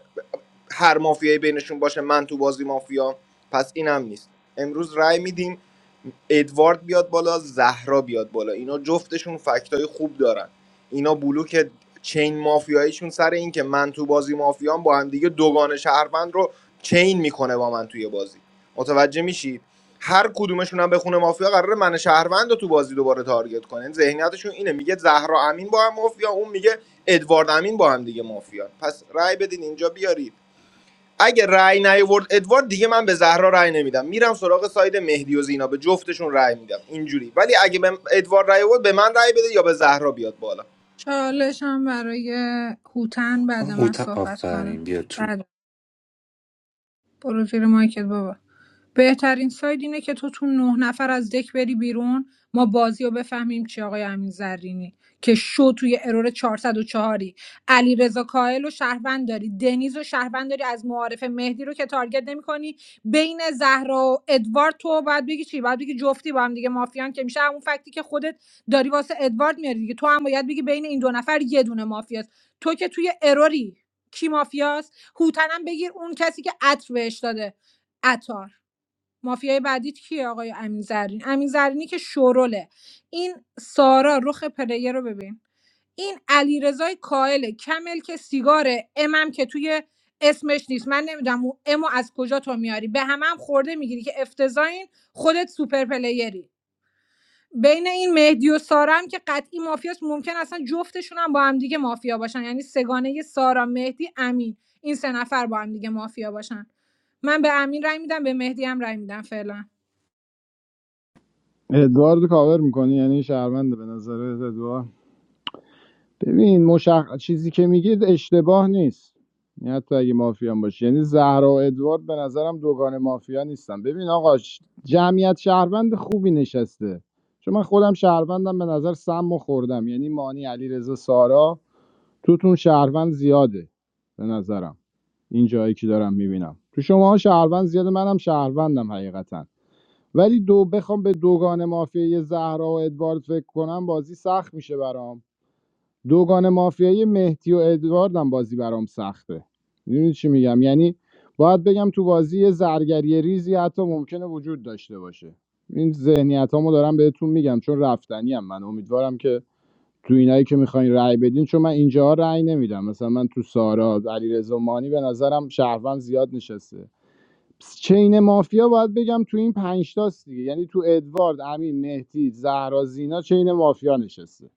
T: هر مافیایی بینشون باشه من تو بازی مافیا پس اینم نیست امروز رأی میدیم ادوارد بیاد بالا زهرا بیاد بالا اینا جفتشون فکتای خوب دارن اینا بلوک چین مافیاییشون سر این که من تو بازی مافیام با هم دیگه دوگان شهروند رو چین میکنه با من توی بازی متوجه میشید هر کدومشون هم به خونه مافیا قراره من شهروند رو تو بازی دوباره تارگت کنه ذهنیتشون اینه میگه زهرا امین با هم مافیا اون میگه ادوارد امین با هم دیگه مافیا پس رأی بدین اینجا بیاری اگه رأی نیورد ادوارد دیگه من به زهرا رأی نمیدم میرم سراغ ساید مهدی و زینا به جو
G: چالش هم برای هوتن بعد
P: آه،
G: من
P: هوتن
G: صحبت کنه
P: آفرین بیا تو
G: برو زیر مایکت بابا بهترین ساید اینه که تو تو نه نفر از دک بری بیرون ما بازی رو بفهمیم چی آقای امین زرینی که شو توی ارور 404ی علی رضا کاهل و شهروند داری دنیز و شهروند داری از معارف مهدی رو که تارگت نمیکنی بین زهرا و ادوارد تو بعد بگی چی بعد بگی جفتی با هم دیگه مافیان که میشه همون فکتی که خودت داری واسه ادوارد میاری دیگه تو هم باید بگی بین این دو نفر یه دونه مافیاست تو که توی اروری کی مافیاست هوتنم بگیر اون کسی که عطر بهش داده عطار مافیای بعدیت کیه آقای امین زرین امین زرینی که شوروله این سارا رخ پلیر رو ببین این علیرضای کائل کمل که سیگاره امم که توی اسمش نیست من نمیدونم امو از کجا تو میاری به همم هم خورده میگیری که افتضاحین خودت سوپر پلیری بین این مهدی و سارا هم که قطعی مافیاست ممکن اصلا جفتشون هم با هم دیگه مافیا باشن یعنی سگانه سارا مهدی امین این سه نفر با هم دیگه مافیا باشن من به امین رای میدم به مهدی هم رای میدم فعلا
C: ادوارد کاور میکنی یعنی شهرمنده به نظر ادوارد ببین مشخ... چیزی که میگید اشتباه نیست یعنی حتی اگه مافیان باشه یعنی زهرا و ادوارد به نظرم دوگان مافیا نیستن ببین آقا ش- جمعیت شهروند خوبی نشسته چون من خودم شهروندم به نظر سم و خوردم یعنی مانی علیرضا سارا توتون شهروند زیاده به نظرم این جایی که دارم میبینم تو شما شهروند زیاده منم شهروندم حقیقتا ولی دو بخوام به دوگان مافیای زهرا و ادوارد فکر کنم بازی سخت میشه برام دوگان مافیایی مهدی و ادوارد هم بازی برام سخته میدونی چی میگم یعنی باید بگم تو بازی یه زرگری ریزی حتی ممکنه وجود داشته باشه این ذهنیتامو دارم بهتون میگم چون رفتنی هم من امیدوارم که تو اینایی که میخواین رأی بدین چون من اینجا رأی نمیدم مثلا من تو سارا علیرضا مانی به نظرم شهروند زیاد نشسته پس چین مافیا باید بگم تو این پنج تاست دیگه یعنی تو ادوارد امین مهدی زهرا زینا چین مافیا نشسته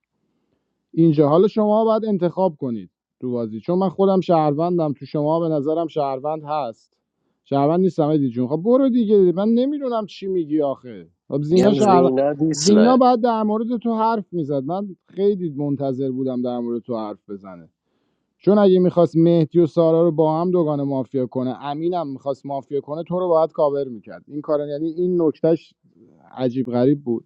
C: اینجا حالا شما باید انتخاب کنید تو بازی چون من خودم شهروندم تو شما به نظرم شهروند هست شهروند نیستم ایدی جون خب برو دیگه من نمیدونم چی میگی آخه خب زینا
A: میگم
C: شهروند
A: زینا
C: زینا
A: دیسلایک
C: بعد در مورد تو حرف میزد من خیلی منتظر بودم در مورد تو حرف بزنه چون اگه میخواست مهدی و سارا رو با هم دوگان مافیا کنه امینم میخواست مافیا کنه تو رو باید کاور میکرد این کار یعنی این نکتهش عجیب غریب بود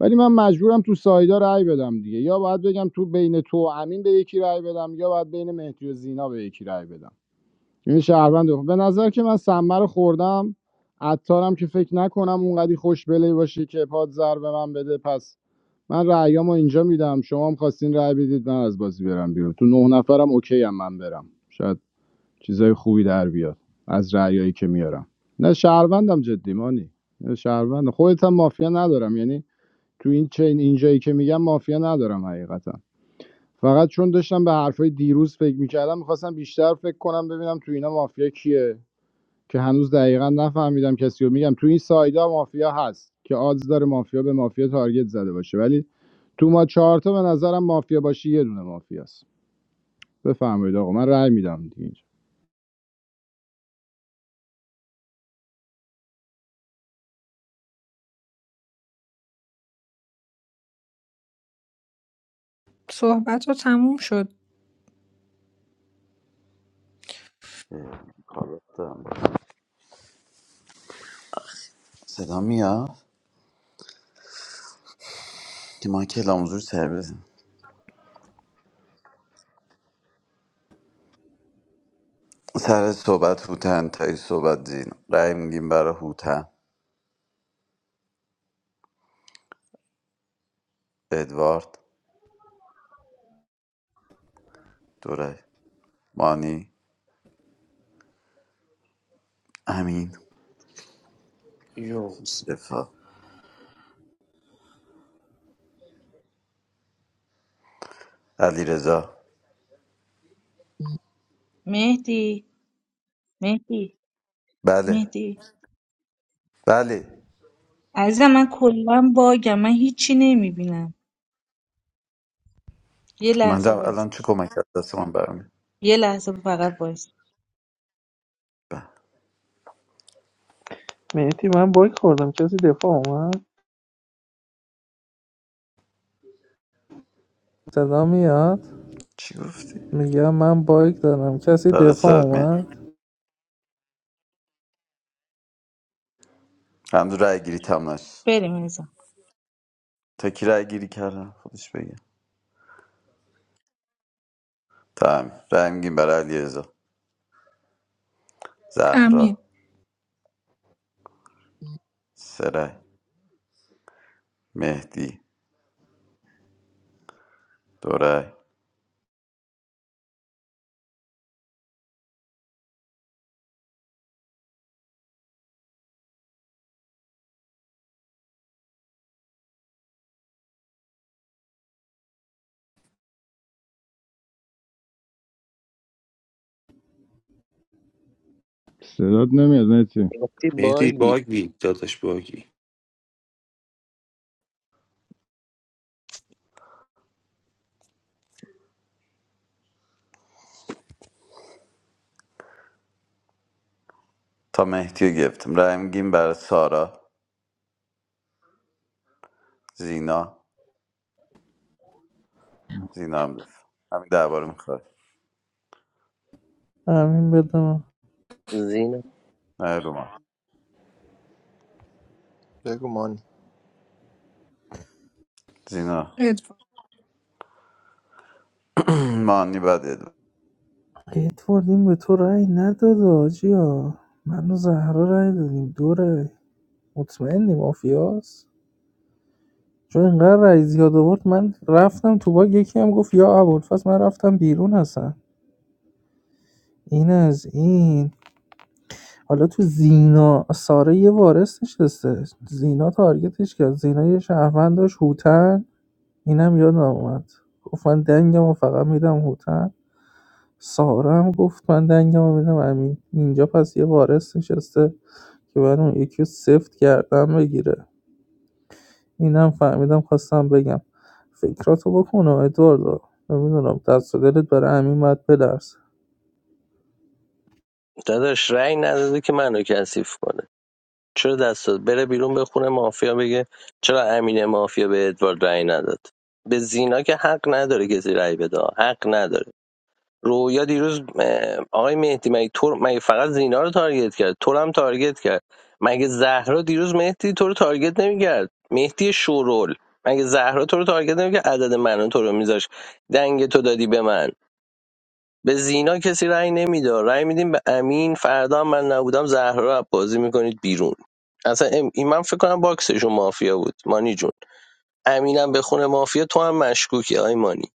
C: ولی من مجبورم تو سایدا رأی بدم دیگه یا باید بگم تو بین تو و امین به یکی رأی بدم یا باید بین مهدی و زینا به یکی رأی بدم این شهروند خوب. به نظر که من سمه رو خوردم عطارم که فکر نکنم اونقدی خوش بله باشه که پادزر به من بده پس من رأیامو اینجا میدم شما هم خواستین رأی بدید من از بازی برم بیرون تو نه نفرم اوکی هم من برم شاید چیزای خوبی در بیاد از رأیایی که میارم نه شهروندم جدی مانی نه شهروند خودت هم مافیا ندارم یعنی تو این چین اینجایی که میگم مافیا ندارم حقیقتا فقط چون داشتم به حرفای دیروز فکر میکردم میخواستم بیشتر فکر کنم ببینم تو اینا مافیا کیه که هنوز دقیقا نفهمیدم کسی رو میگم تو این سایدا مافیا هست که آدز داره مافیا به مافیا تارگت زده باشه ولی تو ما چهارتا به نظرم مافیا باشی یه دونه مافیاست بفرمایید آقا من رأی میدم دیگه اینجا.
G: صحبت رو تموم شد
D: اه، کار دارم. صدا میاد مایکل آموزور سر بزن سر صحبت هوتن تای صحبت زین رأی میگیم برای هوتن ادوارد دو رأی مانی امین
P: یا حسین.
D: دفاع علی رضا
H: مهدی مهدی
D: بله
H: مهدی
D: بله
H: عزیزم من کلا باگم من هیچی نمیبینم یه
D: تو من
H: لحظه
D: دارم
H: وایسا.
D: الان چه کمک از دست من برمی
H: یه لحظه فقط وایس
N: مهدی من باک خوردم کسی دفاع اومد صدا میاد
D: چی گفتی؟
N: میگم من بایک دارم کسی
D: داره
N: دفاع
D: سرت میام
N: اومد
D: هم دو رأی گیری تم نشد
H: بریم عزیزم
D: تا کی رأی گیری کردم خودش بگه تمام رأی میگیم برای علی رضا
G: امین
D: زهرا سه رأی مهدی دو رأی
C: صدات نمیاد مهدی.
A: گفتی
P: مهدی
A: باگی
P: باگی داداش باگی
D: تا مهدی رو گرفتم رأی میگیم برای سارا زینا زینا هم دفت همین درباره میخواد
N: امین بدم
A: زینا
D: نه رو
T: بگو مانی
D: زینا <clears throat> مانی بده
N: ادوارد این به تو رأی نداده آجیا من و زهرا رأی دادیم دو رأی مطمئنی مافیاست چون اینقدر رأی زیاد آورد من رفتم تو باگ یکی هم گفت یا ابوالفضل من رفتم بیرون هستم این از این حالا تو زینا ساره یه وارث نشسته زینا تارگتش کرد زینا یه شهروند داشت هوتن اینم یادم اومد گفت من دنگمو فقط میدم هوتن سارا هم گفت من دنگمو میدم امین اینجا پس یه وارث نشسته که باید اون یکی رو سفت کردم بگیره اینم فهمیدم خواستم بگم فکراتو بکنه ادواردو نمیدونم دست و دلت برای امین باید بدرس
A: داداش رأی نداده که منو کثیف کنه چرا دست داد بره بیرون به خونه مافیا بگه چرا امین مافیا به ادوارد رأی نداد به زینا که حق نداره کسی رأی بده حق نداره رویا دیروز اه، آقای مهدی مگه تو مگه فقط زینا رو تارگت کرد تو رو هم تارگت کرد مگه زهرا دیروز مهدی تو رو تارگت نمیکرد مهدی شورول مگه زهرا تو رو تارگت نمیکرد عدد منو تو رو میذاش دنگ تو دادی به من به زینا کسی رأی نمیداد رأی میدیم به امین فردا هم من نبودم زهرا رو از بازی میکنید بیرون اصلا ام- این من فکر کنم باکسشون مافیا بود مانی جون امینم به خونه مافیا تو هم مشکوکی آی مانی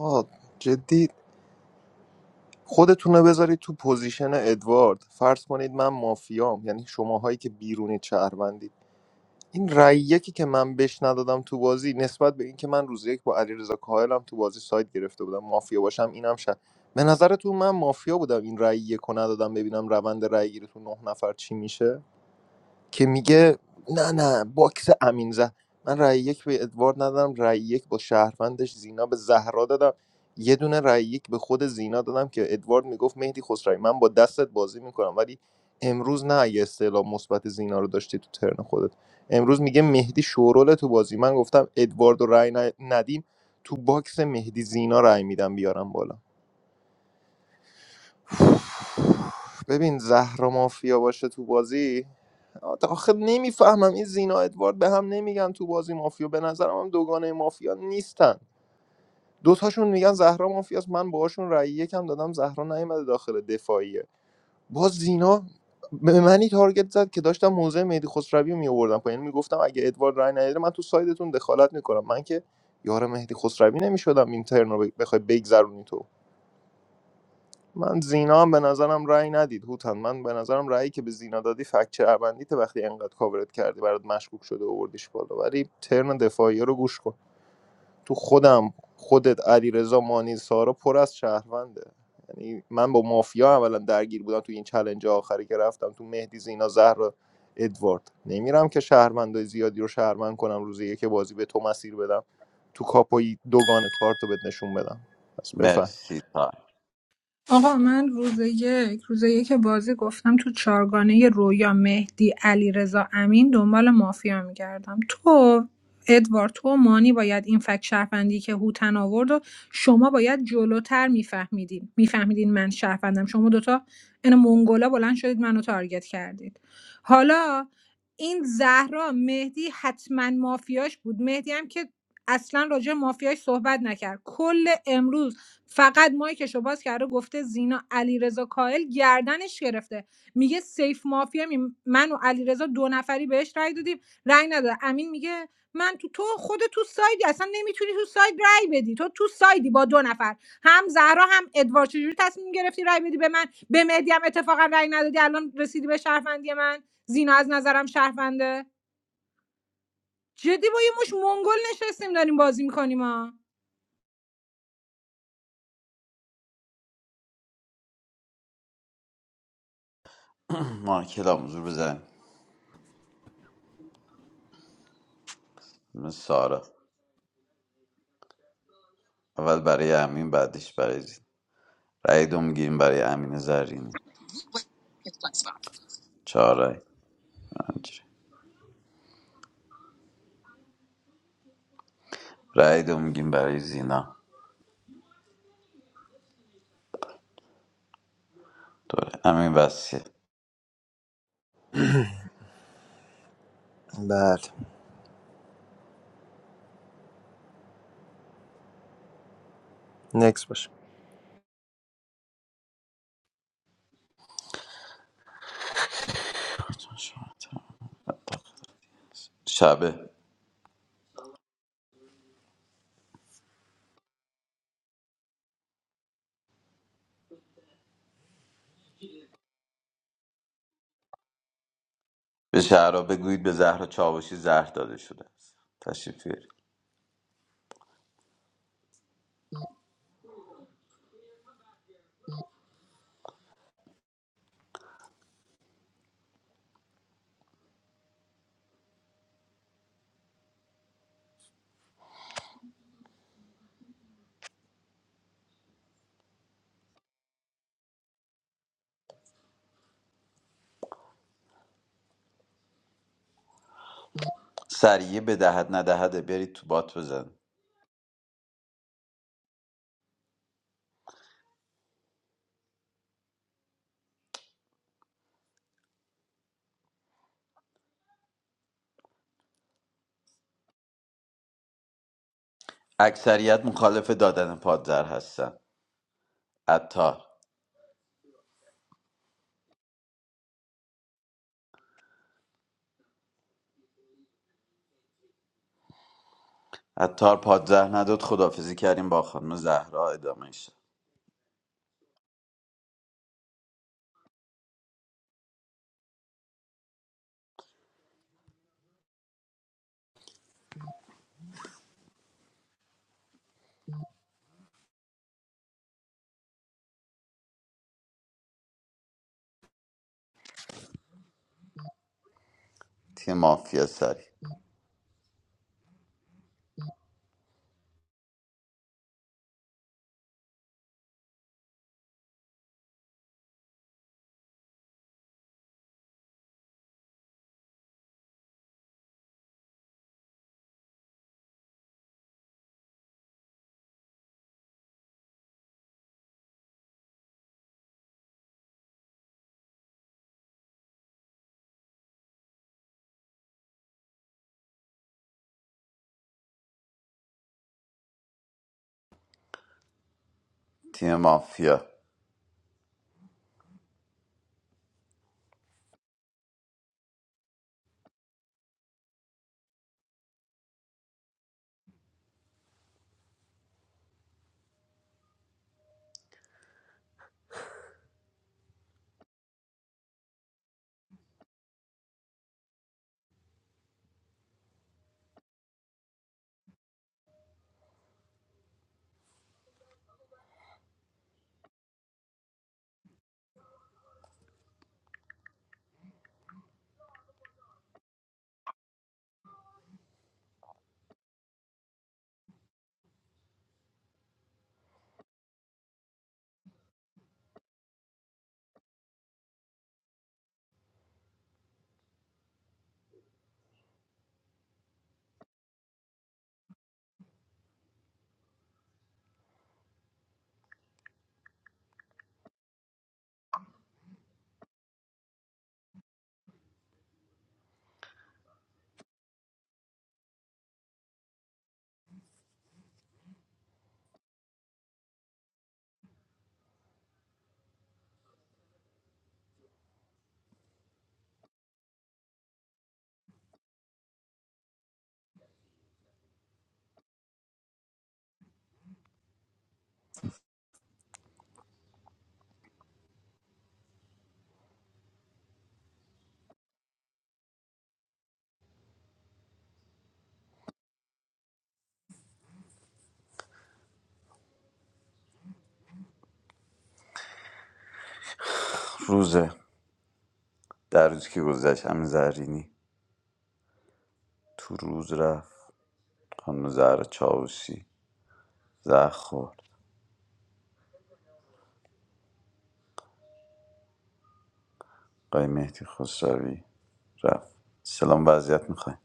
T: آه جدی خودتون رو بذارید تو پوزیشن ادوارد فرض کنید من مافیام یعنی شماهایی که بیرونی شهروندید این رأی یکی که من بهش ندادم تو بازی نسبت به اینکه من روز یک با علیرضا کاهلم تو بازی ساید گرفته بودم مافیا باشم اینم شد به نظرتون من مافیا بودم این رأی یکو ندادم ببینم روند رأی گیری تو نه نفر چی میشه که میگه نه نه باکس امین زه من رأی یک به ادوارد ندادم رأی یک با شهروندش زینا به زهرا دادم یه دونه رأی یک به خود زینا دادم که ادوارد میگفت مهدی خسروی من با دستت بازی میکنم ولی امروز نه اگه استعلام مثبت زینا رو داشتی تو ترن خودت امروز میگه مهدی شورول تو بازی من گفتم ادوارد رو رأی ن- ندیم تو باکس مهدی زینا رأی میدم بیارم بالا ببین زهرا مافیا باشه تو بازی آخه نمیفهمم این زینا ادوارد به هم نمیگن تو بازی مافیا به نظرم هم دوگانه مافیا نیستن دوتاشون میگن زهرا مافیاست من باهاشون رأی یکم دادم زهرا نیومده داخل دفاعیه باز زینا به منی تارگت زد که داشتم موزه مهدی خسروی رو میآوردم پایین میگفتم اگه ادوارد رای نده من تو سایدتون دخالت میکنم من که یار مهدی خسروی نمیشدم این ترن رو بخوای بگذرونی تو من زینا هم به نظرم رأی ندید هوتن من به نظرم رأیی که به زینا دادی فکت شهروندیت وقتی انقدر کاورت کردی برات مشکوک شده و آوردیش بالا ولی ترن دفاعیه رو گوش کن تو خودم خودت علیرضا مانی سارا پر از شهرونده یعنی من با مافیا اولا درگیر بودم تو این چلنج آخری که رفتم تو مهدی زینا زهرا ادوارد نمیرم که شهروندای زیادی رو شهروند کنم روزی که بازی به تو مسیر بدم تو کاپوی دوگان کارتو رو بهت نشون بدم پس بفهم
D: مرسی تا
G: آقا من روز یک روز یک بازی گفتم تو چارگانه رویا مهدی علیرضا امین دنبال مافیا میگردم تو ادوارد تو و مانی باید این فکت شهروندی که هوتن آورد و شما باید جلوتر میفهمیدین میفهمیدین من شهروندم شما دوتا این منگولا بلند شدید منو تارگت کردید حالا این زهرا مهدی حتما مافیاش بود مهدی هم که اصلا راجع به مافیاش صحبت نکرد کل امروز فقط مایکشو باز کرده گفته زینا علیرضا کائل گردنش گرفته میگه سیف مافیا می من و علیرضا دو نفری بهش رای دادیم رای نداد امین میگه من تو تو خود تو سایدی اصلا نمیتونی تو ساید رای بدی تو تو سایدی با دو نفر هم زهرا هم ادوارد چجوری تصمیم گرفتی رای بدی به من به مهدی هم اتفاقا رای ندادی الان رسیدی به شهروندی من زینا از نظرم شهرونده جدی با یه مش منگل نشستیم داریم بازی میکنیم ها
D: ما کلام حضور بزن من سارا اول برای امین بعدش برای زینا رأی دو میگیریم برای امین زرینی چهار رأی همینجوری. رأی رأی دو میگیم برای زینا دوره امین وسیه
T: نکس باشه.
D: شبه به شهرها بگویید به زهر چاوشی زهر داده شده است تشریف بیارید سریع به دهد ندهده بیارید تو بات بزن اکثریت مخالف دادن پادزهر هستن عطار عطار پادزهر نداد خدافزی کردیم با خانم زهرا ادامه شد تیم مافیا سری تیم مافیا روزه در روز که گذشت همین زرینی تو روز رفت خانم زهرا چاوسی زهر خورد آقای مهدی خسروی رفت سلام وضعیت میخوایم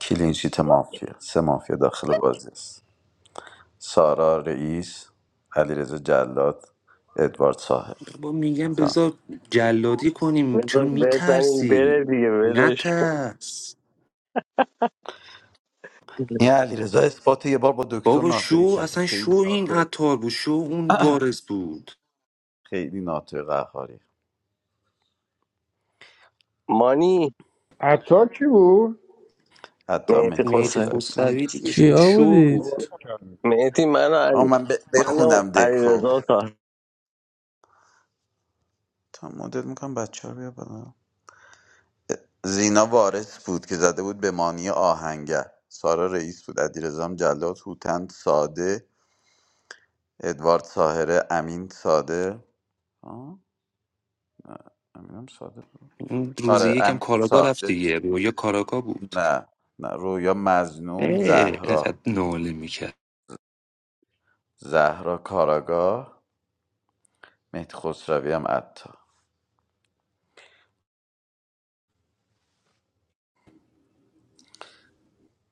D: کلینشیت مافیا سه مافیا داخل بازی است سارا رئیس علیرضا جلاد ادوارد صاحب
P: بابا میگم
D: بفهم.
P: بذار جلادی کنیم چرا
A: بزن بزنیم
P: میترسی
A: بره دیگه ولش
P: نترس
D: این علیرضا اثبات یه بار با دکتر
P: بابا
D: ناتوی
P: شو
D: کرده
P: اصلا شو
D: خیلی
P: این
D: ناتوی
P: عطار بود شو اون وارث بود
D: خیلی ناتوی قهاری
A: مانی
C: عطار کی بود؟
D: حتی
A: مهدی
D: مهدی
P: مهدی
A: خسروی
D: خسروی من
P: خسروی دیگه شو
N: کیا
P: شو
N: بودید؟
P: بود
C: آقای کامی.
A: مهدی منو
D: آه
A: علی
D: من ب-
A: منو
D: بخونم دکو
A: علیرضا و طاهر
D: تا مدل میکنم بچه ها بیا بالا زینا وارث بود که زده بود به مانی آهنگر سارا رئیس بود علیرضا هم جلاد هوتن ساده ادوارد ساهره امین ساده آه امینم ساده بود
P: اون روزی
D: آره
P: یکم
D: امین
P: کاراگا رفت
D: ساده
P: دیگه رویا کاراگا بود
D: نه نه رویا مزنون
P: اه اینقدر
D: زهرا
P: ناله میکرد
D: زهرا کاراگاه مهدی خسروی هم عطا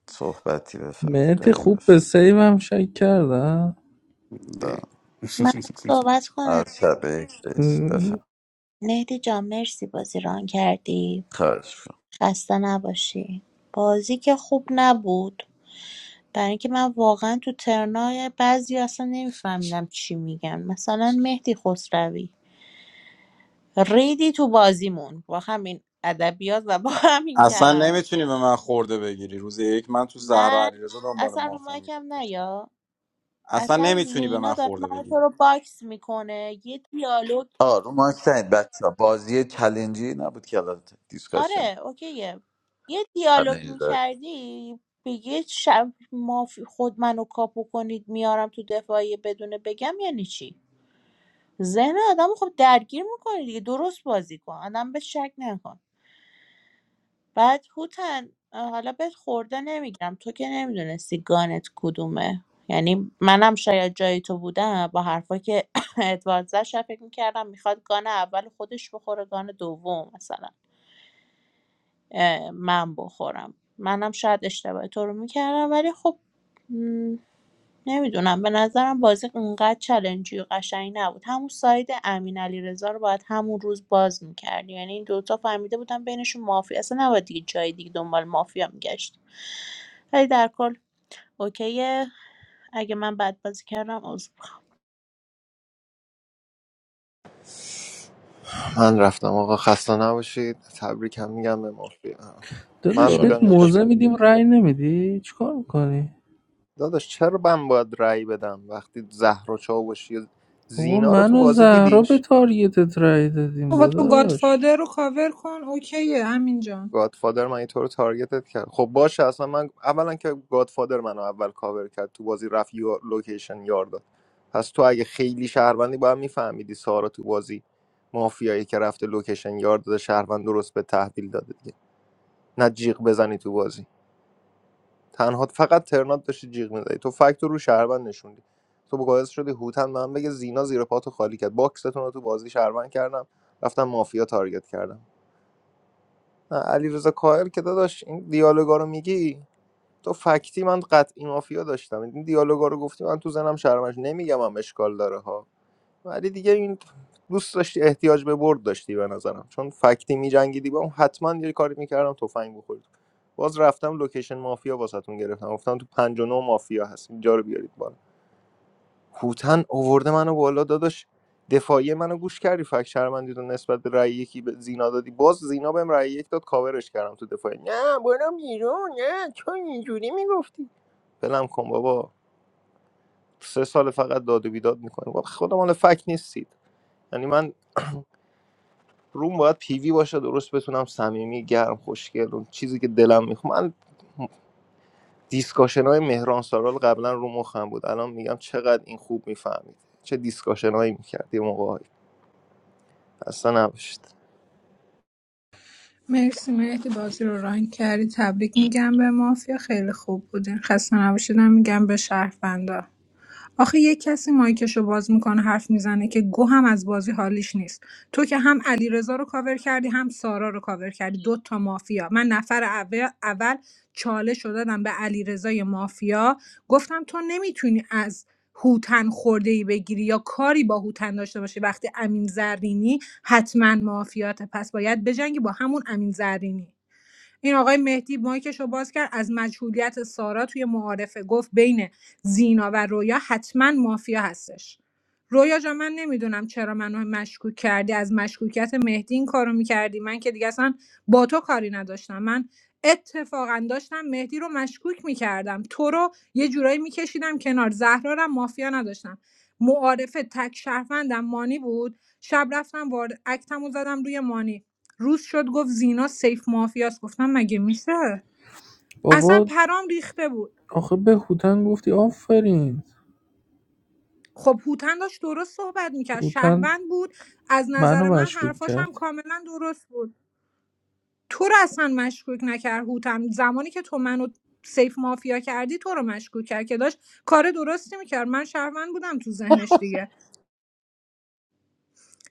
D: صحبتی بفهم
N: مهدی
D: داریم
N: خوب به
D: بفهم
N: سیوم شک کردم
D: دا.
P: <laughs>
K: کنم
D: از شب یک ریس بفهم
K: مهدی جان مرسی بازی ران کردی
D: خواهش کن
K: خسته نباشی بازی که خوب نبود برای اینکه من واقعا تو ترنای بعضی اصلا نمیفهمیدم چی میگن مثلا مهدی خسروی ریدی تو بازیمون با همین ادبیات و با همین
S: اصلا
K: کلمه
S: نمیتونی به من خورده بگیری روز یک من تو زهرا
K: من
S: علیرضا دنبال
K: اصلا رو
S: مافیا میگم
K: مایکم نیا
S: اصلا
K: اصلا
S: نمیتونی به
K: زینا
S: من
K: داره
S: خورده
K: من و تو
S: بگیری
K: رو باکس میکنه یه دیالوگ
D: آه رو مایک تنید بچه ها بازی چلنجی نبود که الان دیسکاشن
K: آره اوکیه یه دیالوگ
D: چلنج داریم.
K: میکردی بگه شب مافی خود منو کاپو کنید میارم تو دفاعیه بدون بگم یعنی چی ذهن آدم خب درگیر میکنی دیگه درست بازی کن آدم به شک نکن بعد هوتن اه، حالا بهت خورده نمیگیرم تو که نمیدونستی گانت کدومه یعنی منم شاید جای تو بودم با حرفا که <coughs> ادوارد زد شاید فکر میکردم میخواد گان اول خودش بخوره گان دوم مثلا من بخورم منم شاید اشتباه تو رو میکردم ولی خب نمیدونم به نظرم بازی اونقدر چلنجی و قشنگی نبود همون ساید امین علی رضا رو باید همون روز باز میکردی یعنی این دوتا فهمیده بودن بینشون مافیا اصلا نباید دیگه جای دیگه دنبال مافیا میگشت ولی در کل اوکیه اگه من بد بازی کردم
T: من رفتم آقا خسته نباشید تبریک هم میگم به مافیا من
N: داداش
T: بودم
N: بهت
D: جرم.
T: یا کسی
N: موزه میدیم رأی نمیدی چیکار میکنی
T: داداش چرا من باید رأی بدم وقتی زهر و چاوشی و
N: بابا
T: زینا رو
N: من
T: تو
N: و
T: بازی
N: زهرا به
T: دیدیش
N: تارگتت رأی دادیم
G: بابا تو
N: داداش
G: گادفادر رو کاور کن اوکیه همین جان.
T: گادفادر من تو رو تارگتت کرد خب باشه اصلا من اولا که گادفادر منو اول کاور کرد تو بازی رفت یو... لوکیشن یار داد پس تو اگه خیلی شهروندی باید میفهمیدی سارا تو بازی مافیایی که رفته لوکیشن یار داده شهروند درست به تحویل داده دیگه نه جیغ بزنی تو بازی تنها فقط ترنات داشتی جیغ میزدی تو فکت رو رو شهروند نشوندی تو باعث شدی هوتن من بگه زینا زیر پاتو خالی کرد باکستون رو تو بازی شهروند کردم رفتم مافیا تارگت کردم نه علیرضا کاهل که داداش این دیالوگا رو میگی تو فکتی من قطعی مافیا داشتم این دیالوگا رو گفتی من تو زنم شهروندش نمیگم هم اشکال داره ها ولی دیگه این دوست داشتی احتیاج به برد داشتی به نظرم چون فکتی میجنگیدی با اون حتما یه کاری میکردم تفنگ بخورید باز رفتم لوکیشن مافیا واسهتون گرفتم گفتم تو 59 مافیا هست اینجا رو بیارید بالا هوتن اوورده منو بالا داداش دفاعی منو گوش کردی فک شرمندی رو نسبت به رأی یکی به زینا دادی باز زینا بهم رأی یک داد کاورش کردم تو دفاعی نه برم بیرون نه چون اینجوری میگفتی بلم کن بابا سه سال فقط داد و بیداد میکنی خودم مال فک نیستید یعنی من روم باید پیوی باشه درست بتونم صمیمی گرم خوشگل اون چیزی که دلم میخوام من دیسکاشن مهران سارال قبلا رو مخم بود الان میگم چقدر این خوب میفهمید چه دیسکاشن میکردی میکرد اصلا نبشت
G: مرسی مهدی بازی رو ران کردی تبریک میگم به مافیا خیلی خوب بودین خسته نباشیدم میگم به شهروندا آخه یه کسی مایکشو باز میکنه حرف میزنه که گو هم از بازی حالیش نیست تو که هم علیرضا رو کاور کردی هم سارا رو کاور کردی دو تا مافیا من نفر اول, اول چالش رو دادم به علیرضای مافیا گفتم تو نمیتونی از هوتن خورده ای بگیری یا کاری با هوتن داشته باشی وقتی امین زرینی حتما مافیاته پس باید بجنگی با همون امین زرینی این آقای مهدی مایکش رو باز کرد از مجهولیت سارا توی معارفه گفت بین زینا و رویا حتما مافیا هستش رویا جا من نمیدونم چرا منو مشکوک کردی از مشکوکیت مهدی این کارو میکردی من که دیگه اصلا با تو کاری نداشتم من اتفاقا داشتم مهدی رو مشکوک میکردم تو رو یه جورایی میکشیدم کنار زهرا رو هم مافیا نداشتم معارفه تک شهروندم مانی بود شب رفتم وارد اکتم و زدم روی مانی روز شد گفت زینا سیف مافیاست گفتم مگه میشه اصلا
N: بابا
G: پرام ریخته بود
N: آخه به هوتن گفتی آفرین
G: خب هوتن داشت درست صحبت میکرد
N: هوتن
G: شهروند بود از نظر
N: منو
G: من
N: مشکوک
G: حرفاش هم
N: کرد
G: کاملا درست بود تو رو اصلا مشکوک نکرد هوتن زمانی که تو منو سیف مافیا کردی تو رو مشکوک کرد که داشت کار درستی میکرد من شهروند بودم تو ذهنش دیگه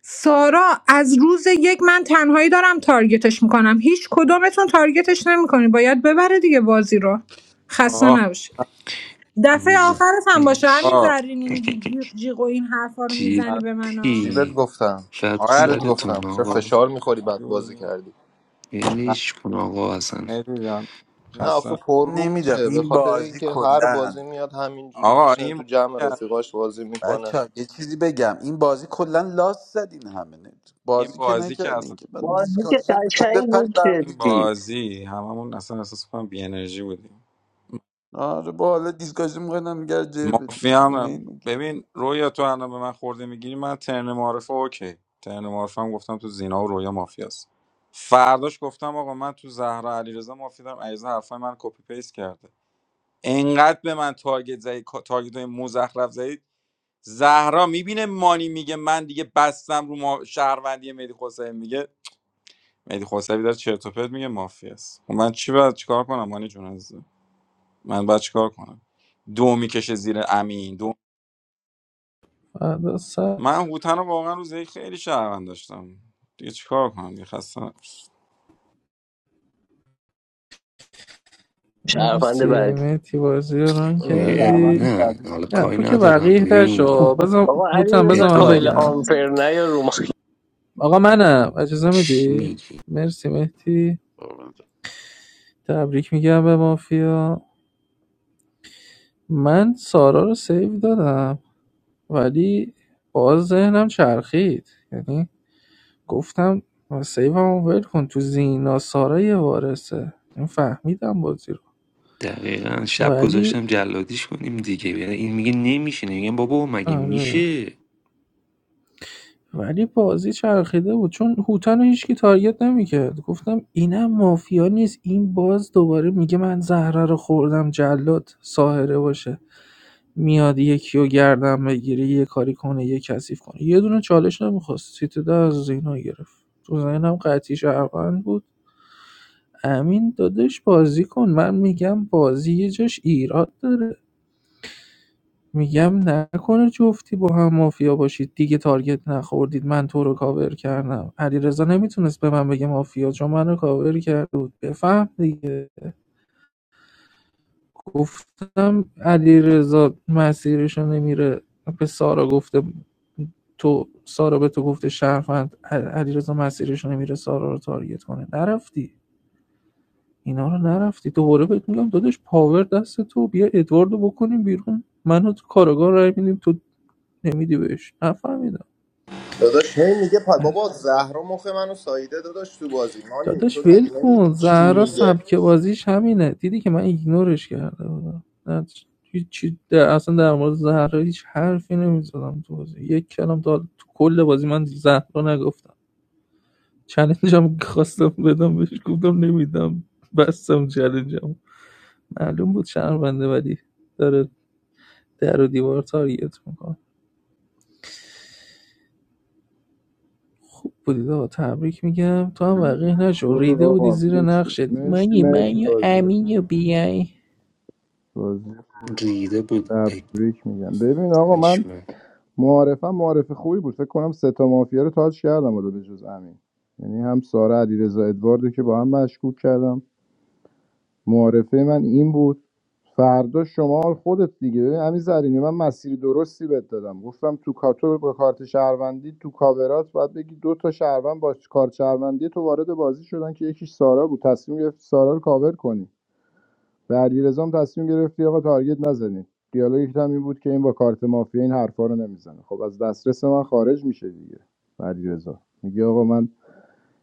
G: سارا از روز یک من تنهایی دارم تارگتش میکنم هیچ کدومتون تارگتش نمیکنی باید ببره دیگه بازی رو خسته
S: آه
G: نباشید دفعه آخرت هم باشه همین
S: آه
G: زرینی میگی جیغ جیغ و این حرفا رو میزنی
S: آه
G: به من ها
T: چی بهت
P: جدی
T: گفتم
P: شاید
T: چی بهت گفتم
P: سرتون
T: چه
P: آقا
T: فشار میخوری بعد بازی کردی
P: یعنیش کن آقا اصلا
S: مهدی جان
T: نه
S: خسته
T: آخه
S: نباشی.
T: پر رو
D: نمیدم
T: میشه به
D: این
T: خاطر
D: بازی
T: اینکه هر
D: کلا
T: بازی میاد همینجوری
S: آقا
T: میشینه
S: این
T: تو
S: بازی
T: جمع
S: که
T: رفیقاش بازی میکنه
D: بچه ها یه چیزی بگم این بازی کلا لاس زدین همه نه.
S: این
D: بازی که
S: بازی که
D: نکردین
S: اصلا
D: که من
A: بازی که
D: دیسکاشن میخوام
A: قشنگ
D: بپریم
A: بود
D: به هم
S: این
D: دیگه
A: جدی
S: بازی هممون اصلا احساس کنم بی انرژی بودیم
D: آره با حالا دیسکاشن میخوام هم دیگه رو جه بدیم
S: مافیا
D: دیوونه
S: هم
D: این مگه
S: ببین رویا تو الان به من خورده میگیری من ترن معارفه اوکی ترن معارفه هم گفتم تو زینا و رویا مافیاست فرداش گفتم آقا من تو زهرا علیرضا مافیا دارم علیرضا حرفای من کپی پیست کرده انقدر به من تارگت زدید تارگت های مزخرف زدید زهرا میبینه مانی میگه من دیگه بستم رو ما... شهروندی مهدی خسروی میگه مهدی خسروی داره چرت و پرت میگه مافیاست خب من چی باید چیکار کنم مانی جون عزیزم؟ من باید چیکار کنم دو میکشه زیر امین
N: بعد از
S: من
N: ست
S: هوتن رو واقعا روز یک خیلی شهروند داشتم دیگه چیکار کنم دیگه خسته نباشید.
A: شرفنده
N: مرسی
A: بعدی
N: مهدی بازی رو ران
C: روز
P: اه،
C: شعبان
N: کردی
P: نه
C: بعدی
P: حالا
C: صحبت
N: نه
P: کاری
C: کنیم.
N: تو که
P: ندارم
N: وقیه
P: ببین
N: نشو بزن
A: آقا
N: هوتن بزن
A: علیرضا
N: من
A: کایل
P: ادوارد
N: بگم
A: آنفر نه یا روما
N: آقا منم اجازه
P: چی
N: میدید
P: میگی
N: مرسی مهدی
D: آه.
N: تبریک میگم به مافیا من سارا رو سیو دادم ولی باز ذهنم چرخید یعنی گفتم سیومو ول کن تو زینا سارا یه وارثه این فهمیدم بازی رو
P: دقیقا شب
N: ولی
P: گذاشتم جلادیش کنیم دیگه یعنی این میگه نمیشه میگم بابا مگه
N: آره
P: میشه
N: ولی بازی چرخیده بود چون هوتن رو هیچکی تارگت نمیکرد گفتم اینم مافیا نیست این باز دوباره میگه من زهره رو خوردم جلاد ساهره باشه میاد یکی رو گردن بگیره یه کاری کنه یه کثیف کنه یه دونه چالش نمیخواست سیتدا از زینا گرفت تو ذهنم قطعی شهروند بود امین داداش بازی کن من میگم بازی یه جاش ایراد داره میگم نکنه جفتی با هم مافیا باشید دیگه تارگت نخوردید من تو رو کاور کردم علیرضا نمیتونست به من بگه مافیا چون منو کاور کرد بود بفهم دیگه گفتم علیرضا مسیرشو نمیره به سارا گفته تو سارا به تو گفته شرفند علیرضا مسیرشو نمیره سارا رو تارگت کنه نرفتی اینا رو نرفتی دوباره بهت میگم داداش پاور دست تو بیا ادواردو بکنیم بیرون منو تو کاراگاه رای میدیم تو نمیدی بهش نفهمیدم
T: داداش هی میگه پا...
N: اه،
T: بابا زهرا مخ منو سایده داداش تو بازی مانی تو
N: داداش
T: مگه
N: ول
T: نمیدونی
N: کن
T: چی
N: زهرا
T: میگه
N: سبک بازیش همینه دیدی که من ایگنورش کرده بودم نه، هیچی در اصلا در مورد زهرا هیچ حرفی نمیزدم تو بازی یک کلام تا تو کل بازی من زهرا نگفتم چلنجم خواستم بدم بهش گفتم نمیدم بستم چلنجم معلوم بود شهرونده ولی داره در و دیوار تارگت میکنم خوب بودید آقا تبریک میگم تو هم وقیح نشو
C: برو
N: ریده بودی
C: آقا
N: زیر
C: مرسی
N: نقشت
C: مرسی
N: مگی من
C: مهدی
N: یا
C: بازی
N: امین یا بیای
C: بازی
P: ریده بود به
C: تبریک میگم ببین آقا من
P: پشمک
C: معارفم معارف خوبی بود فکر کنم سه تا مافیا رو تاج کردم حالا به جز امین یعنی هم سارا علیرضا ادواردو که با هم مشکوک کردم معارفه من این بود فردا شما خودت دیگه ببین امین زرینی من مسیر درستی بهت دادم گفتم تو کاتو با کارت شهروندی تو کاورات باید بگی دو تا شهروند با کارت شهروندی تو وارد بازی شدن که یکیش سارا بود تصمیم گرفتی سارا رو کاور کنی و علیرضا هم تصمیم گرفت آقا تارگت نزنید دیالوگش هم این بود که این با کارت مافیا این حرفا رو نمیزنه خب از دسترس من خارج میشه دیگه علیرضا میگه آقا من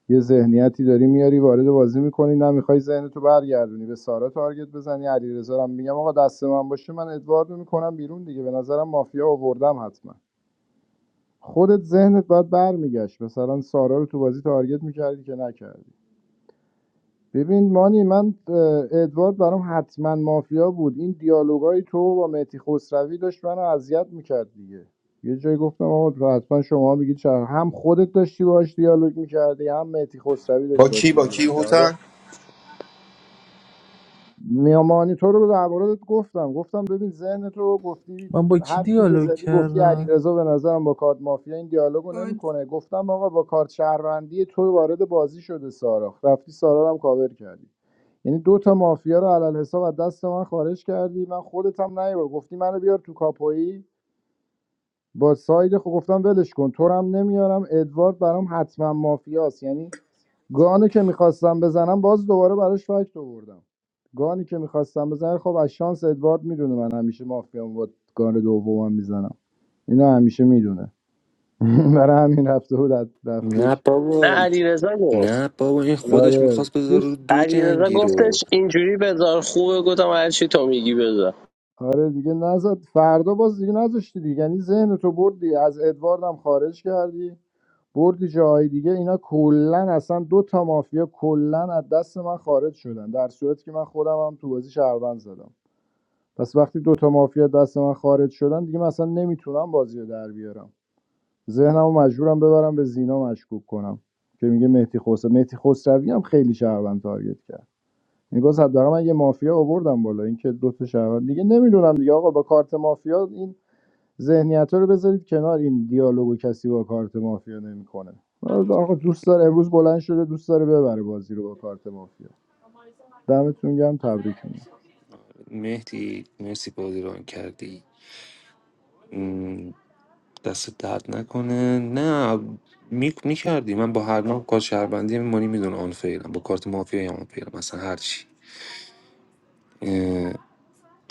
C: یه ذهنیتی داری میاری وارد بازی میکنی نمیخوای ذهن تو برگردونی به سارا تارگت بزنی علیرضا رو هم میگم آقا دست من باشه من ادواردو میکنم بیرون دیگه به نظرم مافیا آوردم حتما خودت ذهنت باید برمیگشت مثلا سارا رو تو بازی تارگت میکردی که نکردی ببین مانی من ادوارد برام حتما مافیا بود این دیالوگای تو با مهدی خسروی داشت منو اذیت میکرد دیگه یه جایی گفتم آقا تو حتما شما میگید چرا هم خودت داشتی باهاش دیالوگ میکردی هم مهدی خسروی داشت
T: با
C: باهاش
T: کی با
C: دیالوگ
T: کی
C: میکرد حالا
T: هوتن
C: میامانی تو رو به دربارت گفتم گفتم ببین ذهن تو گفتی
N: من با کی
C: حرفی که
N: دیالوگ
C: زدی گفتی
N: کردم
C: علیرضا به نظرم با کارت مافیا این دیالوگو
G: باج
C: نمیکنه گفتم آقا با کارت شهروندی تو وارد بازی شده سارا رفتی سارا رو هم کاور کردی یعنی دو تا مافیا رو علل حساب از دست من خارج کردی من خودت هم نیبا گفتی منو بیار تو کاپویی با ساید خب گفتم ولش کن تو رو هم نمیارم ادوارد برام حتما مافیاست یعنی گانی که میخواستم بزنم باز دوباره براش فکت آوردم گانی که میخواستم بزنم خب از شانس ادوارد میدونه من همیشه مافیام با گان دومم میزنم اینو همیشه میدونه <laughs> برای همین رفته بود از-
P: نه
C: رفتش
A: نه
P: بابا
C: چیز.
A: علیرضا گفت
P: نه بابا این خودش
C: آره
P: میخواست بذاره رو دو
A: علیرضا
P: جنگی رو
A: گفتش اینجوری بذار خوبه گفتم هر چی تو میگی بذار
C: آره دیگه نزد فردا باز دیگه نذاشتی دیگه یعنی ذهن تو بردی از ادواردم خارج کردی بردی جاهای دیگه اینا کلا اصلا دو تا مافیا کلا از دست من خارج شدن در صورتی که من خودم هم تو بازی شهروند زدم پس وقتی دو تا مافیا دست من خارج شدن دیگه من اصلا نمیتونم بازی رو در بیارم ذهنمو مجبورم ببرم به زینا مشکوک کنم که میگه مهدی خسرو مهدی خسروی هم خیلی شهروند تارگت کرد یعنی باز حداقل من یه مافیا آوردم بالا اینکه دو تا شهروند دیگه نمیدونم دیگه آقا با کارت مافیا این ذهنیت رو بذارید کنار این دیالوگو کسی با کارت مافیا نمیکنه آقا دوست داره امروز بلند شده دوست داره ببره بازی رو با کارت مافیا دمتون گرم تبریک میگم
P: مهدی مرسی بازی ران کردی م، دست درد نکنه نه می میکردی من با هر نوع کار شهروندی مانی میدونه آن فیلم با کارت مافیا یا آن فیلم مثلا هرچی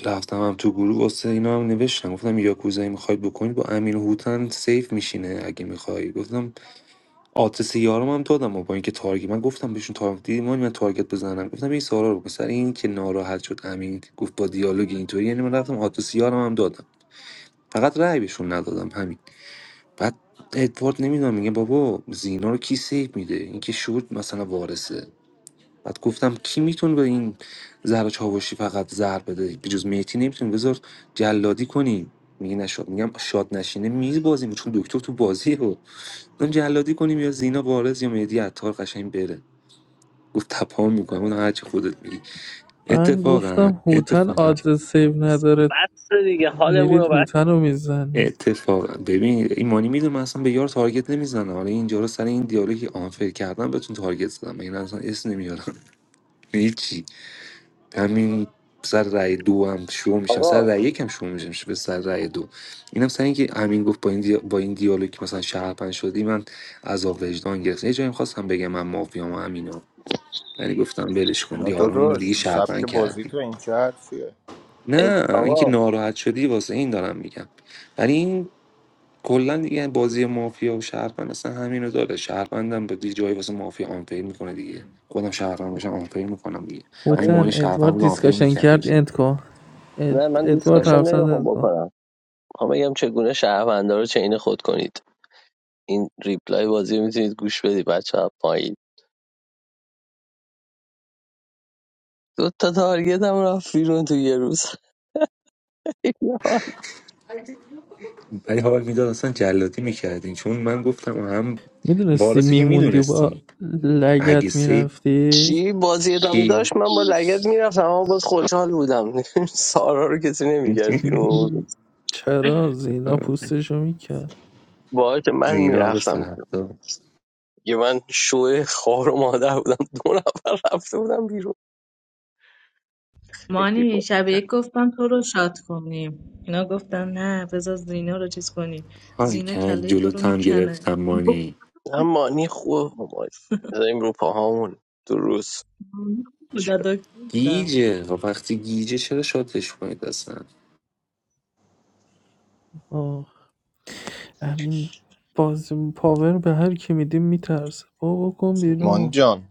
P: رفتم هم تو گروه واسه اینا هم نوشتم گفتم یاکوزایی میخواید بکنید با امین هوتن سیف میشینه اگه میخوای گفتم آدرس یارم هم دادم و با اینکه تارگت من گفتم بهشون تارگت دیدی من من تارگت بزنم گفتم این سارا رو بکن. سر این که ناراحت شد امین گفت با دیالوگ اینطوری یعنی من رفتم آدرس یارم هم دادم فقط رأی بهشون ندادم همین بعد ادوارد نمیدونم میگه بابا زینا رو کی سیو میده این که شد مثلا وارثه بعد گفتم کی میتونه به این زهر چاوشی فقط زهر بده به جز میتی نمیتونیم بذار جلادی کنیم میگه نشد میگم شاد نشینه میز بازی بازیم چون دکتر تو بازیه و میگم جلادی کنیم یا زینا وارز یا مهدی عطار قشنگ بره گفت تپام میکنم اون هرچی خودت میگی
N: من
P: اتفاقا
N: گفتم هوتن
P: اتفاقا
N: آدرس سیو نداره
A: بس دیگه حالمون
N: میرید
A: رو بس
N: هوتن رو میزنید
P: اتفاقا ببین ایمانی میدونم اصلا به یار تارگت نمیزنه حالا اینجا رو سر این دیالوگی آنفر کردن بهتون تارگت زدم من اصلا اسم نمیارم <laughs> هیچی همین سر رأی دو هم شو میشم
A: آقا
P: سر رأی یک هم شو میشم به سر رأی دو اینم سر اینکه امین گفت با این, دیا... با این دیالوگ که مثلا شهرپن شدی من عذاب وجدان گرفتم یه جایی خواستم بگم من مافیام و امینا ولی گفتم ولش کن
T: نه
P: دیالوگ
T: داداش
P: دیگه
T: دیگه
P: شهرپن
T: سبک بازی
P: کردی
T: تو این چه حرفیه
A: اه،
P: نه اینکه
A: آقا
P: ناراحت شدی واسه این دارم میگم ولی این کلا دیگه بازی مافیا و شهرپن اصلا همینو داره شهرپندم به جایی واسه مافیا آنفیل میکنه دیگه خودم شهروند باشم آنفیل میکنم دیگه همین
A: خانم،
N: هوتن
P: ماهی شهروند
N: ادوارد
P: بود آنفیل
N: دیسکشن
P: میکرد
N: کرد
P: دیگه
N: اند کن اد...
A: نه من
N: ادوارد
A: دیسکاشن
N: حرف زد
A: نمیخوام
N: اند کن
A: بکنم میخوام بگم چگونه شهروندا رو چین خود کنید این ریپلای بازی میتونید گوش بدید بچه ها دو تا تارگتم رفت بیرون تو یه روز <laughs>
P: ولی حال میداد اصلا جلادی میکردین چون من گفتم هم
N: میدونستی
P: وارثی که
N: میموندی با
P: میدونستیم
N: لگت
P: عگیسه
N: میرفتی
A: چی بازی ادامه
P: کی
A: داشت من با لگت میرفتم اما باز خوشحال بودم <laughs> سارا رو کسی نمیگرد
P: <laughs>
A: بیرون
N: چرا زینا پوستشو میکرد
A: باهاش من
P: زینا رو
A: میرفتم بیرون
P: فردا
A: یه من شو خار و مادر بودم <laughs> دو نفر رفته بودم بیرون خیلی
H: مانی
A: بود.
H: شب یک گفتم تو رو شاد کنیم اینا گفتن نه بذار زینا رو چیز کنیم
P: حال
H: زینا
P: کرد
H: کله تو
P: جلو
H: رو
P: هم
H: میکنه
P: گرفتم مانی
A: هم مانی خوب هم مانی بذاریم رو پاهامون دو روز
H: <laughs> خدا دکتر بودم
P: گیجه خب وقتی گیجه چرا شاتش کنید اصلا
N: آه امین بازم پاور به هر کی میدیم میترسه بابا کن
T: مان
N: بیرون
T: جان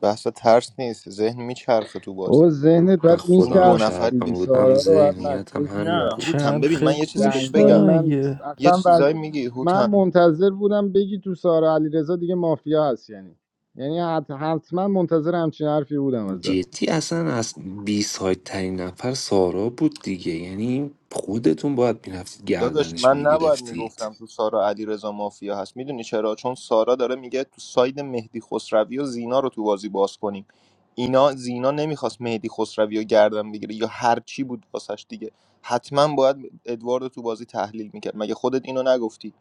T: بحث ترس نیست ذهن میچرخه تو بازی
C: بابا ذهنت
P: من
C: باید
T: این
P: خودم هم
T: دو
C: میچرخید
P: شهرم
T: نفر ب...
C: دیگه
P: بودم
C: سارا رو باید
P: ذهنیتم
C: مشکوک
P: همین
T: نه
C: میکرد
P: بود
T: هوتم ببین
N: چرخه
T: من یه
C: تو
T: چیزی بهت
N: گوش
C: دنگای
T: بگم
C: من
N: نمگه
T: یه
C: اصلا وز...
T: چیزایی میگی
C: من
T: هوتم
C: منتظر بودم بگی تو سارا علیرضا دیگه مافیا هست یعنی یعنی حت- حتما منتظر همچین حرفی بودم ازت
P: جدی اصلا از بی سایت ترین نفر سارا بود دیگه یعنی خودتون باید میرفتید
T: داداش
P: گردنش
T: من نباید
P: میگرفتید
T: میگفتم تو سارا علیرضا مافیا هست میدونی چرا چون سارا داره میگه تو ساید مهدی خسروی و زینا رو تو بازی باز کنیم اینا زینا نمیخواست مهدی خسروی رو گردن بگیره یا هر چی بود واسش دیگه حتما باید ادوارد رو تو بازی تحلیل میکرد مگه خودت اینو نگفتی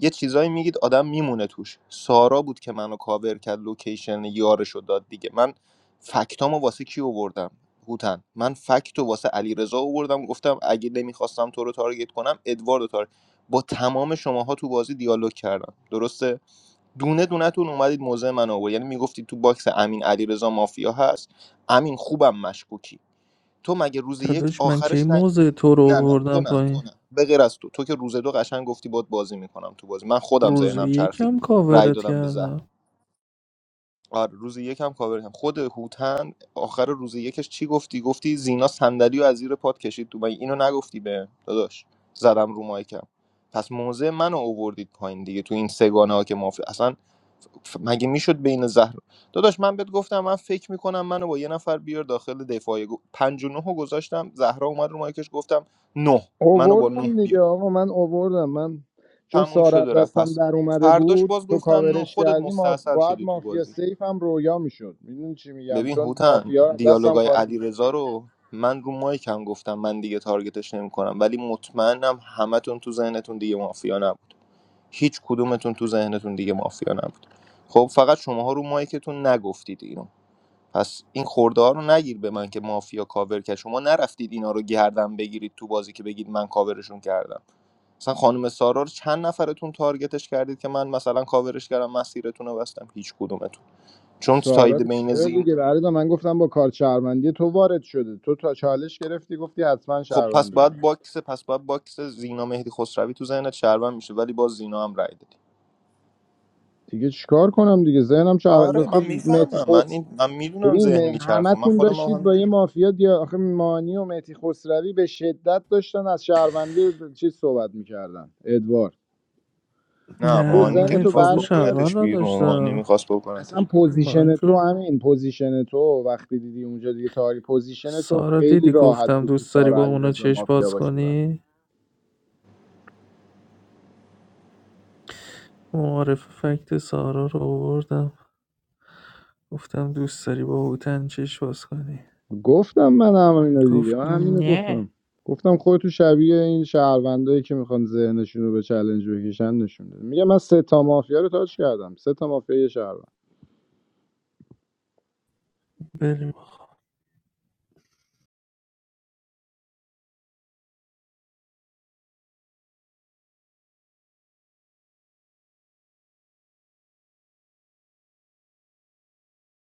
T: یه چیزایی میگید آدم میمونه توش سارا بود که منو کاور کرد لوکیشن یارشو داد دیگه من فکتامو واسه کی آوردم هوتن من فکت و واسه علیرضا آوردم گفتم اگه نمیخواستم تو رو تارگت کنم ادوارد رو تارگت با تمام شماها تو بازی دیالوگ کردم درسته دونه دونه دونهتون اومدید موضع من آورد یعنی میگفتید تو باکس امین علیرضا مافیا هست امین خوبم مشکوکی تو مگه روز یک
N: داداش من کی
T: آخرش نه
N: موزه تو رو
T: نه نه تو
N: آوردم
T: نه تو
N: پایین
T: نه به غیر از تو تو که روز دو قشنگ گفتی باد بازی میکنم تو بازی من خودم
N: روز
T: ذهنم چرخید
N: یکم
T: رأی
N: کاورت
T: دادم به زهر
N: کردم
T: آره روز یک هم کاور کردم خود هوتن آخر روز یکش چی گفتی گفتی زینا صندلی و از زیر پات کشید تو مگه اینو نگفتی به داداش زدم رو مایکم پس موضع منو اووردید پایین دیگه تو این سگانه ها که مافی اصلا ف- مگه میشد بین زهر داداش من بهت گفتم من فکر میکنم منو با یه نفر بیار داخل دفاعی گو- پنج و نه رو گذاشتم زهرا اومد رو مایکش گفتم نه منو با نه
C: اووردم
T: بیار
C: دیگه آقا من اووردم من چون
T: تموم
C: سارا از
T: شد و رفت
C: دستم
T: پس
C: در اومده
T: فرداش
C: بود
T: باز
C: تو
T: گفتم نه
C: کاورش
T: خودت
C: کردی ما
T: مستاصل
C: باید
T: شدی تو
C: مافیا
T: بازی
C: سیف هم رویا میشد میدونی چی میگم
T: ببین
C: چون
T: هوتن
C: مافیا از دستم
T: دیالوگای
C: خارج میشد
T: علیرضا رو من رو مایکم گفتم من دیگه تارگتش نمیکنم ولی مطمئنم همتون تو ذهنتون دیگه مافیا نبود هیچ کدومتون تو ذهنتون دیگه مافیا نبود خب فقط شماها رو مایکتون نگفتید اینو پس این خورده ها رو نگیر به من که مافیا کاور کرد شما نرفتید اینا رو گردن بگیرید تو بازی که بگید من کاورشون کردم مثلا خانم سارا رو چند نفرتون تارگتش کردید که من مثلا کاورش کردم مسیرتون رو بستم هیچ کدومتون چون
C: سارا
T: ساید
C: رو چرا
T: بین
C: دیگه برای من گفتم با کار شهروندی تو وارد شده تو تا چالش گرفتی گفتی حتما
T: خب پس
C: شهرونده
T: باید
C: برم
T: باکس پس باید باکس زینا مهدی خسروی تو ذهنت شهروند میشه ولی باز زینا هم رای دادی
C: دیگه چیکار کنم دیگه ذهنم
T: آره من
C: شهروند مهتی
T: میفهمم من
C: خسرو
T: این من میدونم
C: ببین
T: ذهن
C: م-
T: میچرخه من
C: همتون
T: خودم هم
C: داشتید با یه
T: همینجوری
C: مافیا دیا آخه مانی و مهتی خسروی به شدت داشتن از شهروندی چیز صحبت میکردن ادوار
T: نه
C: تو
N: نه
T: مهانی که
C: ذهن
N: من
C: تو
T: میخواست
C: بر
N: ادوارد
C: نگردون
T: بکنتش
N: شهرون
C: دیگه.
T: بیرون مانی
N: نداشتم
T: میخواست
C: اصلا
T: بکنتش
N: من
C: پوزیشن تو
N: که
C: همین پوزیشن تو وقتی دیدی اونجا دیگه تاری پوزیشن تو
N: سارا
C: خیلی
N: دیدی
C: راحت
N: گفتم
C: بود تو
N: دوست داری
C: سارا
N: با
C: علی
N: اونا
C: رضا
N: چشم
C: مافیا
N: باز
C: باشه بعد
N: کنی معارف فکت سارا رو آوردم گفتم دوست داری با هوتن چشم باز کنی
C: گفتم من هم اینو دیگه
N: گفت
C: من همینو
N: نه
C: گفتم گفتم خودتو شبیه این شهروندایی که میخوان ذهنشون رو به چلنج بکشن نشون بده میگه من سه تا مافیا رو تاچ کردم سه تا مافیا یه شهروند
N: بریم